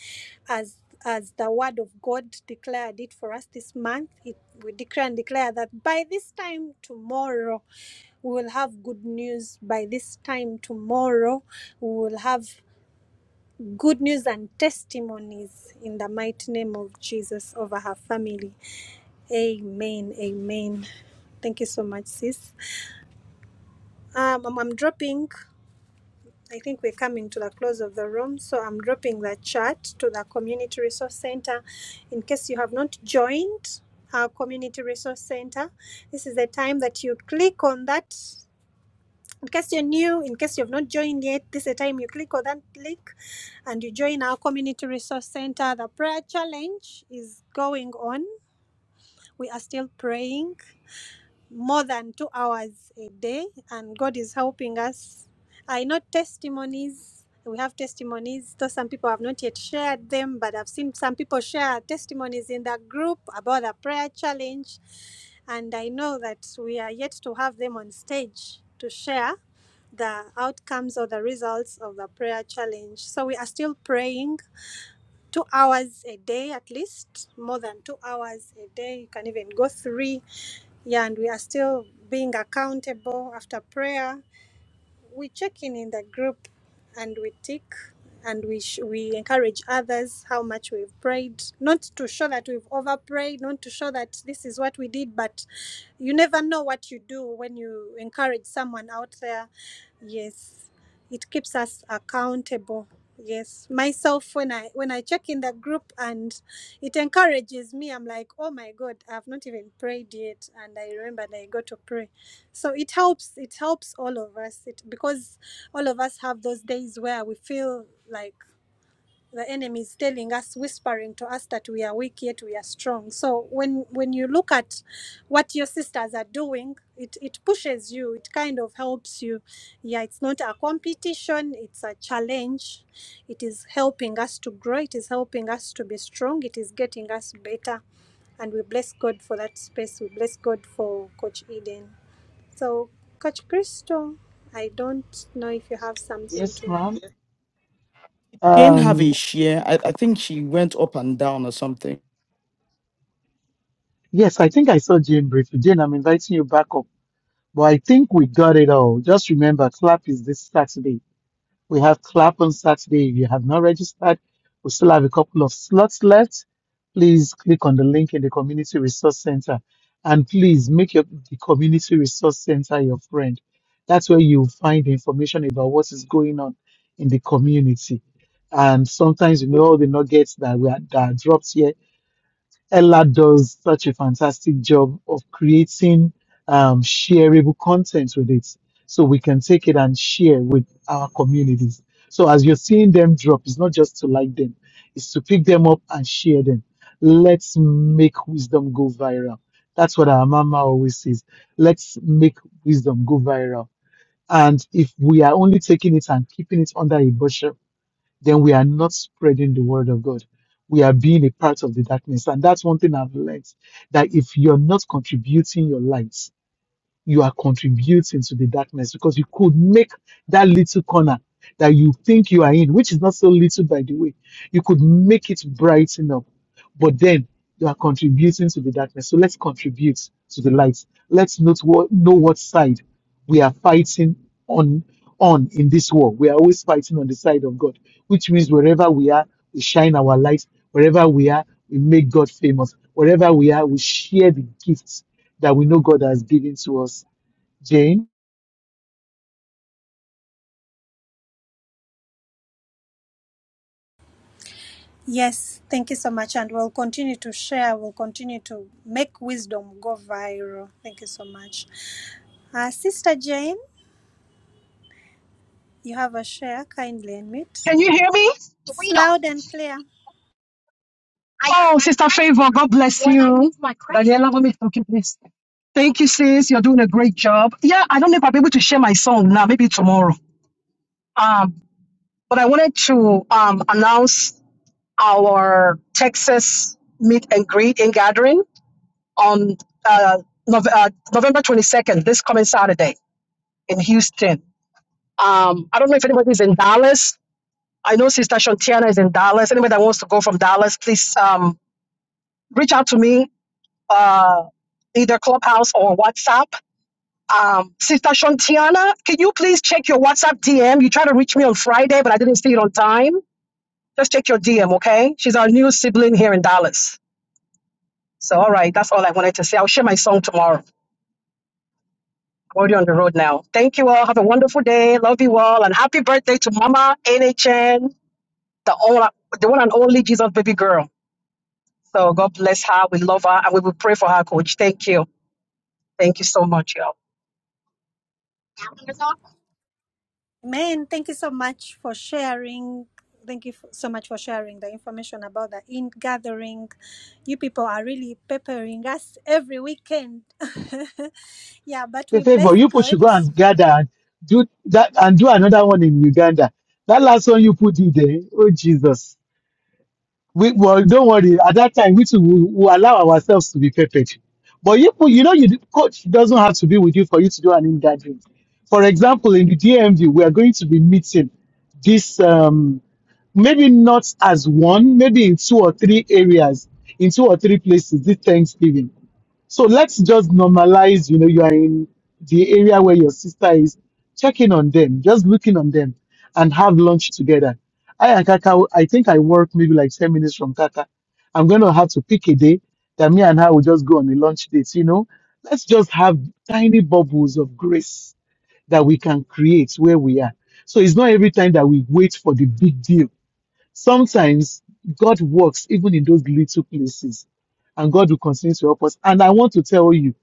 as as the word of God declared it for us this month. It, we declare and declare that by this time tomorrow, we will have good news by this time tomorrow we will have good news and testimonies in the mighty name of Jesus over her family. Amen. Amen. Thank you so much, sis. Um, I'm, I'm dropping, I think we're coming to the close of the room. So I'm dropping the chat to the Community Resource Center in case you have not joined our Community Resource Center. This is the time that you click on that in case you're new, in case you've not joined yet, this is the time you click on that link and you join our community resource center. The prayer challenge is going on. We are still praying more than two hours a day, and God is helping us. I know testimonies. We have testimonies, though some people have not yet shared them, but I've seen some people share testimonies in the group about the prayer challenge. And I know that we are yet to have them on stage to share the outcomes or the results of the prayer challenge. So we are still praying two hours a day at least, more than two hours a day. You can even go three yeah, and we are still being accountable after prayer we check in in the group and we tick and we sh- we encourage others how much we've prayed not to show that we've over prayed not to show that this is what we did but you never know what you do when you encourage someone out there yes it keeps us accountable yes myself when i when i check in the group and it encourages me i'm like oh my god i've not even prayed yet and i remember i got to pray so it helps it helps all of us it because all of us have those days where we feel like the enemy is telling us whispering to us that we are weak yet we are strong so when when you look at what your sisters are doing it it pushes you it kind of helps you yeah it's not a competition it's a challenge it is helping us to grow it is helping us to be strong it is getting us better and we bless god for that space we bless god for coach eden so, Coach Crystal, I don't know if you have something
Yes,
to.
ma'am.
Jane have a
Um,
share. I, I think she went up and down or something.
yes, I think I saw Jane briefly. Jane, I'm inviting you back up. But I think we got it all. Just remember, clap is this Saturday. We have clap on Saturday. If you have not registered, we still have a couple of slots left. Please click on the link in the Community Resource Center and please make your, the Community Resource Center your friend. That's where you'll find information about what is going on in the community. And sometimes, you know, all the nuggets that we are, that are dropped here Ella does such a fantastic job of creating um, shareable content with it. So we can take it and share with our communities. So as you're seeing them drop, it's not just to like them, it's to pick them up and share them. Let's make wisdom go viral. That's what our mama always says. Let's make wisdom go viral. And if we are only taking it and keeping it under a bushel, then we are not spreading the word of God. We are being a part of the darkness. And that's one thing I've learned that if you're not contributing your light, you are contributing to the darkness because you could make that little corner that you think you are in, which is not so little by the way, you could make it brighten up. But then you are contributing to the darkness. So let's contribute to the light. Let's not what, know what side we are fighting on on in this war. We are always fighting on the side of God, which means wherever we are, we shine our light. Wherever we are, we make God famous. Wherever we are, we share the gifts that we know God has given to us. Jane,
Yes, thank you so much. And we'll continue to share, we'll continue to make wisdom go viral. Thank you so much. Uh, Sister Jane, you have a share. Kindly admit.
Can you hear me?
It's loud and clear.
Oh, Sister Favor, God bless you. Daniela, let me talk you, please. Thank you, sis. You're doing a great job. Yeah, I don't know if I'll be able to share my song now, maybe tomorrow. Um, but I wanted to um, announce our Texas meet and greet and gathering on uh, Nov- uh, November 22nd, this coming Saturday in Houston. Um, I don't know if anybody's in Dallas. I know Sister Shantiana is in Dallas. Anybody that wants to go from Dallas, please um, reach out to me uh, either Clubhouse or WhatsApp. Um, Sister Shantiana, can you please check your WhatsApp DM? You tried to reach me on Friday, but I didn't see it on time. Just check your DM, okay? She's our new sibling here in Dallas. So, all right, that's all I wanted to say. I'll share my song tomorrow. I'm already on the road now. Thank you all. Have a wonderful day. Love you all. And happy birthday to Mama NHN, the, all, the one and only Jesus baby girl. So, God bless her. We love her and we will pray for her, coach. Thank you. Thank you so much, y'all.
Man, thank you so much for sharing. Thank you f- so much for sharing the information about the in gathering. You people are really peppering us every weekend. yeah, but
the
we bless
favor you put
God.
should go and gather and do that and do another one in Uganda. That last one you put in there, oh Jesus. We well, don't worry. At that time, we too will, will allow ourselves to be perfect. But you, you know, you coach doesn't have to be with you for you to do an in-gathering. For example, in the DMV, we are going to be meeting this um, maybe not as one, maybe in two or three areas, in two or three places this Thanksgiving. So let's just normalize, you know, you are in the area where your sister is, checking on them, just looking on them and have lunch together. I and Kaka, I think I work maybe like 10 minutes from Kaka. I'm going to have to pick a day that me and her will just go on a lunch date, you know. Let's just have tiny bubbles of grace that we can create where we are. So it's not every time that we wait for the big deal Sometimes God works even in those little places, and God will continue to help us. And I want to tell you,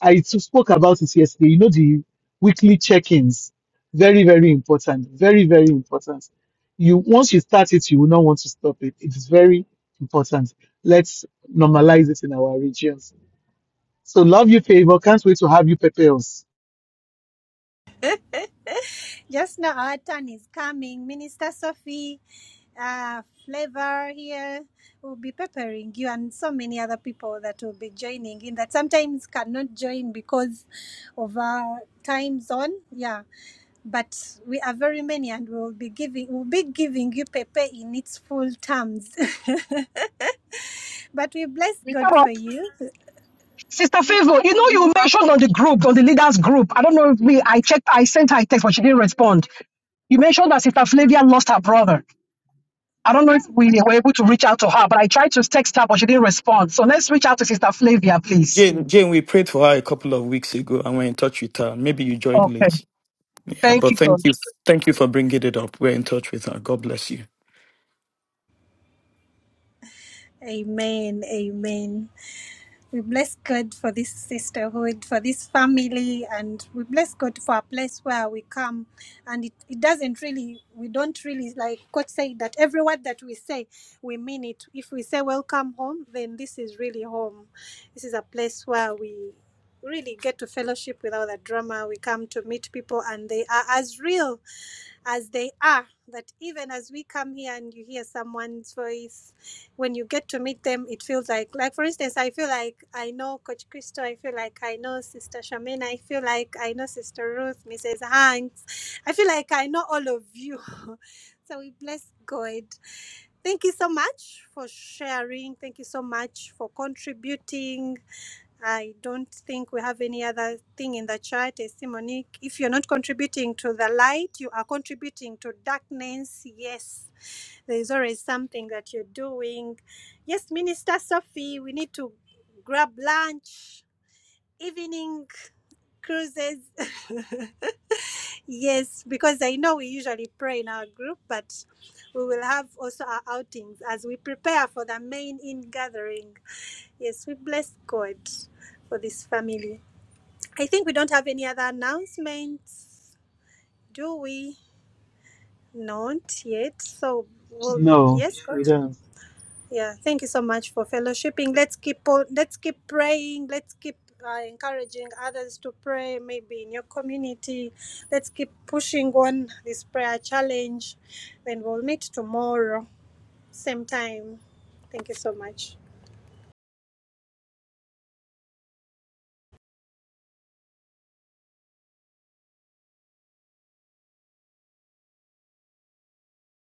I t- spoke about it yesterday. You know, the weekly check ins, very, very important. Very, very important. You Once you start it, you will not want to stop it. It is very important. Let's normalize it in our regions. So, love you, favor. Can't wait to have you, prepare us.
Just now, our turn is coming. Minister Sophie, uh, Flavor here will be peppering you and so many other people that will be joining in that sometimes cannot join because of our time zone. Yeah, but we are very many and we'll be giving we'll be giving you pepe in its full terms but we bless god for you
Sister Favor, you know you mentioned on the group, on the leaders group. I don't know if me. I checked. I sent her a text, but she didn't respond. You mentioned that Sister Flavia lost her brother. I don't know if we were able to reach out to her, but I tried to text her, but she didn't respond. So let's reach out to Sister Flavia, please.
Jane, Jane, we prayed for her a couple of weeks ago and we're in touch with her. Maybe you joined
Okay.
late. Yeah,
Thank
but
you, God.
thank you. Thank you for bringing it up. We're in touch with her. God bless you.
amen amen We bless God for this sisterhood, for this family, and we bless God for a place where we come. And it, it doesn't really, we don't really, like Coach said, that every word that we say, we mean it. If we say welcome home, then this is really home. This is a place where we really get to fellowship without the drama. We come to meet people, and they are as real as they are. That even as we come here and you hear someone's voice, when you get to meet them, it feels like, like for instance, I feel like I know Coach Christo, I feel like I know Sister Shamina, I feel like I know Sister Ruth, Mrs. Hanks, I feel like I know all of you. so we bless God. Thank you so much for sharing. Thank you so much for contributing. I don't think we have any other thing in the chat. I see Monique. If you're not contributing to the light, you are contributing to darkness. Yes, there is always something that you're doing. Yes, Minister Sophie, we need to grab lunch, evening cruises. yes, because I know we usually pray in our group, but we will have also our outings as we prepare for the main in gathering. Yes, we bless God for this family. I think we don't have any other announcements, do we? Not yet. So, well,
No,
yes, God.
we don't.
Yeah, thank you so much for fellowshipping. Let's keep on, let's keep praying. Let's keep uh, encouraging others to pray. Maybe in your community, let's keep pushing on this prayer challenge. Then we'll meet tomorrow, same time. Thank you so much.